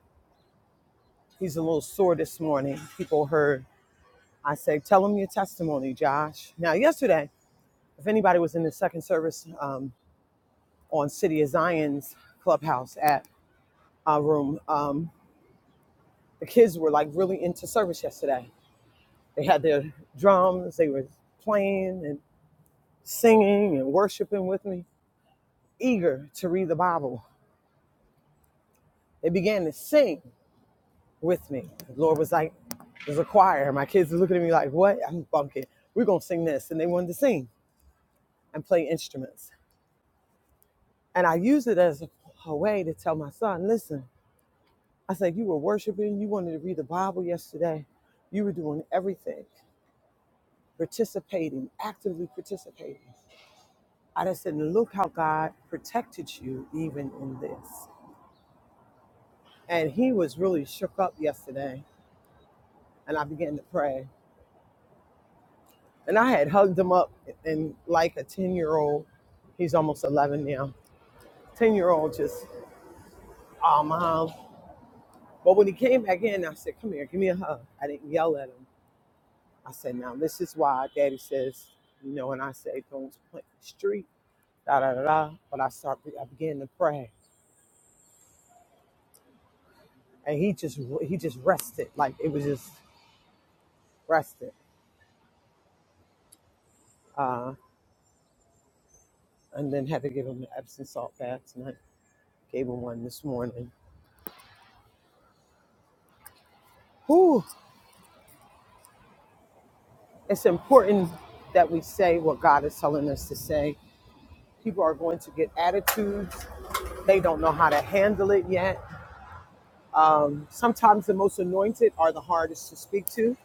He's a little sore this morning. People heard I say, tell him your testimony, Josh. Now, yesterday, if anybody was in the second service um, on City of Zion's Clubhouse app, uh, room. Um, the kids were like really into service yesterday. They had their drums, they were playing and singing and worshiping with me, eager to read the Bible. They began to sing with me. The Lord was like, there's a choir. My kids were looking at me like, what? I'm bunking. We're going to sing this. And they wanted to sing and play instruments. And I used it as a, a way to tell my son, listen, I said, you were worshiping, you wanted to read the Bible yesterday, you were doing everything. participating, actively participating. I just said, look how God protected you even in this. And he was really shook up yesterday. And I began to pray. And I had hugged him up and like a 10 year old, he's almost 11 now, 10 year old just, oh, mom. But when he came back in, I said, come here, give me a hug. I didn't yell at him. I said, now this is why daddy says, you know, and I say, don't plant the street, da da da da. But I start, I began to pray and he just he just rested like it was just rested uh and then had to give him an epsom salt bath tonight gave him one this morning Whew. it's important that we say what god is telling us to say people are going to get attitudes they don't know how to handle it yet um, sometimes the most anointed are the hardest to speak to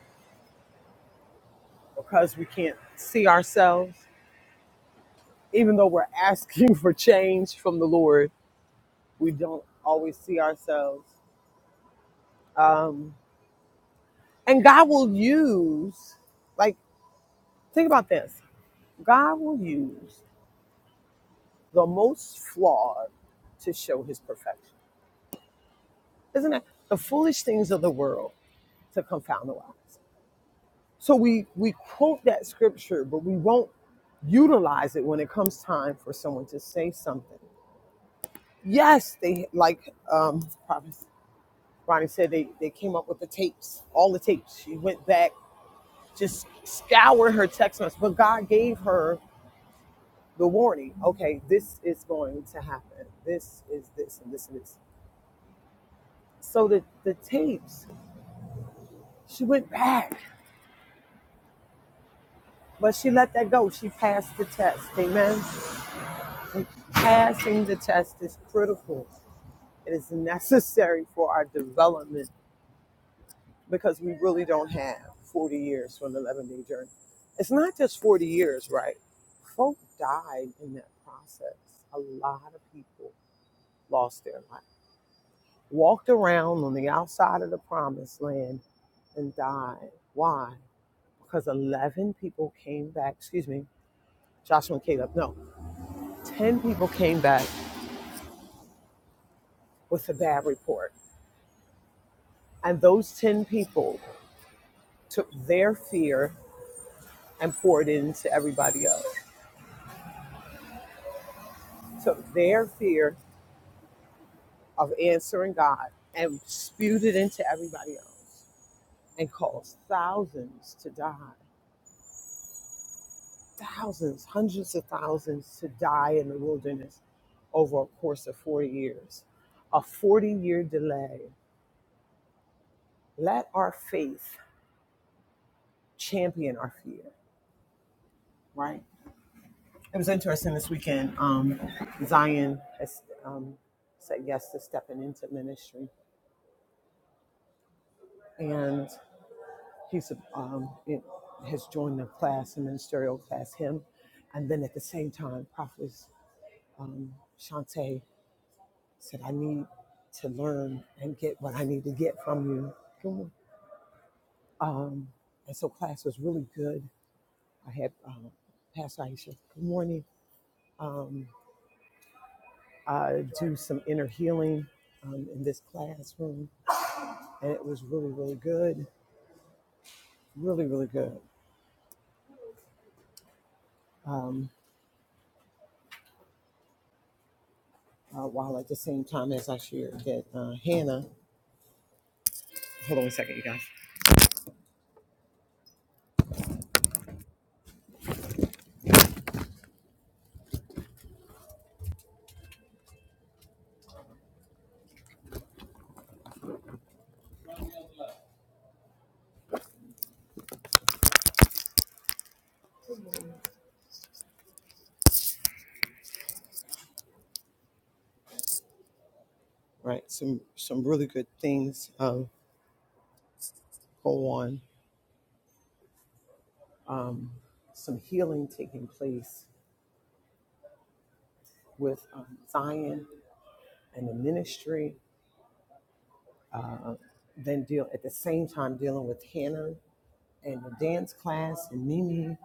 because we can't see ourselves even though we're asking for change from the lord we don't always see ourselves Um, And God will use, like, think about this God will use the most flawed to show his perfection. Isn't it? The foolish things of the world to confound the wise. So we, we quote that scripture, but we won't utilize it when it comes time for someone to say something. Yes, they, like um, Prophet Ronnie said, they, they came up with the tapes, all the tapes. She went back, just scoured her text messages, but God gave her the warning okay this is going to happen this is this and this and this so the the tapes she went back but she let that go she passed the test amen And passing the test is critical it is necessary for our development because we really don't have 40 years for an 11 day journey it's not just 40 years right folk died in that process a lot of people lost their lives walked around on the outside of the promised land and died. Why? Because 11 people came back, excuse me, Joshua and Caleb, no, 10 people came back with a bad report. And those 10 people took their fear and poured it into everybody else, took their fear of answering God and spewed it into everybody else and caused thousands to die. thousands, hundreds of thousands to die in the wilderness over a course of 40 years. A 40 year delay. Let our faith champion our fear, right? It was interesting this weekend. Um, Zion has um, said yes to stepping into ministry, and he's um, it, has joined the class, a ministerial class, him. And then at the same time, Prophet um, Shantae said, I need to learn and get what I need to get from you. Come on. Um, and so class was really good. I had um, Pastor Aisha, good morning. Um, I do some inner healing um, in this classroom, and it was really, really good. Really, really good. Um, uh, while at the same time as I shared that uh, Hannah, hold on a second, you guys. Right, some some really good things um, go on. Um, some healing taking place with um, Zion and the ministry, uh, then deal at the same time dealing with Hannah and the dance class and Mimi,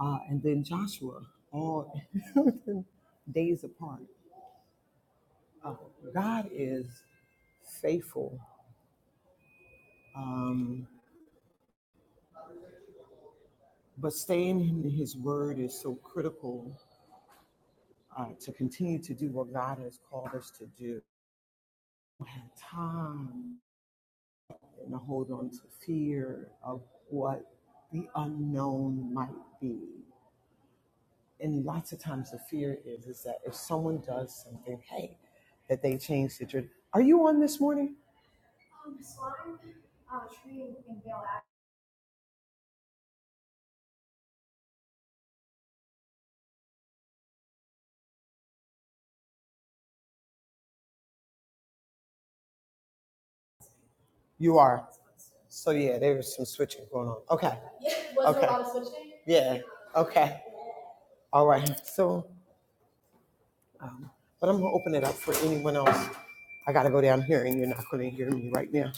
uh, and then Joshua, all days apart. Uh, God is faithful, um, but staying in His Word is so critical uh, to continue to do what God has called us to do. We don't have time and to hold on to fear of what the unknown might be. And lots of times the fear is is that if someone does something, hey, that they change the trip. Are you on this morning? You are. So yeah, there was some switching going on. Okay. okay. yeah. Okay. All right. So, um, but I'm gonna open it up for anyone else. I gotta go down here, and you're not gonna hear me right now.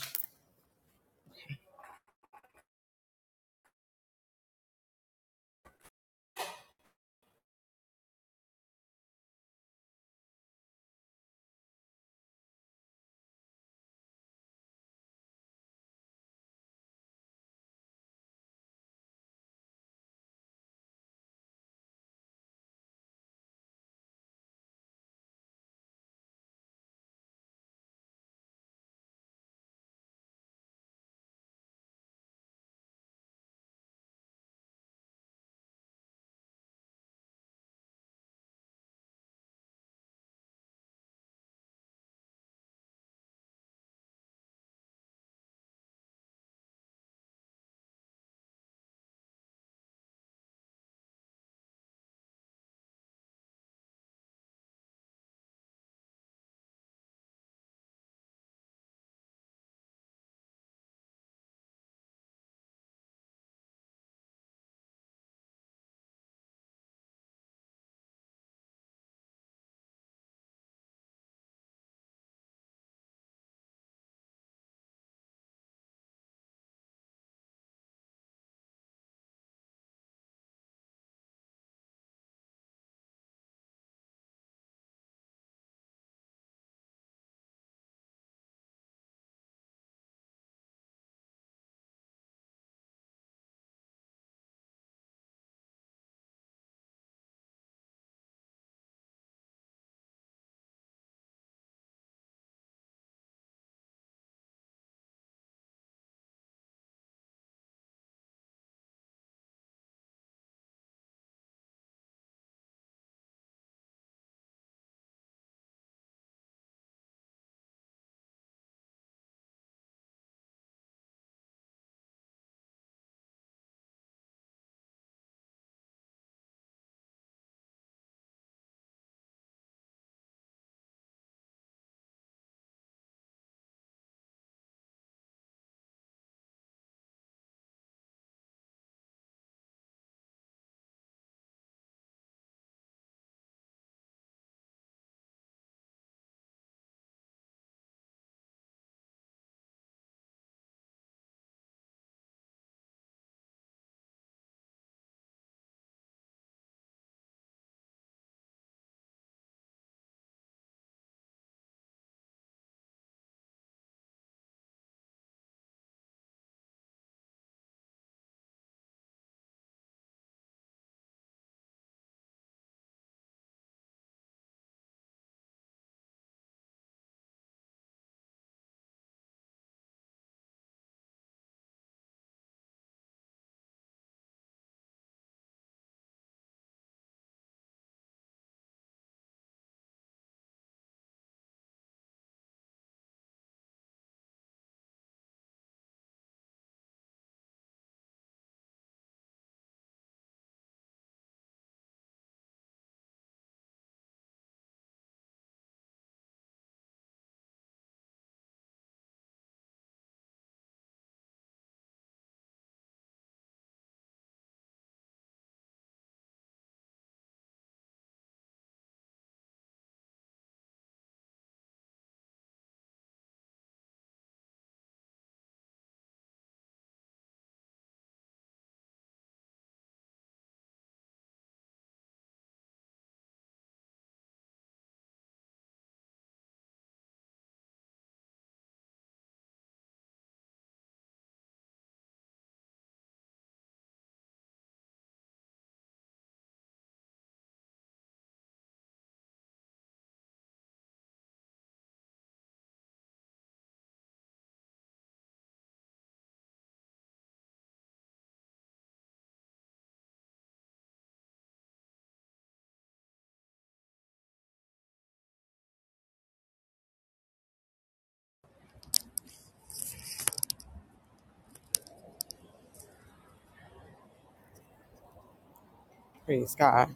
Praise God.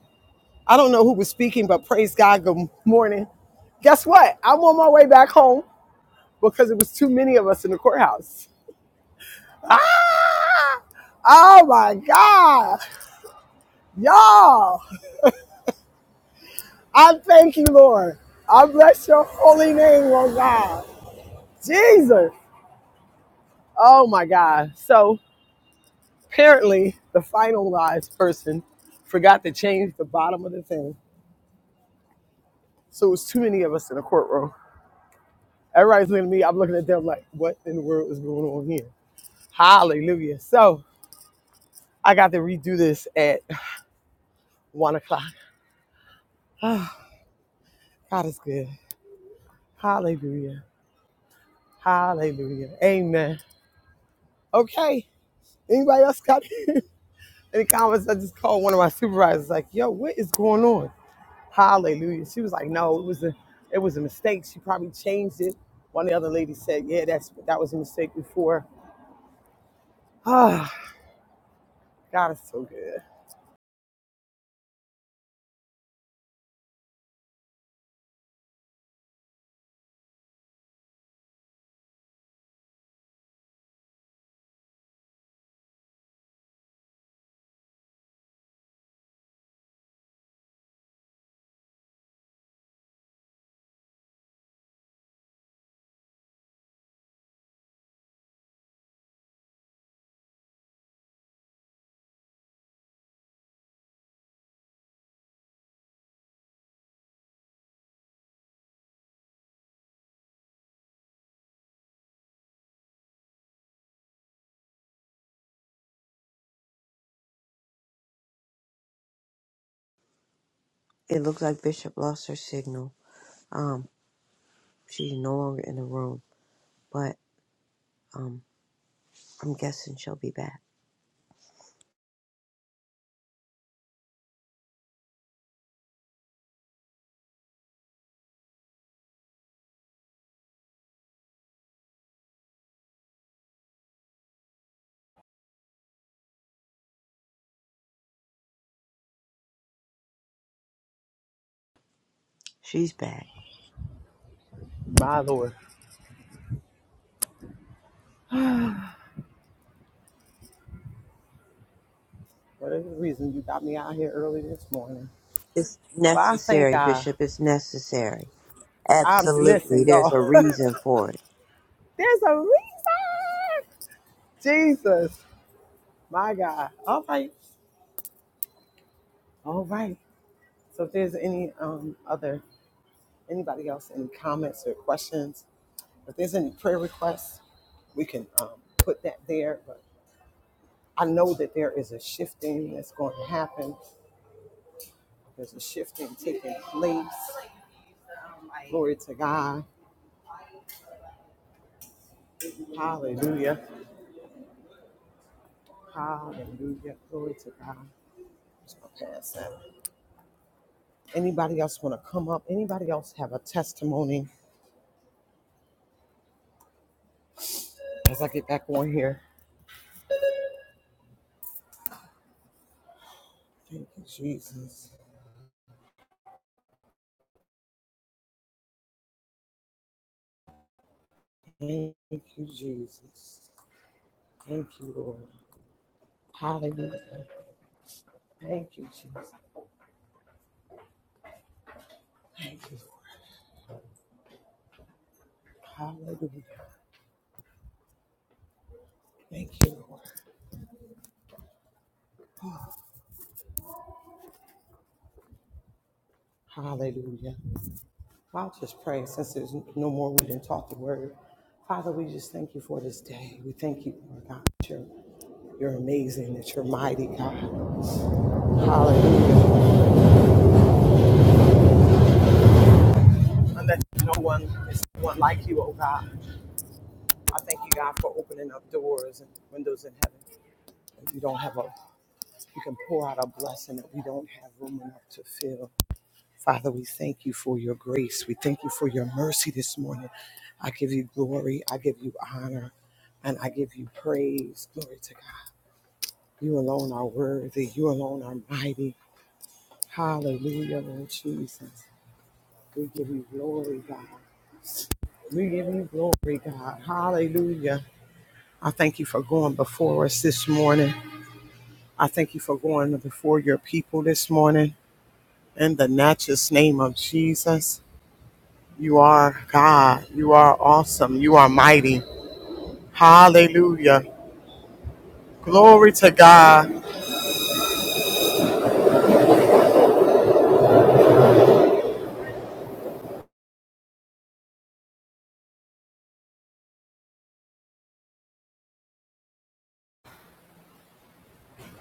I don't know who was speaking, but praise God, good morning. Guess what? I'm on my way back home because it was too many of us in the courthouse. Ah! Oh my God. Y'all, I thank you, Lord. I bless your holy name, Lord God. Jesus. Oh my God. So apparently, the finalized person forgot to change the bottom of the thing. So it was too many of us in the courtroom. Everybody's looking at me. I'm looking at them like, what in the world is going on here? Hallelujah. So I got to redo this at one o'clock. Ah, God is good. Hallelujah. Hallelujah. Amen. Okay. Anybody else got any comments? I just called one of my supervisors, like, yo, what is going on? Hallelujah. She was like, no, it was a it was a mistake. She probably changed it. One of the other ladies said, yeah, that's that was a mistake before. Ah, God is so good. It looks like Bishop lost her signal. Um, she's no longer in the room, but um, I'm guessing she'll be back. She's back. My Lord. Whatever the reason you got me out here early this morning. It's But I thank necessary, God. Bishop. It's necessary. I'm Absolutely. listen, There's y'all. a reason for it. There's a reason. Jesus, my God. All right, all right. So if there's any um other anybody else any comments or questions, if there's any prayer requests, we can um, put that there. But I know that there is a shifting that's going to happen. There's a shifting taking place. Glory to God. Hallelujah. Hallelujah. Glory to God. Just gonna pass that. Anybody else want to come up? Anybody else have a testimony as I get back on here? Thank you, Jesus. Thank you, Jesus. Thank you, Lord. Hallelujah. Thank you, Jesus. Thank you. Hallelujah. Thank you, Lord. Hallelujah. I'll just pray since there's no more reading, talk. the word. Father, we just thank you for this day. We thank you, Lord God, that you're, you're amazing, that you're mighty, God. Hallelujah. and that no one is no one like you, oh God. I thank you, God, for opening up doors and windows in heaven. And we don't have a, you can pour out a blessing that we don't have room enough to fill. Father, we thank you for your grace. We thank you for your mercy this morning. I give you glory. I give you honor. And I give you praise. Glory to God. You alone are worthy. You alone are mighty. Hallelujah, Lord Jesus. We give you glory, God. We give you glory, God. Hallelujah. I thank you for going before us this morning. I thank you for going before your people this morning. In the matchless name of Jesus, you are God. You are awesome. You are mighty. Hallelujah. Glory to God.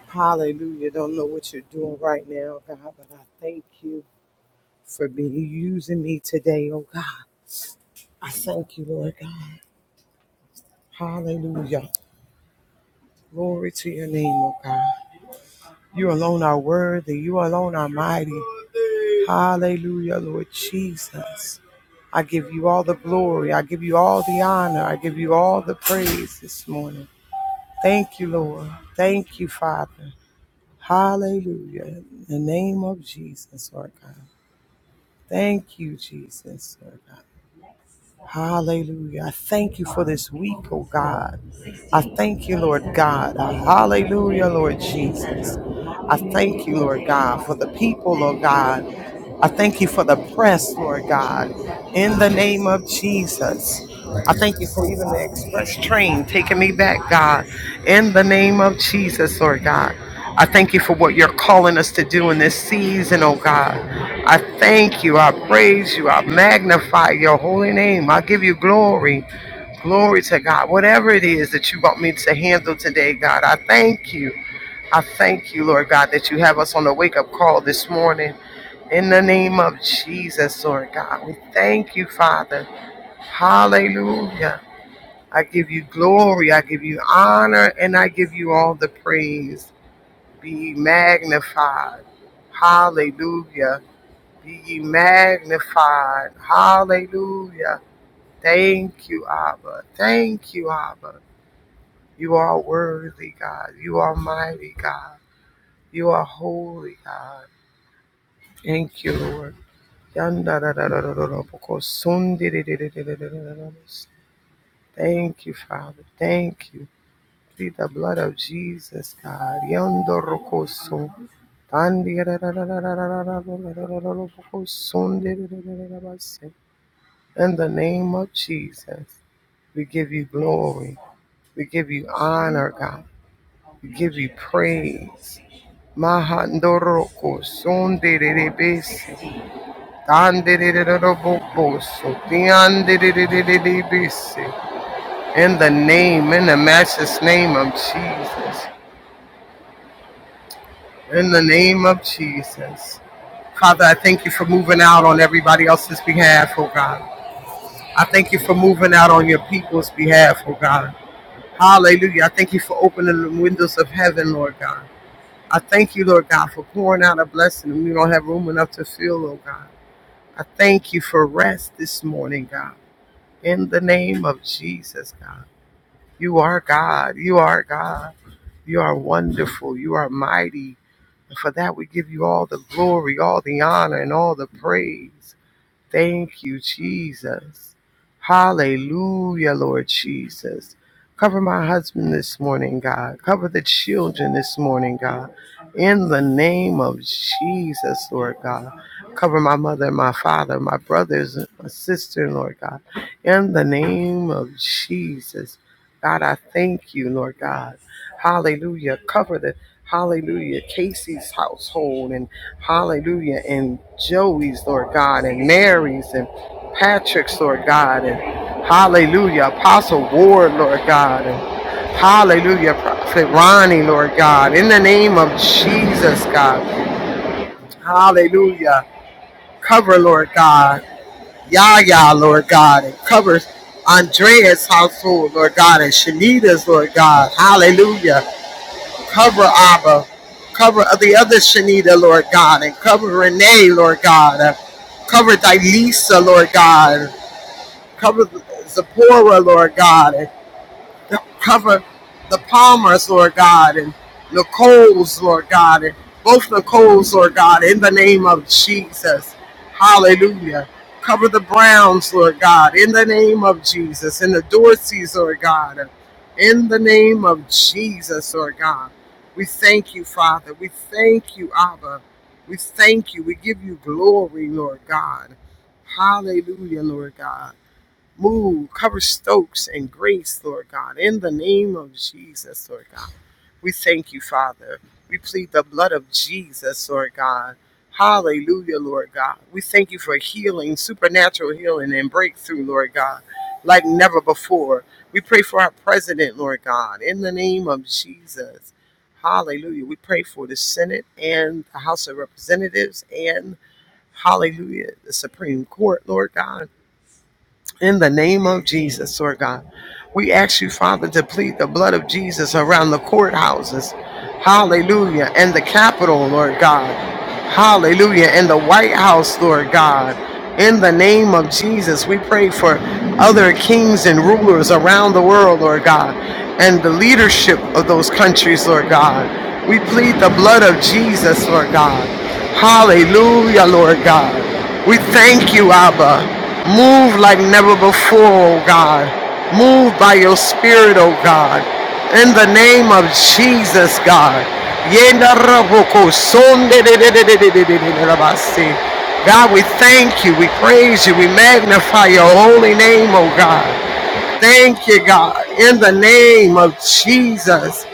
Hallelujah. Don't know what you're doing right now, God, but I thank you for being using me today, oh God. I thank you, Lord God. Hallelujah. Glory to your name, oh God. You alone are worthy. You alone are mighty. Hallelujah, Lord Jesus. I give you all the glory. I give you all the honor. I give you all the praise this morning. Thank you, Lord. Thank you, Father. Hallelujah. In the name of Jesus, Lord God. Thank you, Jesus, Lord God. Hallelujah. I thank you for this week, oh God. I thank you, Lord God. Hallelujah, Lord Jesus. I thank you, Lord God, for the people, Lord God. I thank you for the press, Lord God, in the name of Jesus. I thank you for even the express train taking me back, God, in the name of Jesus, Lord God. I thank you for what you're calling us to do in this season, oh God. I thank you. I praise you. I magnify your holy name. I give you glory. Glory to God. Whatever it is that you want me to handle today, God, I thank you. I thank you, Lord God, that you have us on the wake up call this morning. In the name of Jesus, Lord God, we thank you, Father. Hallelujah. I give you glory, I give you honor, and I give you all the praise. Be ye magnified. Hallelujah. Be ye magnified. Hallelujah. Thank you, Abba. Thank you, Abba. You are worthy, God. You are mighty, God. You are holy, God. Thank you, Lord. Yanda da da da da da da, because soon di- di- di- di- di- di- di- di- di- di- Thank you, Father. Thank you. Through the blood of Jesus, God. Yanda rokoso. Tandi da da da da da da da da da da da da da da da, because soon di- di- di- di- di- di- di- di- In the name of Jesus, we give you glory. We give you honor, God. We give you praise. Mahandoroko soon di- di- di- di- In the name, in the matchless name of Jesus. In the name of Jesus. Father, I thank you for moving out on everybody else's behalf, oh God. I thank you for moving out on your people's behalf, oh God. Hallelujah. I thank you for opening the windows of heaven, Lord God. I thank you, Lord God, for pouring out a blessing and we don't have room enough to fill, oh God. I thank you for rest this morning, God. in the name of Jesus, God. You are God. You are God. You are wonderful. You are mighty. And for that, we give you all the glory, all the honor, and all the praise. Thank you, Jesus. Hallelujah, Lord Jesus. Cover my husband this morning, God. Cover the children this morning, God. In the name of Jesus, Lord God. Cover my mother, my father, my brothers, and my sister, Lord God. In the name of Jesus. God, I thank you, Lord God. Hallelujah. Cover the Hallelujah, Casey's household and. Hallelujah. And Joey's, Lord God, and Mary's, and Patrick's, Lord God, and Hallelujah. Apostle Ward, Lord God, and Hallelujah. Prophet Ronnie, Lord God, in the name of Jesus, God. Hallelujah. Cover, Lord God, Yahya, Lord God, and cover Andrea's household, Lord God, and Shanita's, Lord God. Hallelujah. Cover Abba. Cover the other Shanita, Lord God, and cover Renee, Lord God. Uh, Cover Dilisa, Lord God. Cover Zipporah, Lord God cover the Palmers, Lord God, and Nicole's, Lord God, and both Nicole's, Lord God, in the name of Jesus. Hallelujah. Cover the Browns, Lord God, in the name of Jesus, and the Dorseys, Lord God, in the name of Jesus, Lord God. We thank you, Father. We thank you, Abba. We thank you. We give you glory, Lord God. Hallelujah, Lord God. Move, cover Stokes and Grace, Lord God, in the name of Jesus, Lord God. We thank you, Father. We plead the blood of Jesus, Lord God. Hallelujah, Lord God. We thank you for healing, supernatural healing and breakthrough, Lord God, like never before. We pray for our president, Lord God, in the name of Jesus. Hallelujah. We pray for the Senate and the House of Representatives and Hallelujah, the Supreme Court, Lord God. In the name of Jesus, Lord God, we ask you, Father, to plead the blood of Jesus around the courthouses. Hallelujah. And the Capitol, Lord God. Hallelujah. And the White House, Lord God. In the name of Jesus, we pray for other kings and rulers around the world, Lord God, and the leadership of those countries, Lord God. We plead the blood of Jesus, Lord God. Hallelujah, Lord God. We thank you, Abba. Move like never before, oh God. Move by your spirit, oh God. In the name of Jesus, God. God, we thank you, we praise you, we magnify your holy name, oh God. Thank you, God. In the name of Jesus,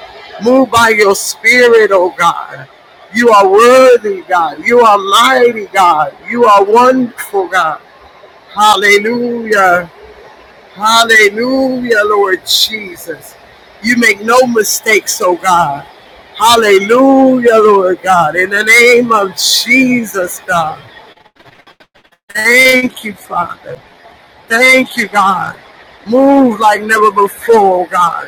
move by your spirit, oh God. You are worthy, God. You are mighty, God. You are wonderful, God. Hallelujah. Hallelujah, Lord Jesus. You make no mistakes, oh God. Hallelujah, Lord God. In the name of Jesus, God. Thank you, Father. Thank you, God. Move like never before, oh God.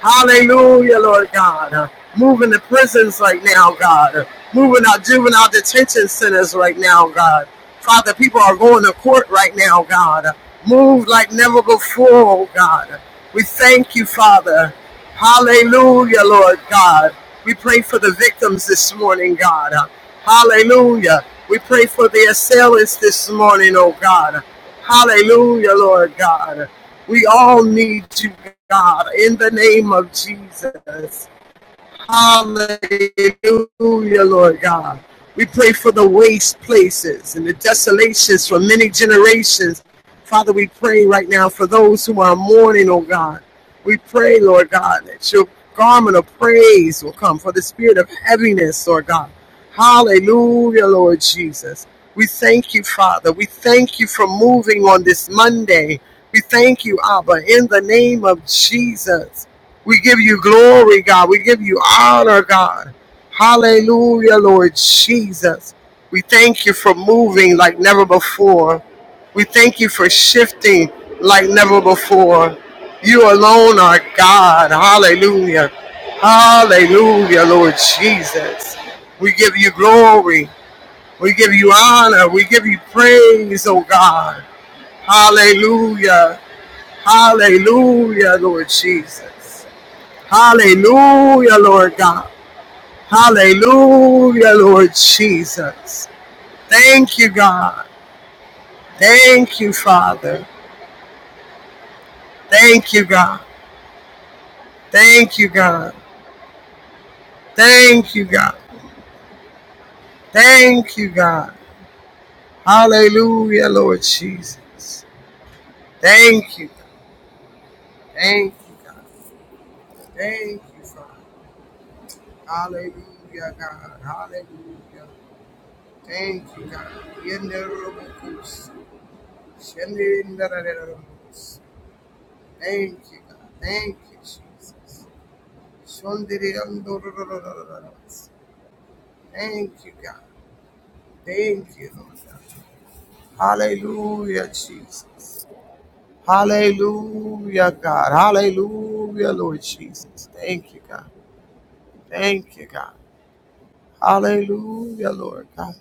Hallelujah, Lord God. Moving the prisons right now, God. Moving our juvenile detention centers right now, God. Father, people are going to court right now, God. Move like never before, oh God. We thank you, Father. Hallelujah, Lord God. We pray for the victims this morning, God. Hallelujah. We pray for the assailants this morning, oh God. Hallelujah, Lord God. We all need you, God, in the name of Jesus. Hallelujah, Lord God. We pray for the waste places and the desolations for many generations. Father, we pray right now for those who are mourning, oh God. We pray, Lord God, that your garment of praise will come for the spirit of heaviness, Lord God. Hallelujah, Lord Jesus. We thank you, Father. We thank you for moving on this Monday. We thank you, Abba, in the name of Jesus. We give you glory, God. We give you honor, God. Hallelujah, Lord Jesus. We thank you for moving like never before. We thank you for shifting like never before. You alone are God. Hallelujah. Hallelujah, Lord Jesus. We give you glory. We give you honor. We give you praise, oh God. Hallelujah. Hallelujah, Lord Jesus. Hallelujah, Lord God. Hallelujah, Lord Jesus. Thank you, God. Thank you, Father. Thank you, God. Thank you, God. Thank you, God. Thank you, God. Hallelujah, Lord Jesus. Thank you. Thank you, God. Thank you, Father. Hallelujah, God. Hallelujah. Thank you, God. Thank you God, thank you Jesus, shondiri am do do do do do do. Thank you God, thank you Jesus, Hallelujah Jesus, Hallelujah God, Hallelujah Lord Jesus. Thank you God, thank you God, Hallelujah Lord God,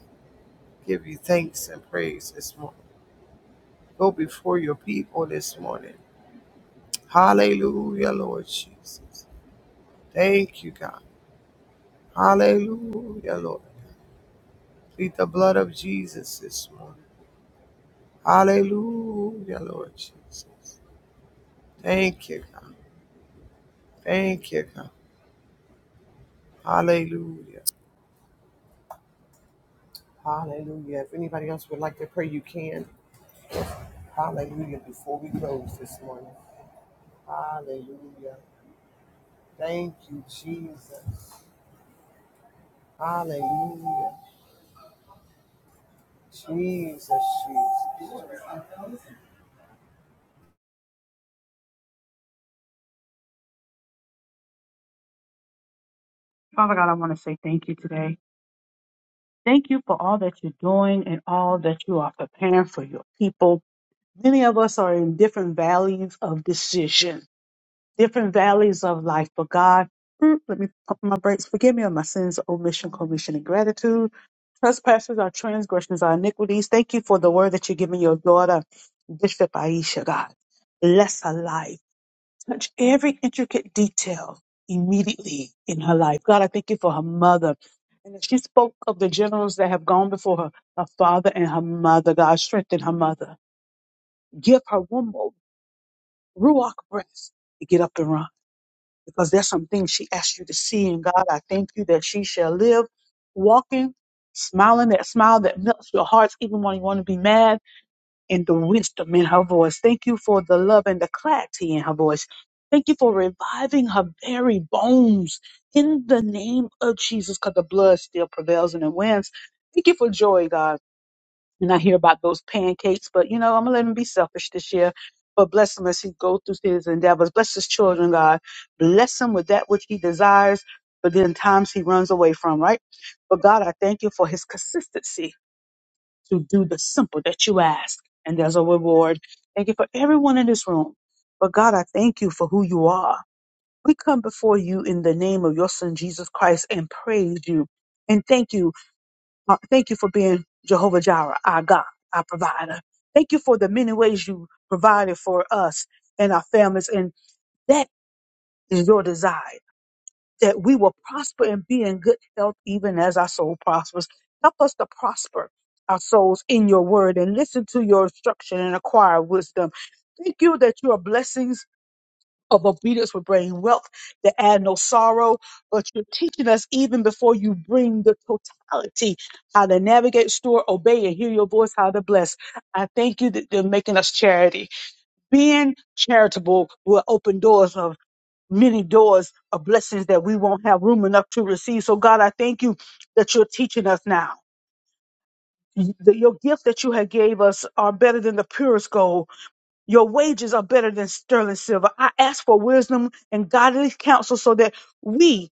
give you thanks and praise this morning. Go before your people this morning. Hallelujah Lord Jesus, thank you God, Hallelujah Lord. Plead the blood of Jesus this morning. Hallelujah, Lord Jesus. Thank you, God. Thank you, God. Hallelujah. Hallelujah. If anybody else would like to pray, you can. Hallelujah. Before we close this morning. Hallelujah. Thank you, Jesus. Hallelujah. Jesus, Jesus. Father God, I want to say thank you today. Thank you for all that you're doing and all that you are preparing for your people. Many of us are in different valleys of decision, different valleys of life, but God, mm, let me pump my brakes. Forgive me of my sins, omission, commission, and gratitude. Trespasses, our transgressions, our iniquities. Thank you for the word that you're giving your daughter, Bishop Aisha, God. Bless her life. Touch every intricate detail immediately in her life. God, I thank you for her mother. And as she spoke of the generals that have gone before her, her father and her mother, God, strengthen her mother. Give her womb ruach breath to get up and run because there's some things she asked you to see. And God, I thank you that she shall live walking, smiling that smile that melts your hearts even when you want to be mad and the wisdom in her voice. Thank you for the love and the clarity in her voice. Thank you for reviving her very bones in the name of Jesus because the blood still prevails and it wins. Thank you for joy, God and I hear about those pancakes. But you know, I'm gonna let him be selfish this year. But bless him as he goes through his endeavors. Bless his children, God. Bless him with that which he desires, but then times he runs away from, right? But God, I thank you for his consistency to do the simple that you ask, and there's a reward. Thank you for everyone in this room. But God, I thank you for who you are. We come before you in the name of your son Jesus Christ and praise you and thank you uh, Thank you for being Jehovah Jireh, our God, our provider. Thank you for the many ways you provided for us and our families. And that is your desire that we will prosper and be in good health, even as our soul prospers. Help us to prosper our souls in your word and listen to your instruction and acquire wisdom. Thank you that you are blessings of obedience will bring wealth that add no sorrow. But you're teaching us even before you bring the totality, how to navigate, store, obey, and hear your voice, how to bless. I thank you that you're making us charity. Being charitable will open doors of many doors of blessings that we won't have room enough to receive. So God, I thank you that you're teaching us now. The- Your gifts that you have gave us are better than the purest gold your wages are better than sterling silver. I ask for wisdom and godly counsel so that we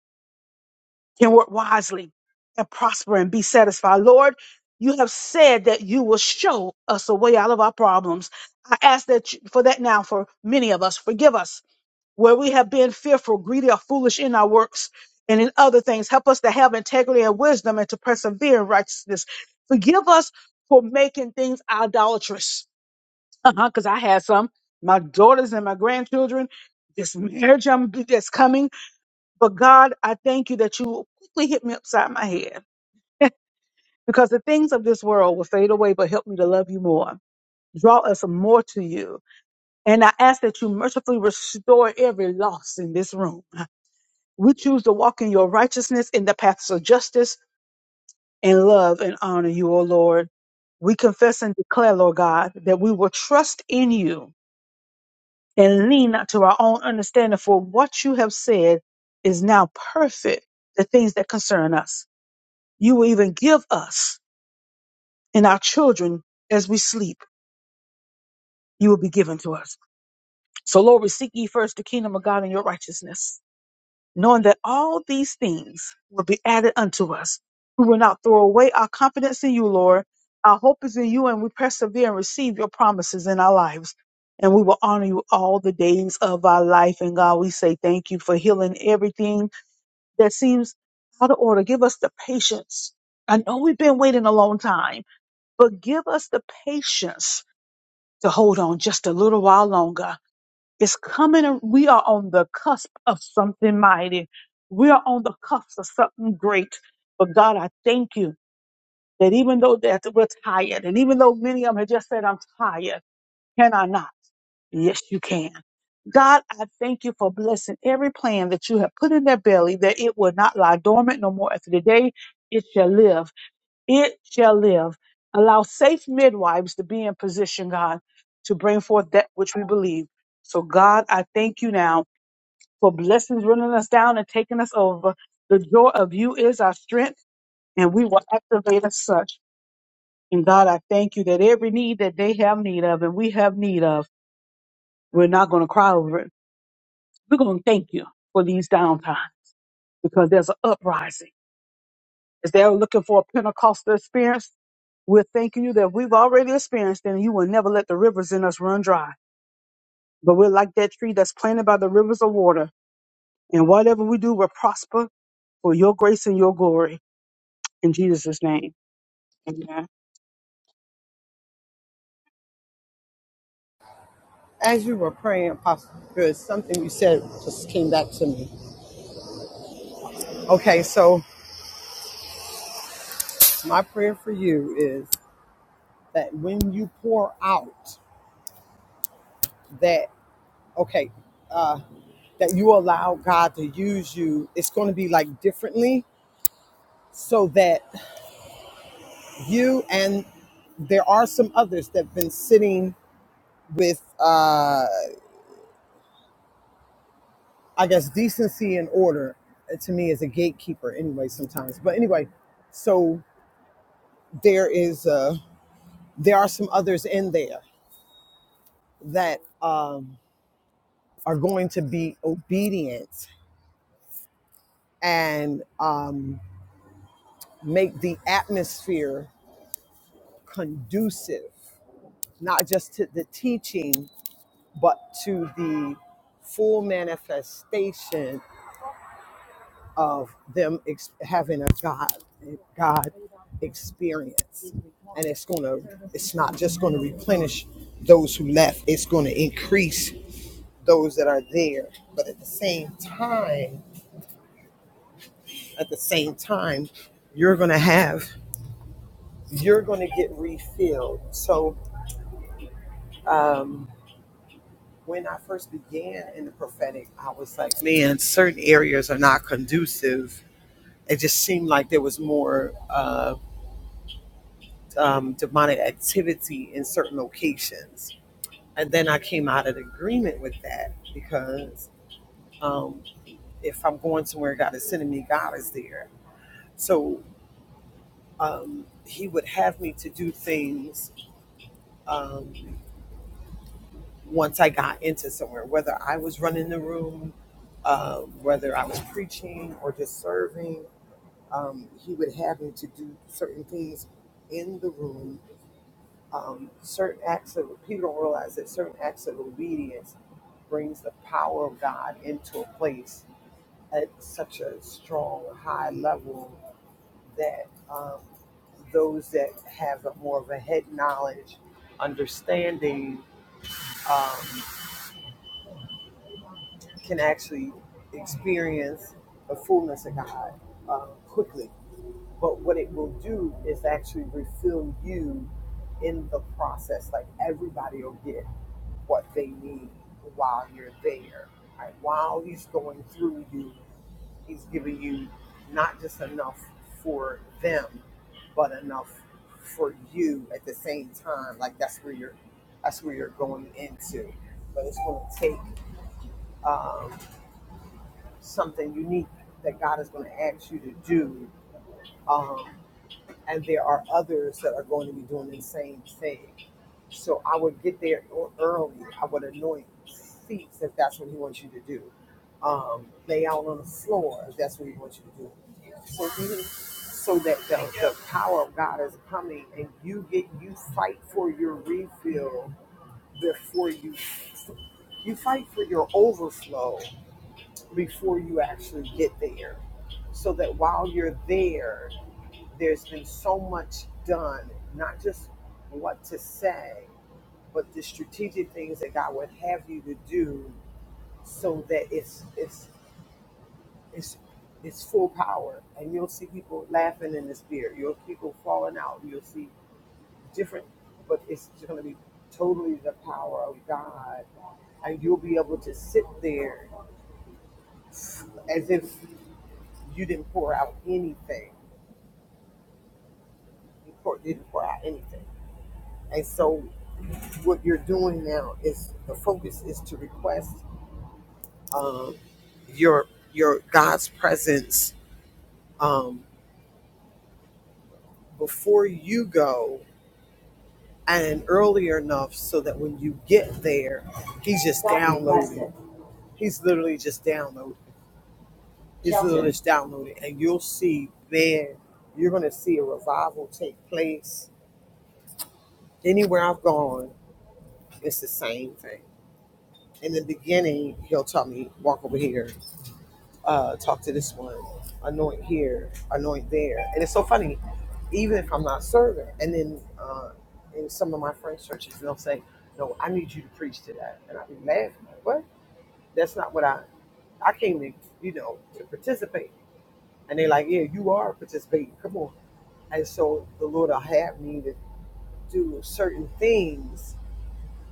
can work wisely and prosper and be satisfied. Lord, you have said that you will show us a way out of our problems. I ask that you, for that now for many of us. Forgive us where we have been fearful, greedy, or foolish in our works and in other things. Help us to have integrity and wisdom and to persevere in righteousness. Forgive us for making things idolatrous uh-huh, because I had some. My daughters and my grandchildren, this marriage I'm that's coming. But God, I thank you that you quickly hit me upside my head. Because the things of this world will fade away, but help me to love you more. Draw us more to you. And I ask that you mercifully restore every loss in this room. We choose to walk in your righteousness in the paths of justice and love and honor you, O Lord. We confess and declare, Lord God, that we will trust in you and lean not to our own understanding, for what you have said is now perfect, the things that concern us. You will even give us and our children as we sleep, you will be given to us. So, Lord, we seek ye first the kingdom of God and your righteousness knowing that all these things will be added unto us. We will not throw away our confidence in you, Lord. Our hope is in you, and we persevere and receive your promises in our lives. And we will honor you all the days of our life. And God, we say thank you for healing everything that seems out of order. Give us the patience. I know we've been waiting a long time, but give us the patience to hold on just a little while longer it's coming. We are on the cusp of something mighty. We are on the cusp of something great. But God, I thank you that even though that we're tired, and even though many of them have just said, I'm tired, can I not? Yes, you can. God, I thank you for blessing every plan that you have put in their belly, that it will not lie dormant no more after the day. It shall live. It shall live. Allow safe midwives to be in position, God, to bring forth that which we believe. So, God, I thank you now for blessings running us down and taking us over. The joy of you is our strength, and we will activate as such. And God, I thank you that every need that they have need of and we have need of, we're not going to cry over it. We're going to thank you for these downtime because there's an uprising. As they're looking for a Pentecostal experience, we're thanking you that we've already experienced and you will never let the rivers in us run dry. But we're like that tree that's planted by the rivers of water. And whatever we do will prosper for your grace and your glory. in Jesus' name. Amen. As you were praying, Apostle Good, something you said just came back to me. Okay, so my prayer for you is that when you pour out, that okay uh, that you allow god to use you it's going to be like differently so that you and there are some others that have been sitting with uh, i guess decency and order uh, to me as a gatekeeper anyway sometimes but anyway so there is uh, there are some others in there that um, are going to be obedient and um, make the atmosphere conducive not just to the teaching, but to the full manifestation of them ex- having a God, a God experience. And it's going to, it's not just going to replenish those who left, it's going to increase those that are there. But at the same time, at the same time, you're going to have, you're going to get refilled. So, um, when I first began in the prophetic, I was like, man, certain areas are not conducive. It just seemed like there was more uh, um, demonic activity in certain locations. And then I came out of agreement with that because um, if I'm going somewhere, God is sending me, God is there. So um, He would have me to do things um, once I got into somewhere, whether I was running the room, uh, whether I was preaching or just serving um, he would have me to do certain things in the room. Um, certain acts of people don't realize that certain acts of obedience brings the power of God into a place at such a strong, high level that um, those that have a more of a head knowledge, understanding, um, can actually experience the fullness of God uh, quickly But what it will do is actually refill you in the process. Like everybody will get what they need while you're there. Right? While he's going through you, he's giving you not just enough for them, but enough for you at the same time. Like that's where you're that's where you're going into. But it's going to take um, something unique that God is going to ask you to do. Um, and there are others that are going to be doing the same thing. So I would get there e-, early. I would anoint seats if that's what he wants you to do. Um, lay out on the floor if that's what he wants you to do. So even so that the, the power of God is coming and you get you fight for your refill before you you fight for your overflow before you actually get there so that while you're there there's been so much done, not just what to say, but the strategic things that God would have you to do so that it's it's it's it's full power. And you'll see people laughing in the spirit. You'll see people falling out. You'll see different but it's gonna be totally the power of God. And you'll be able to sit there as if you didn't pour out anything. You pour, didn't pour out anything. And so what you're doing now is the focus is to request um, your your God's presence um, before you go and earlier enough so that when you get there, he's just downloading. He's literally just downloading. He's literally just downloading, and you'll see. Man, you're gonna see a revival take place. Anywhere I've gone, it's the same thing. In the beginning, he'll tell me, "Walk over here." uh, talk to this one, anoint here, anoint there. And it's so funny, even if I'm not serving, and then uh, in some of my friends' churches, they'll say, No, I need you to preach to that. And I'll be laughing, like, What? That's not what I, I came to, you know, to participate. And they're like, Yeah, you are participating. Come on. And so the Lord will have me to do certain things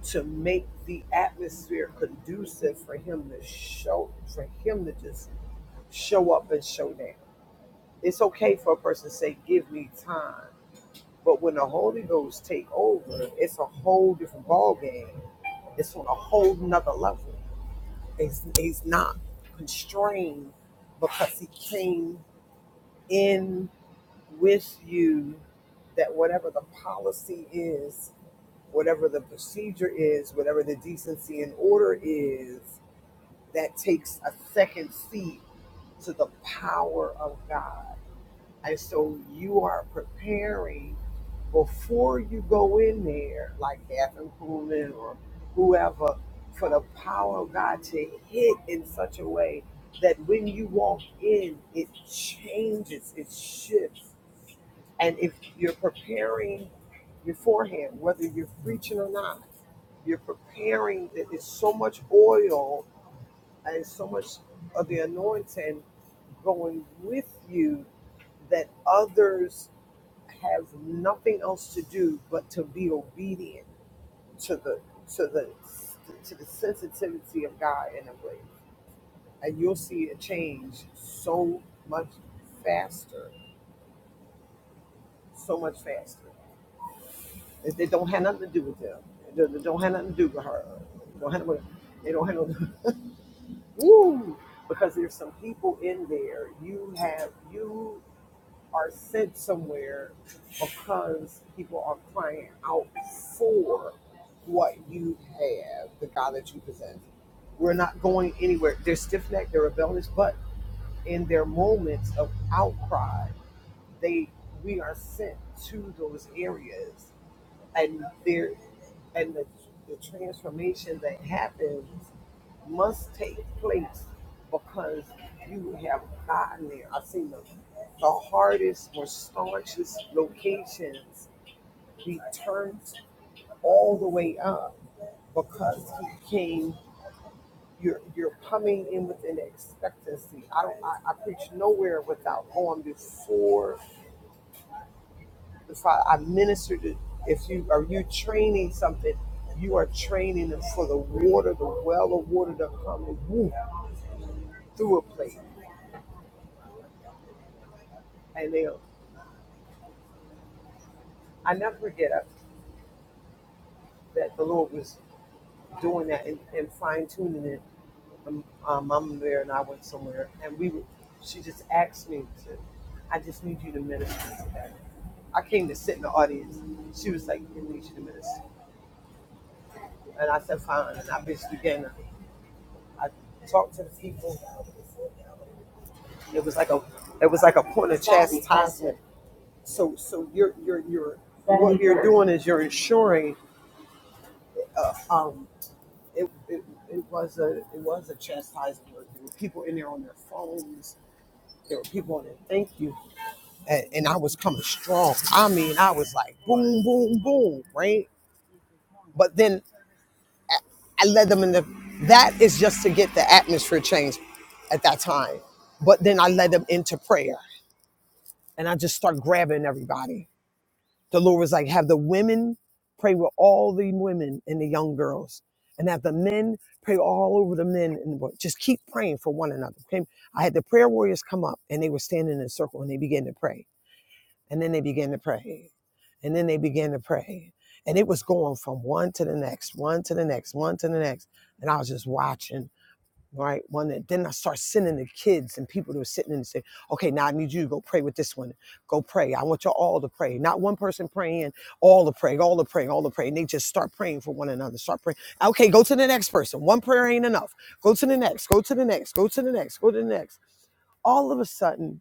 to make the atmosphere conducive for Him to show, for Him to just show up and show down. It's okay for a person to say, "Give me time," but when the Holy Ghost take over, it's a whole different ball game. It's on a whole nother level. He's, he's not constrained because he came in with you. That whatever the policy is, whatever the procedure is, whatever the decency and order is, that takes a second seat to the power of God. And so you are preparing before you go in there, like Catherine Kuhlman or whoever, for the power of God to hit in such a way that when you walk in, it changes, it shifts. And if you're preparing beforehand, whether you're preaching or not, you're preparing that there's so much oil and so much of the anointing going with you that others have nothing else to do but to be obedient to the to the to the sensitivity of God in a way, and you'll see it change so much faster, so much faster. It, it don't have nothing to do with them. They don't have nothing to do with her. don't have, they don't have no. Woo! Because there's some people in there. You have you. are sent somewhere because people are crying out for what you have, the God that you possess. We're not going anywhere. They're stiff necked, they're rebellious, but in their moments of outcry, they we are sent to those areas and there and the, the transformation that happens must take place because you have gotten there. I've seen the, the hardest, most staunchest locations be turned all the way up because he came. You're you're coming in with an expectancy. I don't. I, I preach nowhere without going before Father, I minister to if you are you training something, you are training them for the water, the well of water to come and woo, through a plate. And they'll I never forget uh, that the Lord was doing that and, and fine tuning it. Um, uh, Mama Bear and I went somewhere, and we were, she just asked me to, I just need you to minister to that. I came to sit in the audience. She was like, I need you to minister. And I said, fine. And I just began to, I talked to the people It was like a it was like a point of chastisement. So so you're you're you're what you're doing is you're ensuring uh, um it, it it was a it was a chastisement. There were people in there on their phones. There were people on there. Thank you. And, and I was coming strong. I mean, I was like boom, boom, boom, right? But then I, I led them in the. That is just to get the atmosphere changed at that time. But then I led them into prayer, and I just start grabbing everybody The Lord was like, have the women pray with all the women and the young girls, and have the men pray all over the men and the boys. Just keep praying for one another. Okay? I had the prayer warriors come up, and they were standing in a circle, and they began to pray, and then they began to pray, and then they began to pray, and it was going from one to the next, one to the next, one to the next, and I was just watching right? One that then I start sending the kids and people that are sitting in and say, okay, now I need you to go pray with this one. Go pray. I want you all to pray. Not one person praying, all to pray, all to pray, all to pray. And they just start praying for one another. Start praying. Okay, go to the next person. One prayer ain't enough. Go to the next, go to the next, go to the next, go to the next. All of a sudden,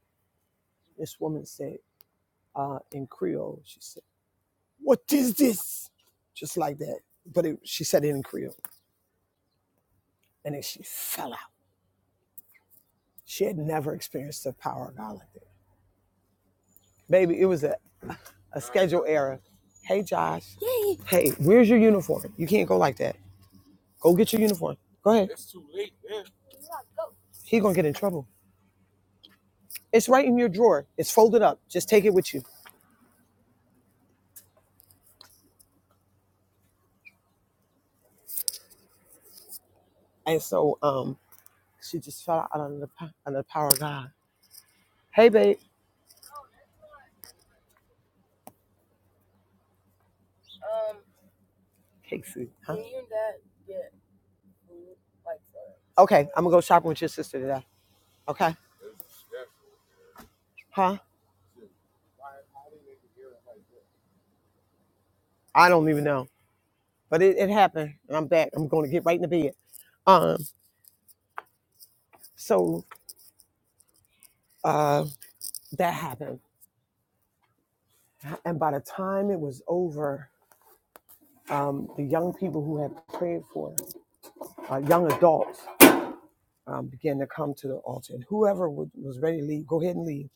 this woman said, uh, in Creole, she said, What is this? Just like that. But it, she said it in Creole. And then she fell out. She had never experienced the power of God like that Baby, it was a, a schedule error. Hey, Josh. Hey, where's your uniform? You can't go like that. Go get your uniform. Go ahead. He gonna get in trouble. It's right in your drawer. It's folded up. Just take it with you. And so, um, she just fell out under the po- under the power of God. Hey, babe. Casey. Huh? Okay, I'm gonna go shopping with your sister today. Okay. Huh? I don't even know, but it, it happened, and I'm back. I'm gonna get right in the bed. Um. So, uh, that happened, and by the time it was over. um, the young people who had prayed for, uh, young adults, um, began to come to the altar. And whoever wa- was ready to leave, go ahead and leave.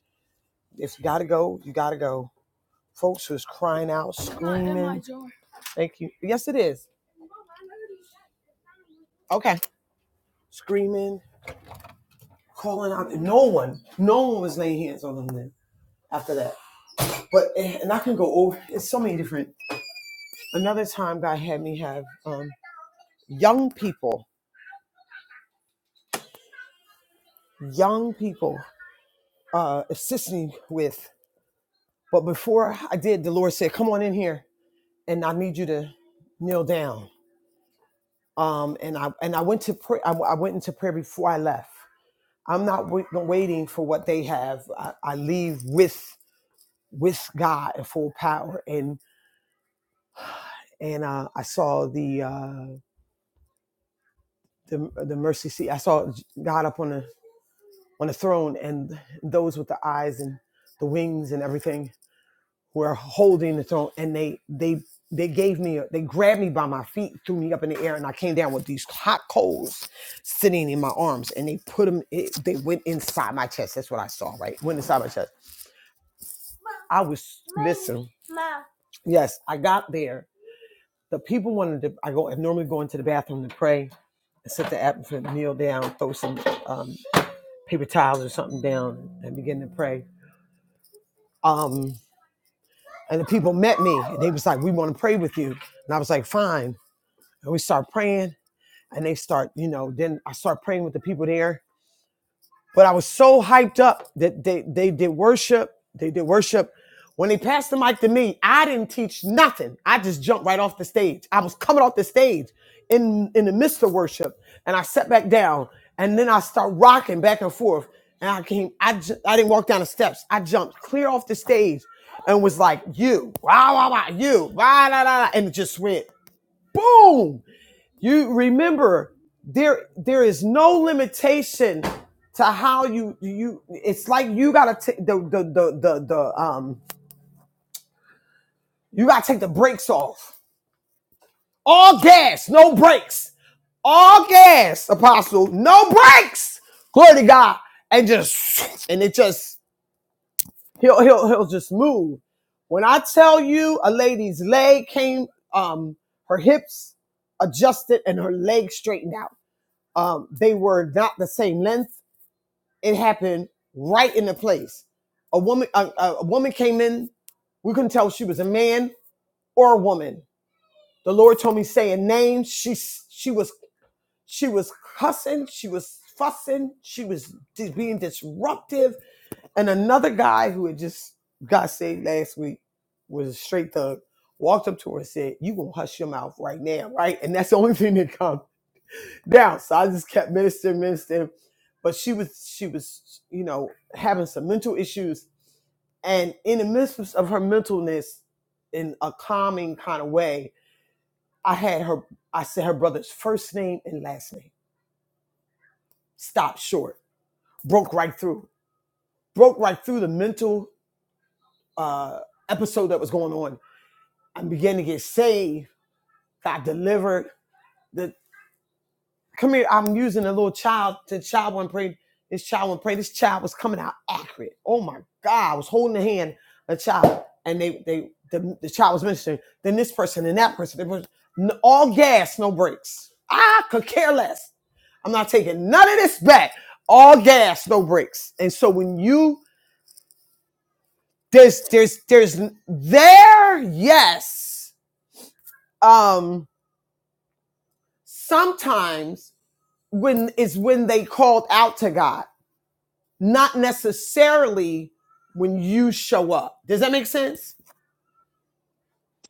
If you got to go, you got to go. Folks was crying out, screaming. Thank you. Yes, it is. Screaming, calling out. No one, no one was laying hands on them then after that. But, eh, and I can go over, it's so many different. Another time, God had me have um, young people, young people uh, assisting with But before I did, the Lord said, "Come on in here, and I need you to kneel down." Um, and I and I went to pray. I, I went into prayer before I left. I'm not wait, waiting for what they have. I, I leave with with God in full power. And and uh, I saw the uh, the the mercy seat. I saw God up on the on the throne, and those with the eyes and the wings and everything. were holding the throne, and they they they gave me a, they grabbed me by my feet, threw me up in the air, and I came down with these hot coals sitting in my arms, and they put them. It, they went inside my chest. That's what I saw. Right, went inside my chest. I was listen. Yes, I got there. The people wanted to. I go. I normally go into the bathroom to pray, and set the atmosphere, kneel down, throw some um, paper towels or something down, and begin to pray. Um, and the people met me. And they was like, "We want to pray with you," and I was like, "Fine." and we start praying and they start you know then i start praying with the people there but i was so hyped up that they they did worship they did worship when they passed the mic to me i didn't teach nothing i just jumped right off the stage i was coming off the stage in in the midst of worship and i sat back down and then i start rocking back and forth and i came i ju- i didn't walk down the steps i jumped clear off the stage and was like you wow wow wow you wow, la, la, la," and it just went boom you remember there there is no limitation to how you you it's like you gotta take the the the the, the um you gotta take the brakes off. All gas, no brakes. All gas, apostle, no brakes. Glory to God. And just and it just he'll he'll he'll just move. When I tell you a lady's leg came um her hips adjusted and her legs straightened out. Um, they were not the same length. It happened right in the place. A woman, a, a- woman came in. We couldn't tell if she was a man or a woman. The Lord told me say a name. She she was she was cussing. She was fussing. She was just being disruptive. And another guy who had just got saved last week was a straight thug. Walked up to her and said, "You gonna hush your mouth right now, right?" And that's the only thing that comes down. So I just kept ministering, ministering. But she was she was, you know, having some mental issues. And in the midst of her mentalness, in a calming kind of way, I had her I said her brother's first name and last name. Stopped short. Broke right through. Broke right through the mental uh episode that was going on. I began to get saved, got delivered. The come here. I'm using a little child. The child went pray. This child went pray. This child was coming out accurate. Oh my God! I was holding the hand of the child, and they they the, the child was ministering. Then this person and that person. They were all gas, no brakes. I could care less. I'm not taking none of this back. All gas, no brakes. And so when you there's there's there's there yes um sometimes when is when they called out to God not necessarily when you show up. Does that make sense?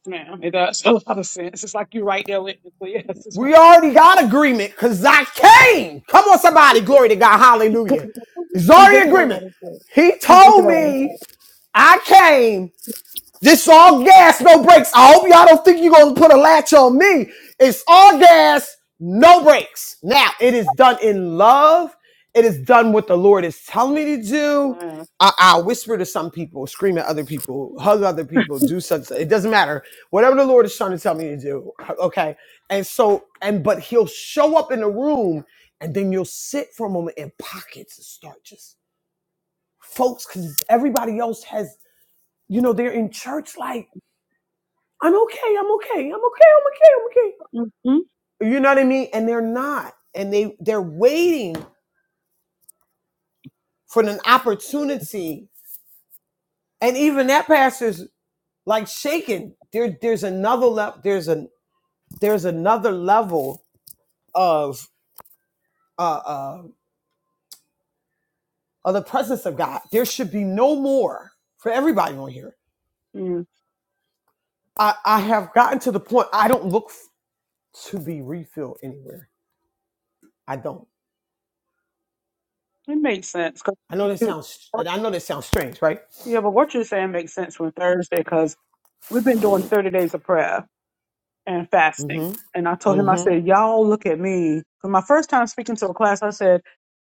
Ma'am, it does a lot of sense. It's like you're right there with me. So yes, it's right We already got agreement because I came. Come on, somebody. Glory to God. Hallelujah. there. It's you already making a lot agreement. of sense. He you making told a me lot I came This all gas, no brakes. I hope y'all don't think you're gonna put a latch on me. It's all gas, no brakes. Now it is done in love. It is done what the Lord is telling me to do. of sense. I, I whisper to some people, scream at other people, hug other people, do such. It doesn't matter. Whatever the Lord is trying to tell me to do, okay. And so, and but He'll show up in the room, and then you'll sit for a moment in pockets and start just folks, because everybody else has, you know, they're in church like I'm okay, I'm okay, I'm okay, I'm okay, I'm okay. Yeah. Mm-hmm. You know what I mean? And they're not. And they they're waiting for an opportunity. And even that pastor's like shaken. There there's another level there's a there's another level of uh, uh of the presence of God. There should be no more for everybody on here. Mm. I, I have gotten to the point I don't look f- to be refilled anywhere. I don't. It makes sense. 'cause I know that you- sounds I know that sounds strange, right? yeah, but what you're saying makes sense on Thursday because we've been doing 30 days of prayer and fasting. Mm-hmm. And I told him, I Mm-hmm. said, y'all look at me. For my first time speaking to a class, I said,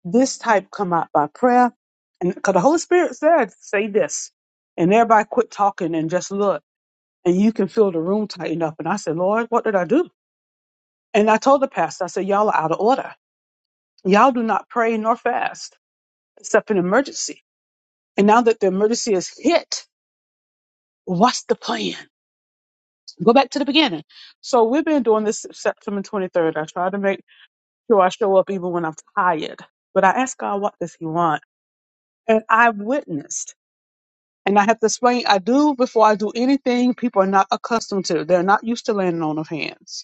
this type come out by prayer. And because the Holy Spirit said, say this. And everybody quit talking and just look. and you can feel the room tighten up. And I said, Lord, what did I do? And I told the pastor, I said, y'all are out of order. Y'all do not pray nor fast except in emergency. And now that the emergency is hit, what's the plan? Go back to the beginning. So we've been doing this since September 23rd. I try to make sure I show up even when I'm tired, but I ask God, what does he want? And I witnessed. And I have to explain, I do before I do anything people are not accustomed to. They're not used to landing on of hands.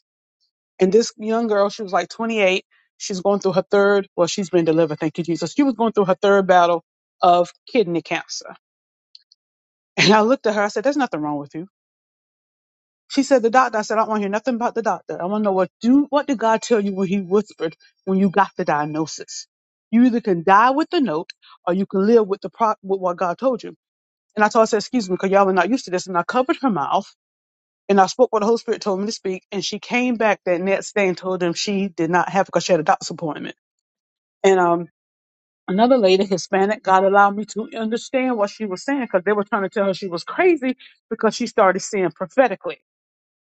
And this young girl, she was like 28. She's going through her third, well, she's been delivered, thank you, Jesus. She was going through her third battle of kidney cancer. And I looked at her, I said, There's nothing wrong with you. She said, The doctor, I said, I don't want to hear nothing about the doctor. I want to know what do what did God tell you when he whispered when you got the diagnosis? You either can die with the note or you can live with the pro- with what God told you. And I told her, I said, excuse me, because y'all are not used to this. And I covered her mouth and I spoke what the Holy Spirit told me to speak. And she came back that next day and told them she did not have it because she had a doctor's appointment. And um, another lady, Hispanic, God allowed me to understand what she was saying because they were trying to tell her she was crazy because she started seeing prophetically.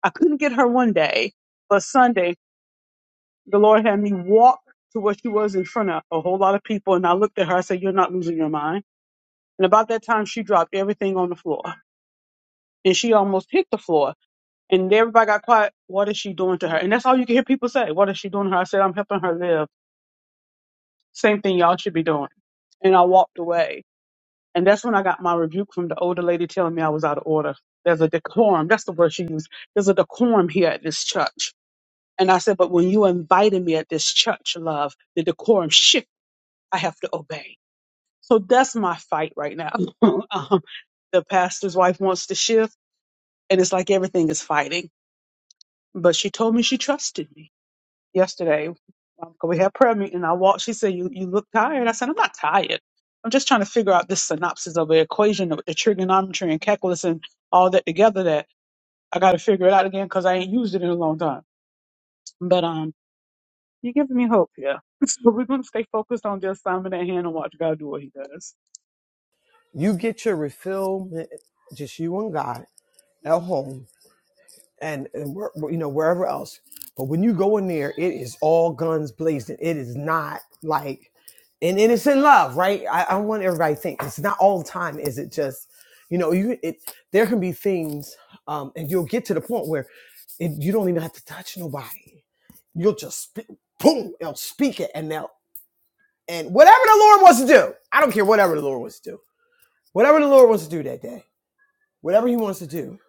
I couldn't get her one day, but Sunday, the Lord had me walk to where she was in front of a whole lot of people. And I looked at her, I said, You're not losing your mind. And about that time, she dropped everything on the floor and she almost hit the floor. And everybody got quiet. What is she doing to her? And that's all you can hear people say. What is she doing to her? I said, I'm helping her live. Same thing y'all should be doing. And I walked away And that's when I got my rebuke from the older lady telling me I was out of order. There's a decorum. That's the word she used. There's a decorum here at this church. And I said, but when you invited me at this church, love, the decorum shift, I have to obey. So that's my fight right now. um, the pastor's wife wants to shift, and it's like everything is fighting. But she told me she trusted me. yesterday um, 'cause we had prayer meeting. I walked. She said, "You you look tired." I said, "I'm not tired. I'm just trying to figure out this synopsis of the equation of the trigonometry and calculus and all that together. That I got to figure it out again because I ain't used it in a long time. But um, you're giving me hope here. so we're gonna stay focused on the assignment at hand and watch God do what He does. You get your refill, eh, just you and God at home, and and where, you know wherever else. But when you go in there, it is all guns blazing. It is not like, and, and it's in love, right? I, I want everybody to think it's not all the time. Is it just, you know, you it? There can be things, um, and you'll get to the point where it, you don't even have to touch nobody. You'll just speak, boom, they'll speak it, and they'll and whatever the Lord wants to do. I don't care whatever the Lord wants to do. Whatever the Lord wants to do that day whatever he wants to do.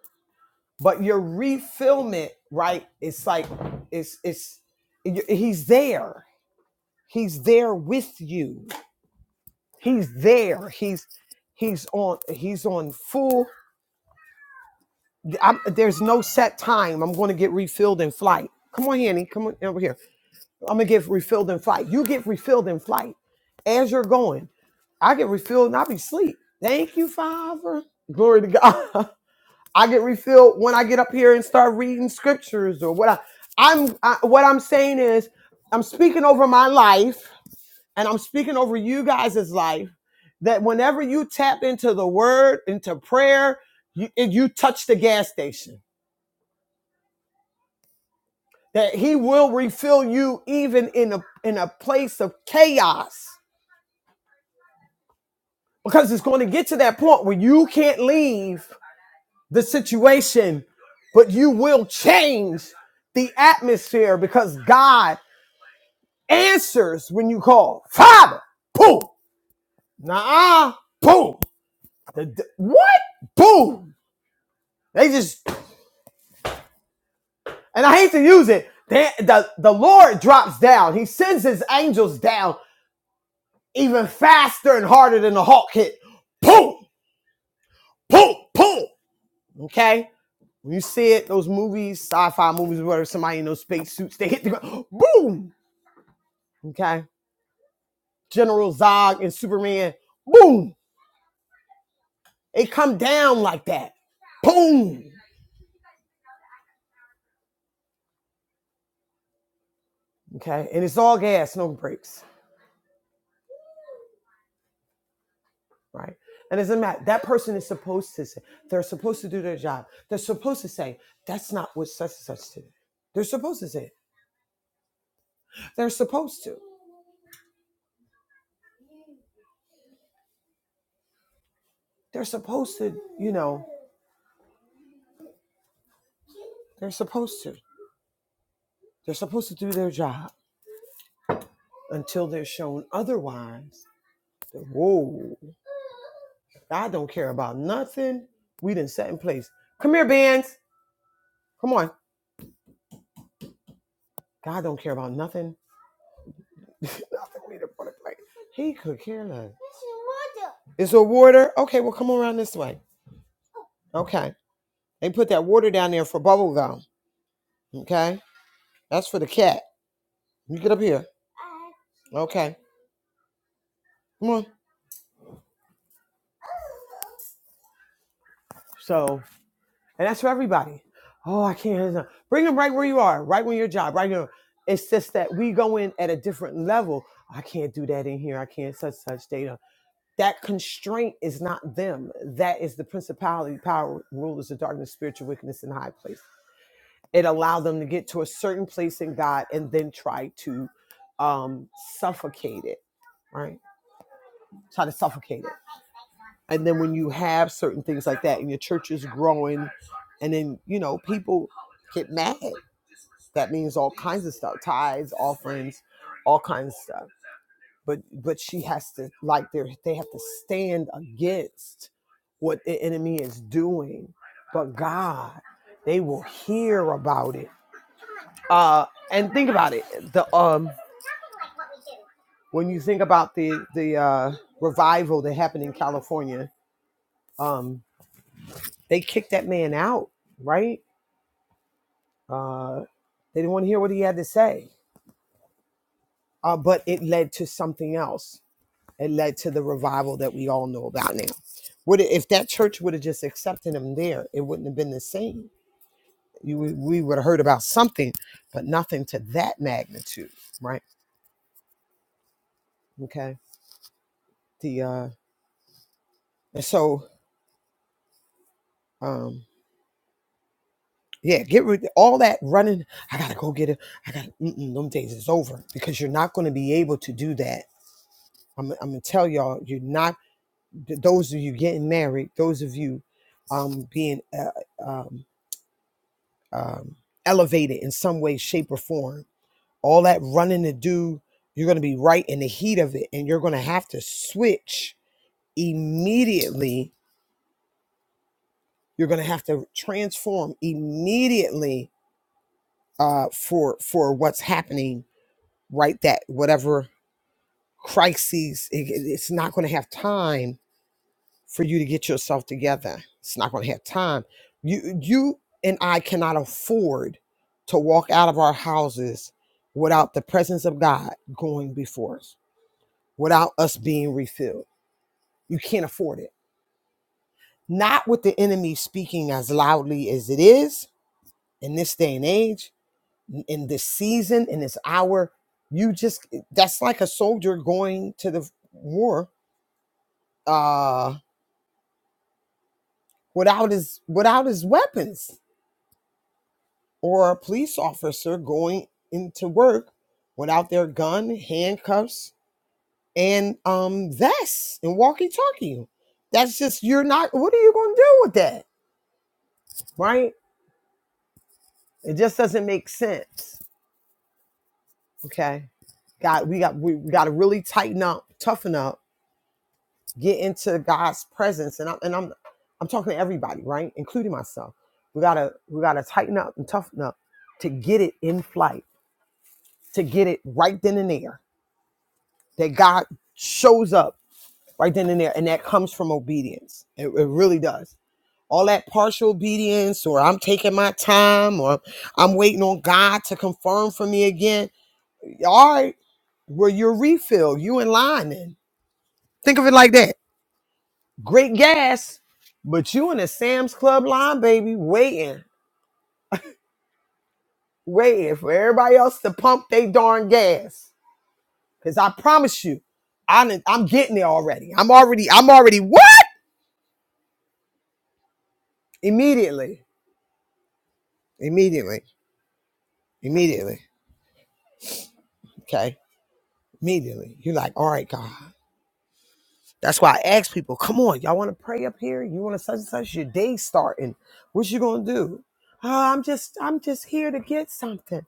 But your refillment, right? It's like it's it's y- he's there. He's there with you. He's there. He's he's on he's on full. I'm, there's no set time. I'm going to get refilled in flight. Come on, Annie. Come on over here. I'm gonna get refilled in flight. You get refilled in flight as you're going. I get refilled and I be asleep. Thank you, Father. Glory to God. I get refilled when I get up here and start reading scriptures or what I, I'm I, what I'm saying is I'm speaking over my life and I'm speaking over you guys' life that whenever you tap into the word, into prayer, you, you touch the gas station. That he will refill you even in a in a place of chaos. Because it's going to get to that point where you can't leave the situation, but you will change the atmosphere because God answers when you call. Father, boom. Nah, boom. The, the- what? Boom. They just, and I hate to use it. They, the, the Lord drops down. He sends his angels down even faster and harder than the Hulk hit. Boom, boom, boom. Okay? When you see it, those movies, sci-fi movies where somebody in those space suits, they hit the ground. Boom. Okay? General Zog and Superman, boom. They come down like that. Boom. Okay. And it's all gas, no brakes. Right. And it doesn't matter. That person is supposed to say, they're supposed to do their job. They're supposed to say, that's not what such and such did. They're supposed to say it. They're supposed to. They're supposed to, you know, they're supposed to. They're supposed to do their job until they're shown otherwise. Whoa. God don't care about nothing. We didn't set in place. Come here, Benz. Come on. God don't care about nothing. nothing we done put in place. He could care less. Is there water? Okay, well, come around this way. Okay. They put that water down there for bubble gum. Okay. That's for the cat. You get up here. Okay. Come on. So, and that's for everybody. Oh, I can't. Bring them right where you are, right where your job, right now. It's just that we go in at a different level. I can't do that in here. I can't such such data. That constraint is not them. That is the principality, power, rulers of darkness, spiritual wickedness in high places. it allowed them to get to a certain place in God and then try to um, suffocate it, right? Try to suffocate it. And then when you have certain things like that and your church is growing, and then, you know, people get mad. That means all kinds of stuff tithes, offerings, all kinds of stuff. But but she has to like they they have to stand against what the enemy is doing. But God, they will hear about it Uh, and think about it. The um, when you think about the the uh, revival that happened in California, um, they kicked that man out, right? They didn't want to hear what he had to say. Uh, but it led to something else. It led to the revival that we all know about now. Would it, if that church would have just accepted him there, it wouldn't have been the same. You would- we would have heard about something, but nothing to that magnitude, right? Okay. The uh, and so. um, Yeah, get rid of all that running. I gotta go get it. I gotta. Mm-mm, them days is over because you're not going to be able to do that. I'm, I'm gonna tell y'all, you're not. th- Those of you getting married, those of you um, being uh, um, um, elevated in some way, shape, or form, all that running to do, you're gonna be right in the heat of it, and you're gonna have to switch immediately. You're gonna have to transform immediately uh, for for what's happening right that whatever crises it, it's not going to have time for you to get yourself together it's not going to have time you you and i cannot afford to walk out of our houses without the presence of god going before us without us being refilled you can't afford it not with the enemy speaking as loudly as it is in this day and age in this season in this hour you just that's like a soldier going to the war uh, without his without his weapons, or a police officer going into work without their gun, handcuffs, and um vests and walkie-talkie. That's just you're not. What are you going to do with that, right? It just doesn't make sense. Okay, God, we got we, we got to really tighten up, toughen up, get into God's presence, and I'm and I'm I'm talking to everybody, right, including myself. We gotta we gotta tighten up and toughen up to get it in flight to get it right then and there. That God shows up right then and there, and that comes from obedience. It, it really does. All that partial obedience, or I'm taking my time, or I'm waiting on God to confirm for me again. All right, well, your refill, you in line then. Think of it like that. Great gas, but you in a Sam's Club line, baby, waiting, waiting for everybody else to pump their darn gas Cause I promise you, I I'm getting there already. I'm already, I'm already what? Immediately. Immediately. Immediately. Okay. Immediately. You're like, all right, God. That's why I ask people, come on, y'all want to pray up here? You want to such and such your day starting. What you gonna do? Oh, I'm just, I'm just here to get something.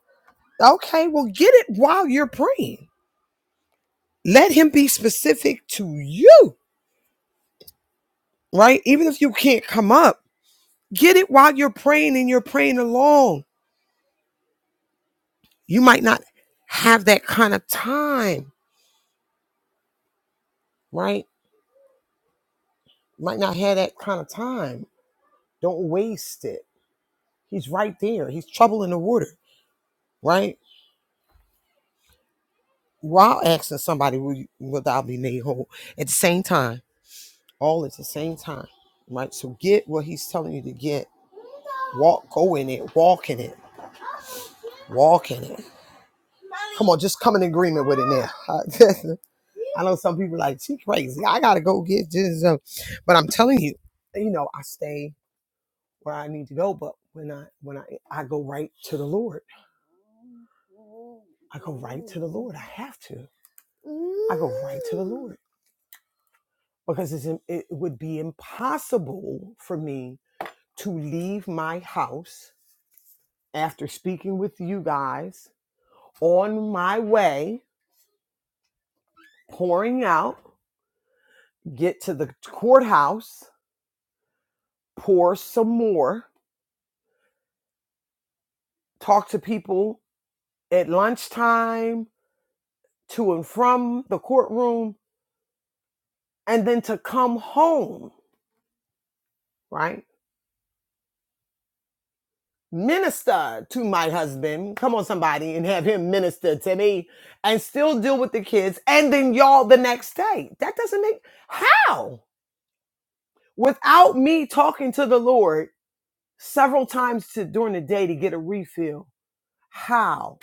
Okay, well, get it while you're praying. Let him be specific to you, right? Even if you can't come up, get it while you're praying and you're praying along you might not have that kind of time, right? Might not have that kind of time. Don't waste it. He's right there. He's trouble in the water, right? While asking somebody, will, you, will thou be made whole? At the same time, all at the same time, right? So get what he's telling you to get. Walk, go in it, walk in it, walk in it. Come on, just come in agreement with it now. I know some people are like, she crazy. I got to go get this. uh," But I'm telling you, you know, I stay where I need to go. But when I when I I go right to the Lord, I go right to the Lord. I have to. I go right to the Lord because it's, im- it would be impossible for me to leave my house after speaking with you guys on my way, pouring out, get to the courthouse, pour some more, talk to people at lunchtime, to and from the courtroom, and then to come home, right? minister to my husband. Come on, somebody, and have him minister to me and still deal with the kids. And then y'all the next day. That doesn't make how? Without me talking to the Lord several times to, during the day to get a refill. How?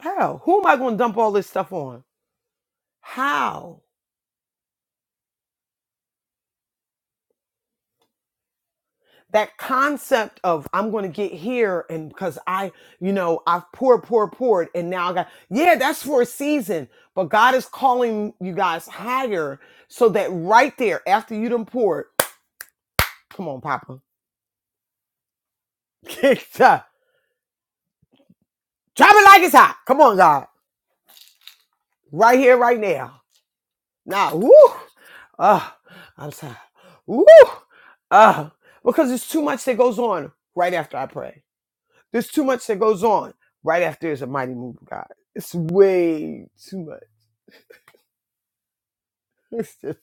How? Who am I going to dump all this stuff on? How? that concept of I'm going to get here and because I, you know, I've poured, poured, poured, and now I got, yeah, that's for a season. But God is calling you guys higher so that right there, after you done poured, come on, Papa, drop it like it's hot. Come on, God, right here, right now. Now, woo, ah, I'm sorry, woo, ah, because there's too much that goes on right after I pray There's too much that goes on right after there's a mighty move of God. It's way too much. It's just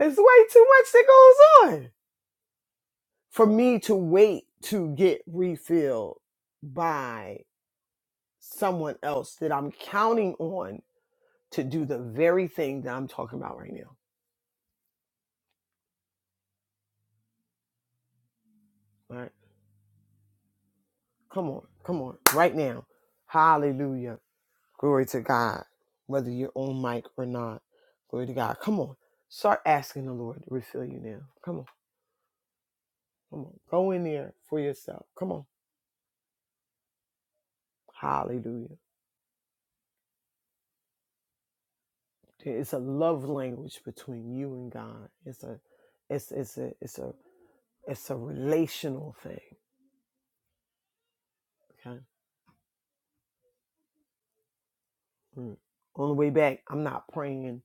it's way too much that goes on for me to wait to get refilled by someone else that I'm counting on to do the very thing that I'm talking about right now. All right, come on, come on, right now. Hallelujah. Glory to God. Whether you're on mic or not. Glory to God. Come on. Start asking the Lord to refill you now. Come on. Come on. Go in there for yourself. Come on. Hallelujah. It's a love language between you and God. It's a it's it's a it's a it's a relational thing. Okay. Mm. On the way back, I'm not praying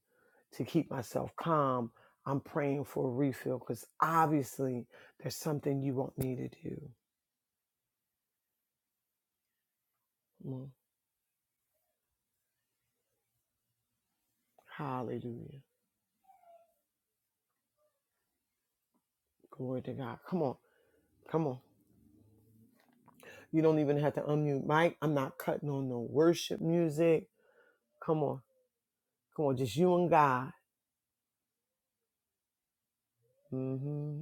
to keep myself calm. I'm praying for a refill because obviously there's something you want me to do. Mm. Hallelujah. Glory to God. Come on. Come on. You don't even have to unmute Mike. I'm not cutting on no worship music. Come on. Come on. Just you and God. hmm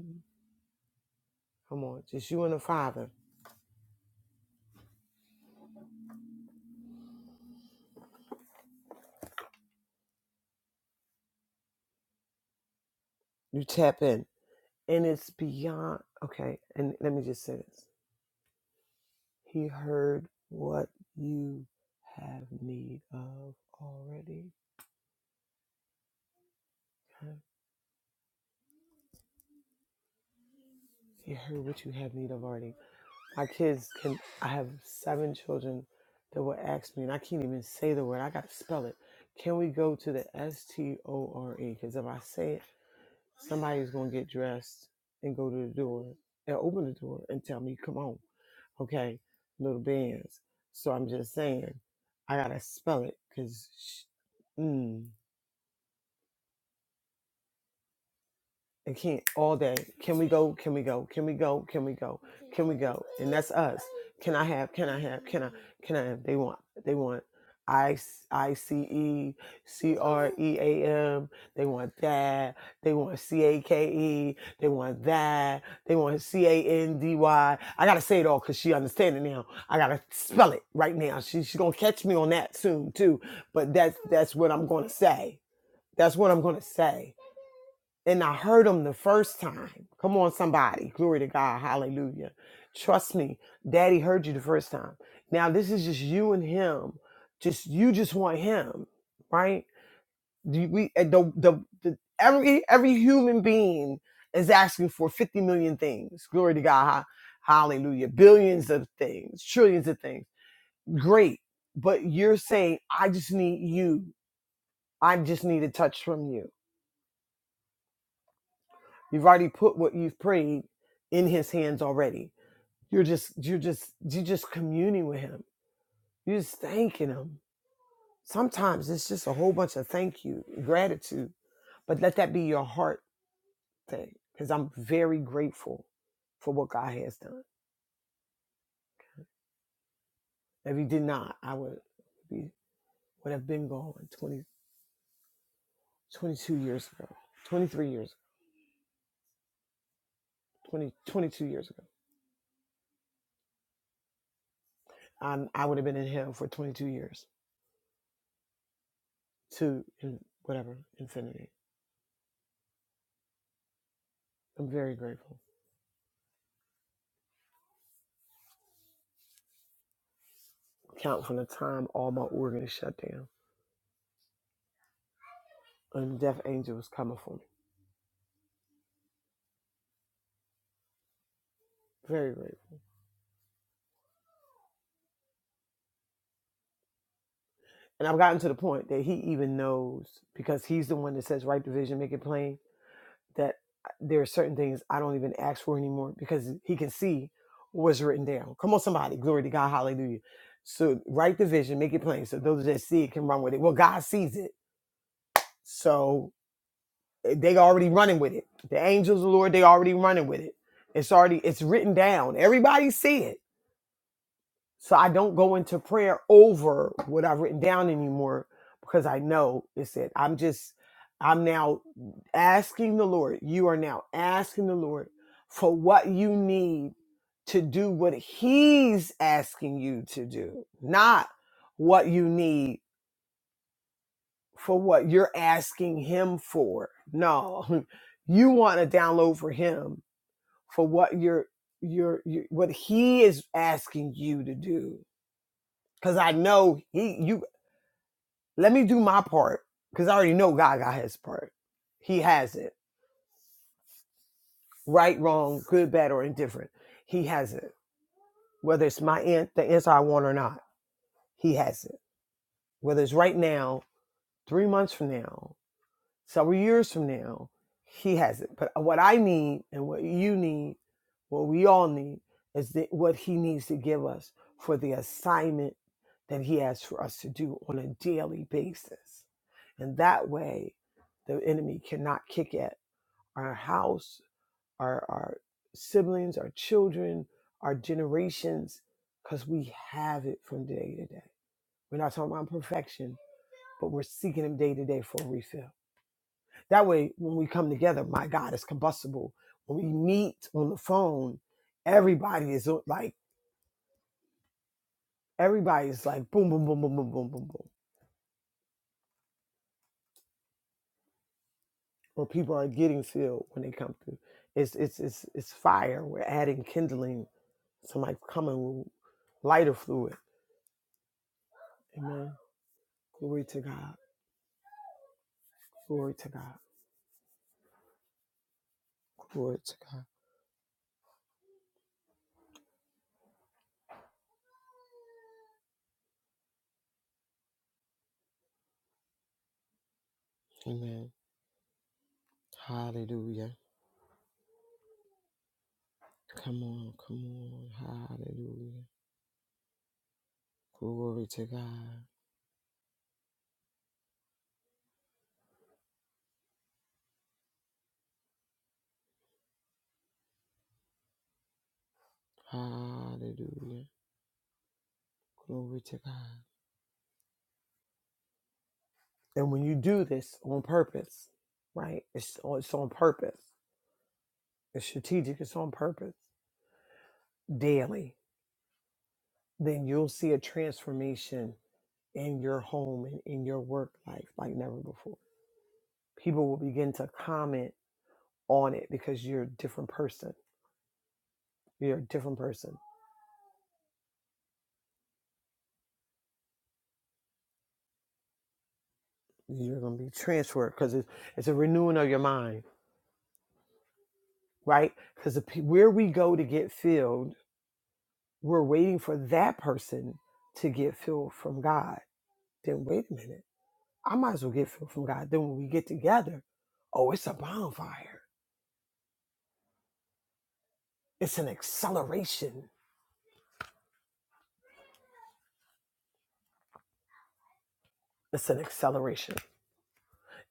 Come on. Just you and the Father. You tap in. And it's beyond. Okay. And let me just say this He heard what you have need of already. He heard what you have need of already. My kids can, I have seven children that will ask me, and I can't even say the word. I got to spell it. Can we go to the S T O R E? Because if I say it, somebody's going to get dressed and go to the door and open the door and tell me, come on, okay, little bands. So I'm just saying, I got to spell it because, and can't all day. Can we go? Can we go? Can we go? Can we go? Can we go? And that's us. Can I have? Can I have? Can I? Can I? Have? They want. They want. I I C E C R E A M. They want that. They want C A K E. They want that. They want C A N D Y. I gotta say it all because she understand it now. I gotta spell it right now. She, she's gonna catch me on that soon too. But that's that's what I'm gonna say. That's what I'm gonna say and I heard him the first time. Come on, somebody. Glory to God. Hallelujah. Trust me, daddy heard you the first time. Now, this is just you and him. Just you just want him, right? Do We uh, the, the the every every human being is asking for 50 million things. Glory to God. Ha- Hallelujah. Billions of things, trillions of things. Great. But you're saying, I just need you. I just need a touch from you. You've already put what you've prayed in his hands already. You're just you're just you're just communing with him. You're just thanking him. Sometimes it's just a whole bunch of thank you, gratitude. But let that be your heart thing. Because I'm very grateful for what God has done. If he did not, I would be would have been gone 20, 22 years ago. 23 years 20 22 years ago. Um, I would have been in hell for 22 years to in whatever infinity. I'm very grateful. count from the time all my organs shut down. And the death angel was coming for me. Very very. And I've gotten to the point that he even knows, because he's the one that says, write the vision, make it plain, that there are certain things I don't even ask for anymore because he can see what's written down. Come on, somebody. Glory to God. Hallelujah. So write the vision, make it plain. So those that see it can run with it. Well, God sees it. So eh, they already running with it. The angels of the Lord, they already running with it. It's already, it's written down. Everybody see it So I don't go into prayer over what I've written down anymore because I know it's it. I'm just, I'm now asking the Lord. You are now asking the Lord for what you need to do what He's asking you to do, not what you need for what you're asking Him for. No, you want to download for Him for what you're, you're, you what He is asking you to do Cause I know he you let me do my part. Cause I already know God got his part. He has it. Right, wrong, good, bad, or indifferent. He has it. Whether it's my an- the answer I want or not, he has it. Whether it's right now, three months from now, several years from now, he has it. But what I need and what you need, what we all need, is that what he needs to give us for the assignment that he has for us to do on a daily basis. And that way, the enemy cannot kick at our house, our, our siblings, our children, our generations, because we have it from day to day. We're not talking about perfection, but we're seeking him day to day for a refill. That way, when we come together, my God is combustible. When we meet on the phone, everybody is on- like, everybody's like, boom, boom, boom, boom, boom, boom, boom, boom. Or people are getting filled when they come through. It's it's it's it's fire. We're adding kindling. Somebody coming with lighter fluid. Amen. Glory to God. Glory to God. Glory to God. Amen. Hallelujah. Come on, come on. Hallelujah. Glory to God. Hallelujah. Glory to God. And when you do this on purpose, right? It's on, it's on purpose. It's strategic. It's on purpose daily. Then you'll see a transformation in your home and in your work life like never before. People will begin to comment on it because you're a different person. You're a different person. You're going to be transferred because it's, it's a renewing of your mind, right? Because where we go to get filled, we're waiting for that person to get filled from God Then wait a minute. I might as well get filled from God. Then when we get together, oh, it's a bonfire. It's an acceleration. It's an acceleration.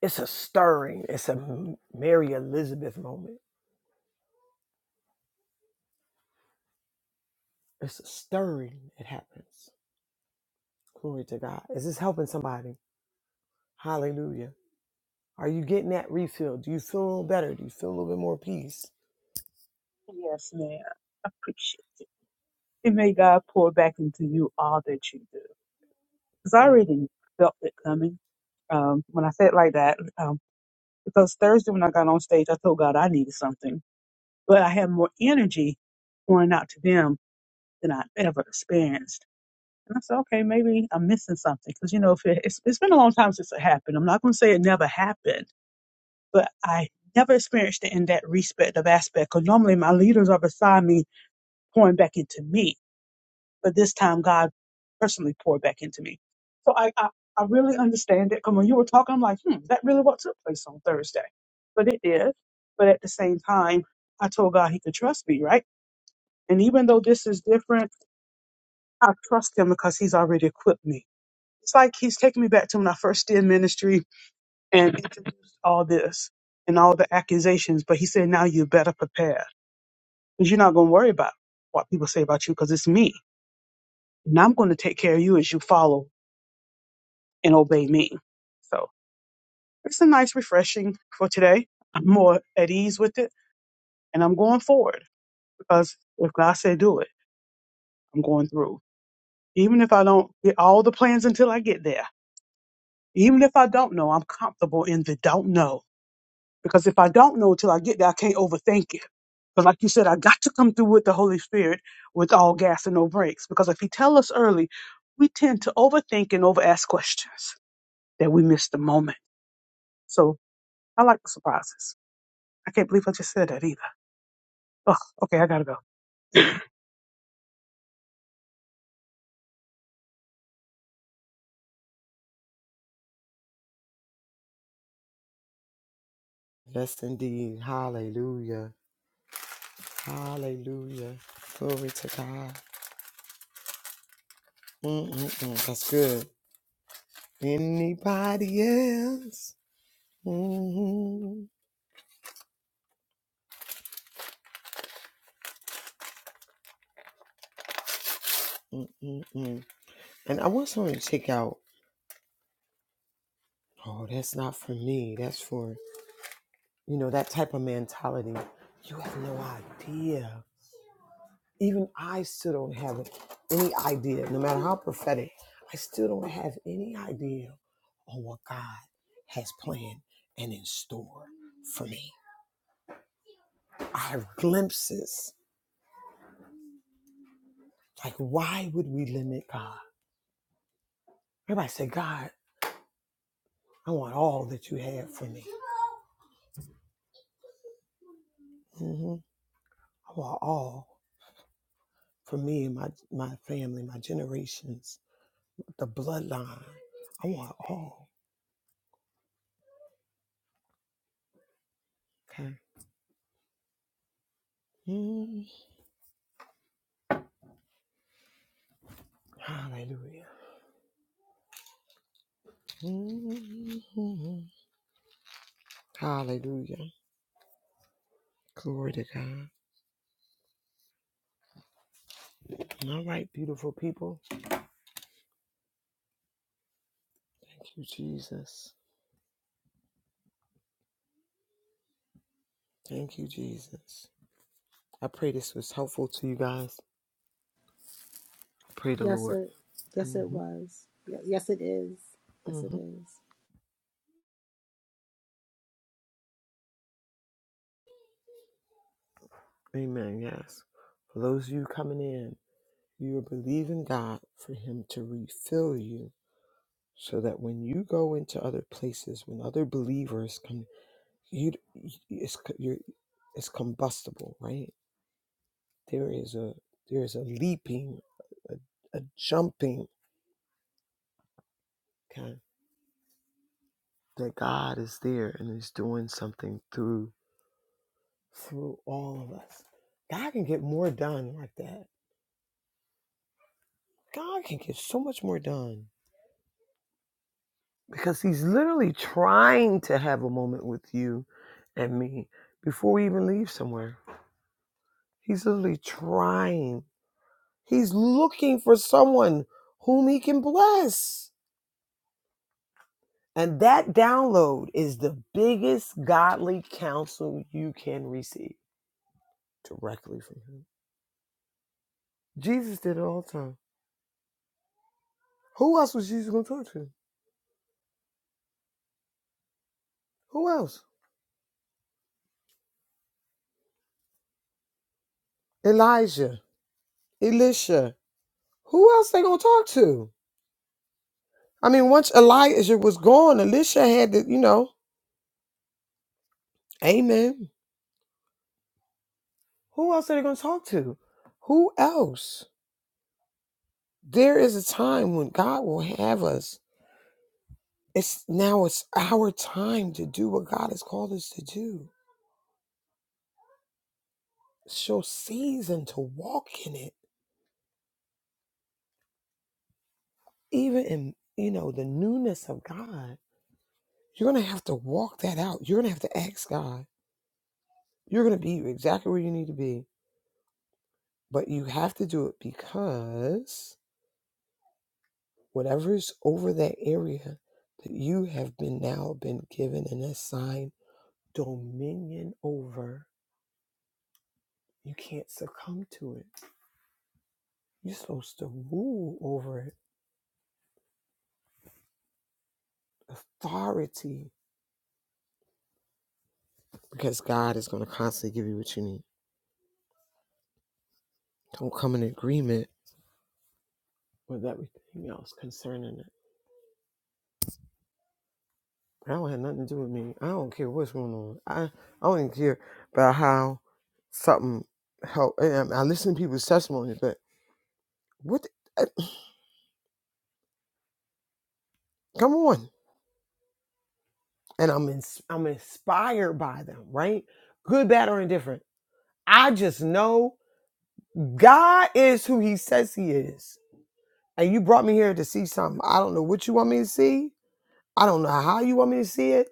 It's a stirring. It's a Mary Elizabeth moment. It's a stirring. It happens. Glory to God. Is this helping somebody? Hallelujah. Are you getting that refill? Do you feel a little better? Do you feel a little bit more peace? Yes, ma'am. I appreciate it. And may God pour back into you all that you do. Because I Amen. already felt it coming. Um, when I said it like that, um, because Thursday when I got on stage, I told God I needed something, but I had more energy pouring out to them than I ever experienced. And I said, okay, maybe I'm missing something because you know, if it, it's, it's been a long time since it happened. I'm not going to say it never happened, but I never experienced it in that respective aspect. Because normally my leaders are beside me pouring back into me. But this time, God personally poured back into me. So I, I, I really understand it. Come when you were talking, I'm like, hmm, is that really what took place on Thursday. But it did. But at the same time, I told God he could trust me, right? And even though this is different, I trust him because he's already equipped me. It's like he's taking me back to when I first did ministry and introduced all this and all the accusations. But he said, now you better prepare because you're not going to worry about what people say about you because it's me. And I'm going to take care of you as you follow and obey me. So it's a nice refreshing for today. I'm more at ease with it and I'm going forward because if God said do it, I'm going through. Even if I don't get all the plans until I get there, even if I don't know, I'm comfortable in the don't know. Because if I don't know until I get there, I can't overthink it. But like you said, I got to come through with the Holy Spirit with all gas and no brakes. Because if He tell us early, we tend to overthink and over ask questions that we miss the moment. So I like the surprises. I can't believe I just said that either. Oh, okay, I gotta go. Yes, indeed. Hallelujah. Hallelujah. Glory to God. Mm-mm-mm. That's good. Anybody else? Mhm. mm mm mm. And I want someone to check out. Oh, that's not for me. That's for you know that type of mentality. You have no idea. Even I still don't have any idea. No matter how prophetic, I still don't have any idea on what God has planned and in store for me. I have glimpses. Like, why would we limit God? Everybody say, God. I want all that you have for me. hmm I want all for me and my, my family, my generations, the bloodline. I want all. Okay. Mhm. Hallelujah. Mhm. Hallelujah. Glory to God. All right, beautiful people. Thank you, Jesus. Thank you, Jesus. I pray this was helpful to you guys. Pray the Yes, Lord. it yes hmm it was. Yes, it is. Yes, it hmm is. Amen. Yes. For those of you coming in, You are believing God for Him to refill you so that when you go into other places, when other believers come, you it's co- you're, it's combustible, right? There is a there is a leaping, a, a jumping, okay, that God is there and is doing something through through all of us. God can get more done like that. God can get so much more done because he's literally trying to have a moment with you and me before we even leave somewhere. He's literally trying. He's looking for someone whom he can bless. And that download is the biggest godly counsel you can receive directly from him. Jesus did it all the time. Who else was Jesus going to talk to? Who else? Elijah, Elisha. Who else they going to talk to? I mean, once Elijah was gone, Elisha had to, you know, amen. Who else are they going to talk to? Who else? There is a time when God will have us. It's now it's our time to do what God has called us to do. It's your season to walk in it. Even in, you know, the newness of God, you're going to have to walk that out. You're going to have to ask God. You're going to be exactly where you need to be, but you have to do it because Whatever is over that area that you have been now been given and assigned dominion over, you can't succumb to it. You're supposed to rule over it, authority, because God is going to constantly give you what you need. Don't come in agreement with everything else concerning it. That don't have nothing to do with me. I don't care what's going on. I, I don't even care about how something help. I I listen to people's testimonies, but what? I, Come on. and I'm ins- I'm inspired by them, right? Good, bad, or indifferent. I just know God is who He says He is, and you brought me here to see something. I don't know what you want me to see. I don't know how you want me to see it.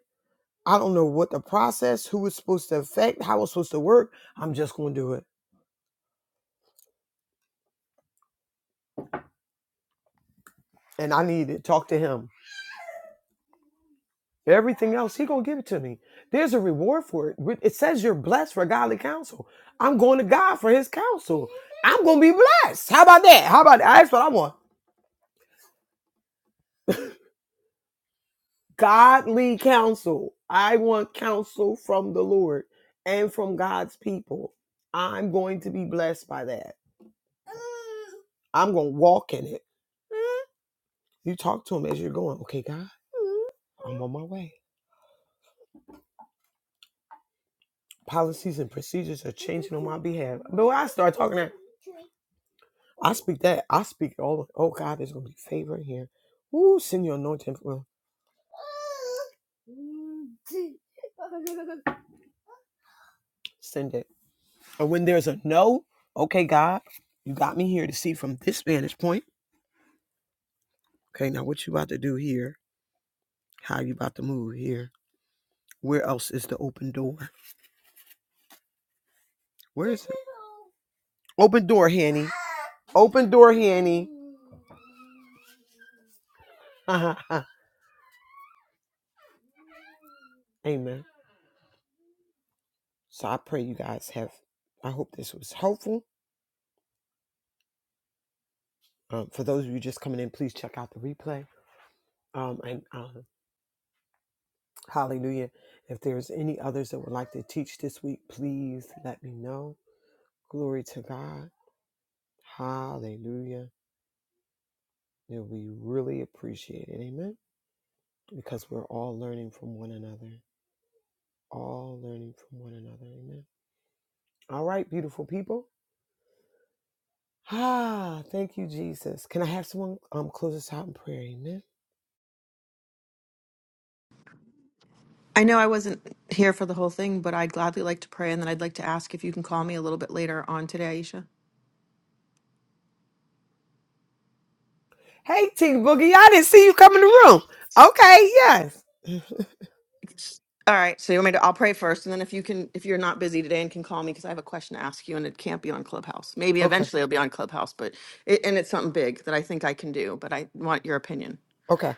I don't know what the process, who it's supposed to affect, how it's supposed to work. I'm just going to do it, and I need to talk to Him. Everything else, He gonna give it to me. There's a reward for it. It says you're blessed for godly counsel. I'm going to God for His counsel. I'm gonna be blessed. How about that? How about that? That's what I want. godly counsel. I want counsel from the Lord and from God's people. I'm going to be blessed by that. I'm going to walk in it. You talk to him as you're going, okay, God, I'm on my way. Policies and procedures are changing on my behalf. But when I start talking that, I speak that. I speak it all. of, Oh, God, there's going to be favor in here. Ooh, send your anointing. Well, send it. And when there's a no, okay, God, you got me here to see from this vantage point. Okay, now what you about to do here How you about to move here? Where else is the open door? Where is it? Open door, Hanny. Open door, Hanny. Amen. So I pray you guys have. I hope this was helpful. Um, for those of you just coming in, please check out the replay. Um, and um, hallelujah. If there's any others that would like to teach this week, please let me know. Glory to God. Hallelujah. Yeah, we really appreciate it. Amen. Because we're all learning from one another. all learning from one another. Amen. All right, beautiful people. Ah, thank you, Jesus. Can I have someone um close us out in prayer? Amen. I know I wasn't here for the whole thing, but I'd gladly like to pray, and then I'd like to ask if you can call me a little bit later on today, Aisha. Hey, T Boogie, I didn't see you come in the room. Okay, yes. Yes. All right. So you want me to? I'll pray first, and then if you can, if you're not busy today and can call me, because I have a question to ask you, and it can't be on Clubhouse. Maybe okay, eventually it'll be on Clubhouse, but it, and it's something big that I think I can do, but I want your opinion. okay.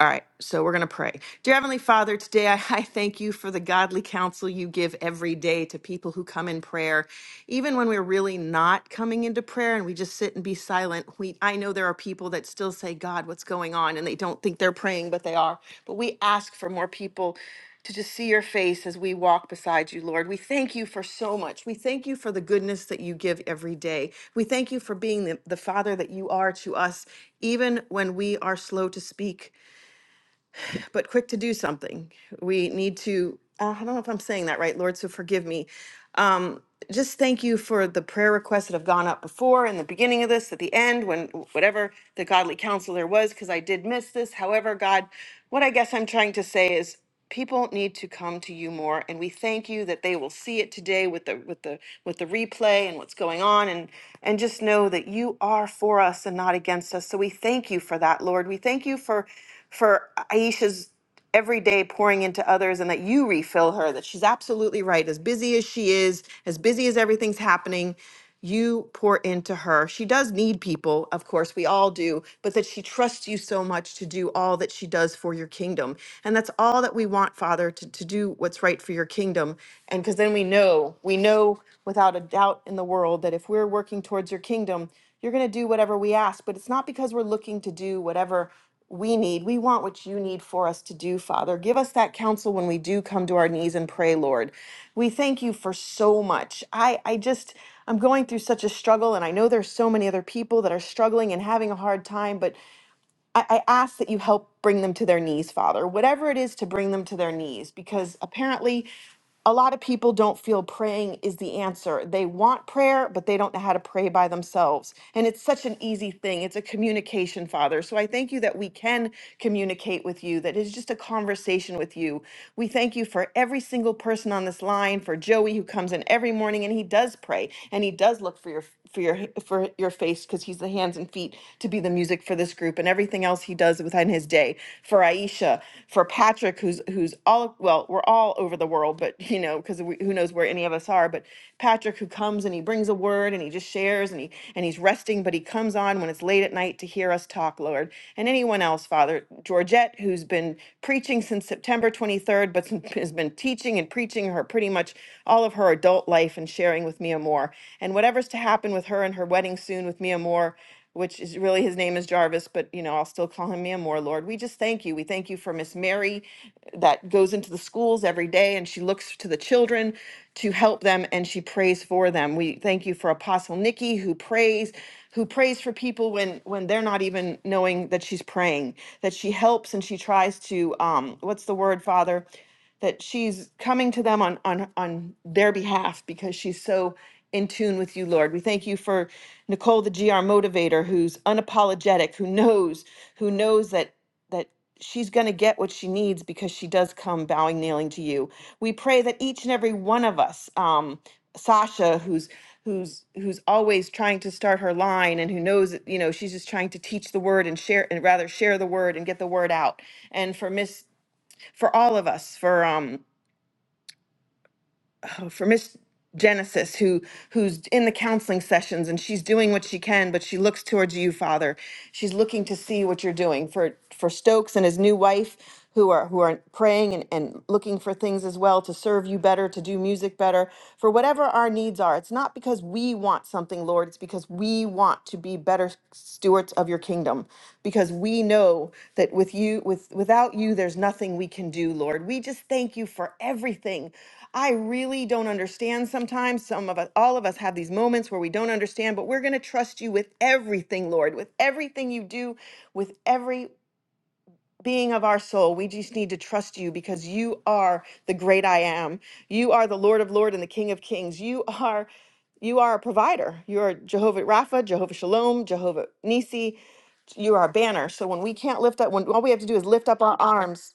All right, so we're going to pray. Dear Heavenly Father, today I, I thank you for the godly counsel you give every day to people who come in prayer. Even when we're really not coming into prayer and we just sit and be silent, we I know there are people that still say, God, what's going on? And they don't think they're praying, but they are. But we ask for more people to just see your face as we walk beside you, Lord. We thank you for so much. We thank you for the goodness that you give every day. We thank you for being the, the Father that you are to us, even when we are slow to speak word, but quick to do something. We need to, uh, I don't know if I'm saying that right, Lord, so forgive me. Um, just thank you for the prayer requests that have gone up before in the beginning of this, at the end, when whatever the godly counsel there was, because I did miss this. However, God, what I guess I'm trying to say is people need to come to you more and we thank you that they will see it today with the with the with the replay and what's going on and and just know that you are for us and not against us so we thank you for that lord we thank you for for aisha's every day pouring into others and that you refill her that she's absolutely right as busy as she is as busy as everything's happening you pour into her she does need people of course we all do but that she trusts you so much to do all that she does for your kingdom and that's all that we want father to, to do what's right for your kingdom and because then we know we know without a doubt in the world that if we're working towards your kingdom you're going to do whatever we ask but it's not because we're looking to do whatever we need. We want what you need for us to do, Father. Give us that counsel when we do come to our knees and pray, Lord. We thank you for so much. I, I just, I'm going through such a struggle, and I know there's so many other people that are struggling and having a hard time, but I, I ask that you help bring them to their knees, Father, whatever it is to bring them to their knees, because apparently a lot of people don't feel praying is the answer. They want prayer, but they don't know how to pray by themselves. And it's such an easy thing. It's a communication, Father. So I thank you that we can communicate with you, that it's just a conversation with you. We thank you for every single person on this line, for Joey who comes in every morning and he does pray and he does look for your for your for your face because he's the hands and feet to be the music for this group and everything else he does within his day for Aisha for Patrick who's who's all well we're all over the world but you know because who knows where any of us are but Patrick who comes and he brings a word and he just shares and he and he's resting but he comes on when it's late at night to hear us talk Lord and anyone else Father Georgette who's been been preaching since September 23rd, but has been teaching and preaching her pretty much all of her adult life and sharing with Mia Moore. And whatever's to happen with her and her wedding soon with Mia Moore, which is really his name is Jarvis, but you know, I'll still call him Mia Moore, Lord. We just thank you. We thank you for Miss Mary that goes into the schools every day and she looks to the children to help them and she prays for them. We thank you for Apostle Nikki who prays who prays for people when when they're not even knowing that she's praying that she helps and she tries to um what's the word father that she's coming to them on on on their behalf because she's so in tune with you lord we thank you for nicole the gr motivator who's unapologetic who knows who knows that that she's going to get what she needs because she does come bowing kneeling to you we pray that each and every one of us um, Sasha who's who's who's always trying to start her line and who knows that, you know she's just trying to teach the word and share and rather share the word and get the word out and for miss for all of us for um for Miss Genesis, who who's in the counseling sessions and she's doing what she can, but she looks towards you, Father. She's looking to see what you're doing for for Stokes and his new wife, who are who are praying and, and looking for things as well to serve you better, to do music better, for whatever our needs are. It's not because we want something, Lord. It's because we want to be better stewards of your kingdom, because we know that with you, with without you, there's nothing we can do, Lord. We just thank you for everything. I really don't understand sometimes. Some of us, all of us have these moments where we don't understand, but we're going to trust you with everything, Lord, with everything you do, with every being of our soul. We just need to trust you because you are the great I am. You are the Lord of lords and the King of Kings. You are you are a provider. You are Jehovah Rapha, Jehovah Shalom, Jehovah Nisi. You are a banner. So when we can't lift up, when all we have to do is lift up our arms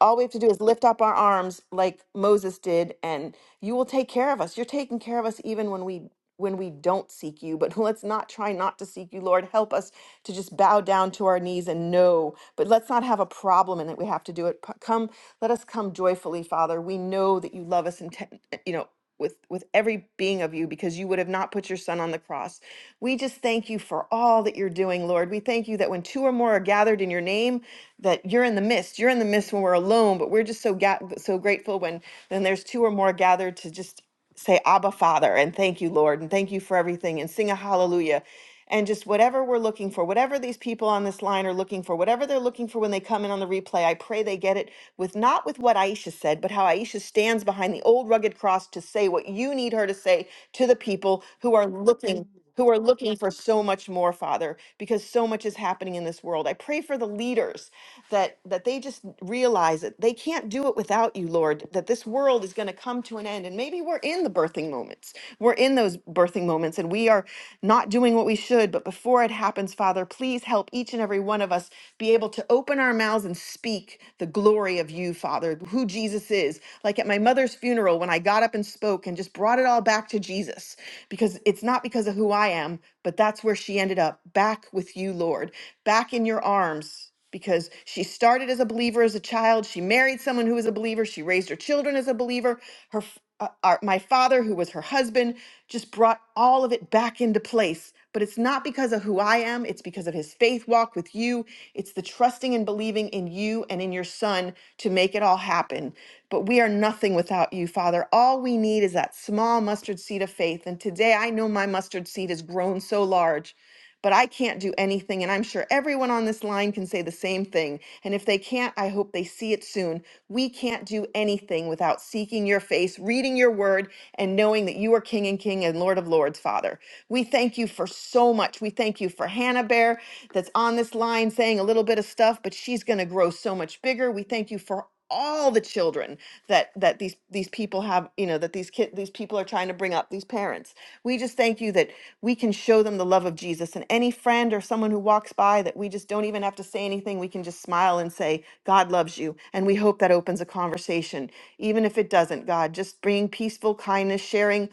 all we have to do is lift up our arms like Moses did, and you will take care of us. You're taking care of us even when we when we don't seek you, but let's not try not to seek you, Lord. Help us to just bow down to our knees and know, but let's not have a problem in that we have to do it. P- Come, let us come joyfully, Father. We know that you love us and you know with with every being of you because you would have not put your son on the cross. We just thank you for all that you're doing, Lord. We thank you that when two or more are gathered in your name, that you're in the midst. You're in the midst when we're alone, but we're just so ga- so grateful when then there's two or more gathered to just say abba father and thank you lord and thank you for everything and sing a hallelujah and just whatever we're looking for whatever these people on this line are looking for whatever they're looking for when they come in on the replay i pray they get it with not with what aisha said but how aisha stands behind the old rugged cross to say what you need her to say to the people who are looking who are looking for so much more father because so much is happening in this world i pray for the leaders that that they just realize that they can't do it without you lord that this world is going to come to an end and maybe we're in the birthing moments we're in those birthing moments and we are not doing what we should but before it happens father please help each and every one of us be able to open our mouths and speak the glory of you father who jesus is like at my mother's funeral when i got up and spoke and just brought it all back to jesus because it's not because of who I am, but that's where she ended up back with you, Lord, back in your arms. Because she started as a believer as a child. She married someone who was a believer. She raised her children as a believer. Her, f- uh, our, my father, who was her husband, just brought all of it back into place. But it's not because of who I am, it's because of his faith walk with you. It's the trusting and believing in you and in your son to make it all happen. But we are nothing without you, Father. All we need is that that small mustard seed of faith. And today I know my mustard seed has grown so large, but I can't do anything. And I'm sure everyone on this line can say the same thing. And if they can't, I hope they see it soon. We can't do anything without seeking your face, reading your word, and knowing that you are King and King and Lord of Lords, Father. We thank you for so much. We thank you for Hannah Bear that's on this line saying a little bit of stuff, but she's going to grow so much bigger. We thank you for all the children that that these these people have you know that these kid these people are trying to bring up these parents we just thank you that we can show them the love of jesus and any friend or someone who walks by that we just don't even have to say anything we can just smile and say god loves you and we hope that opens a conversation even if it doesn't god just bringing peaceful kindness sharing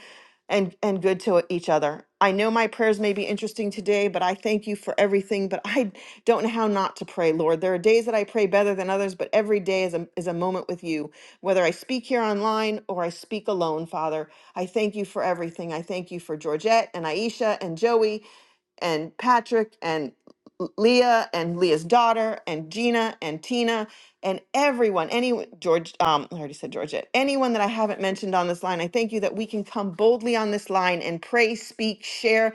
and and good to each other. I know my prayers may be interesting today, but I thank you for everything. But I don't know how not to pray, Lord. There are days that I pray better than others, but every day is a, is a moment with you. Whether I speak here online or I speak alone, Father, I thank you for everything. I thank you for Georgette and Aisha and Joey and Patrick and Leah and Leah's daughter and Gina and Tina and everyone, any George, um, I already said Georgette, anyone that I haven't mentioned on this line, I thank you that we can come boldly on this line and pray, speak, share,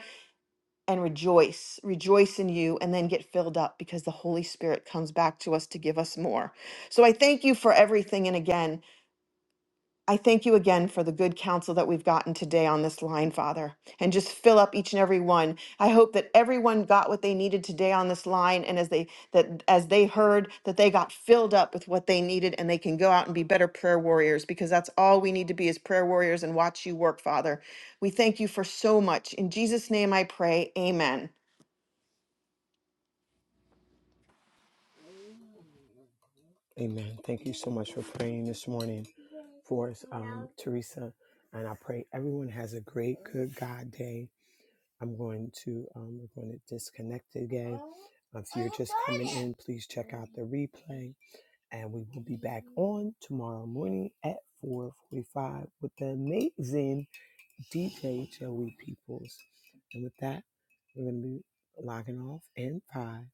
and rejoice. Rejoice in you, and then get filled up because the Holy Spirit comes back to us to give us more. So I thank you for everything. And again, I thank you again for the good counsel that we've gotten today on this line, Father, and just fill up each and every one. I hope that everyone got what they needed today on this line, and as they that as they heard that they got filled up with what they needed, and they can go out and be better prayer warriors because that's all we need to be as prayer warriors and watch you work, Father. We thank you for so much. In Jesus' name, I pray. Amen. Amen. Thank you so much for praying this morning for us, um, Teresa. And I pray everyone has a great, good God day. I'm going to um, we're going to disconnect again. Um, If you're just coming in, please check out the replay, and we will be back on tomorrow morning at 4:45 with the amazing DJ Joey Peoples. And with that, we're going to be logging off in five,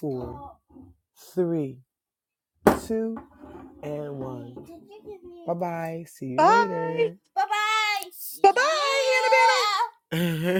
four, three, two, and one. bye. See you Bye. later. Bye bye, Hannah Banna.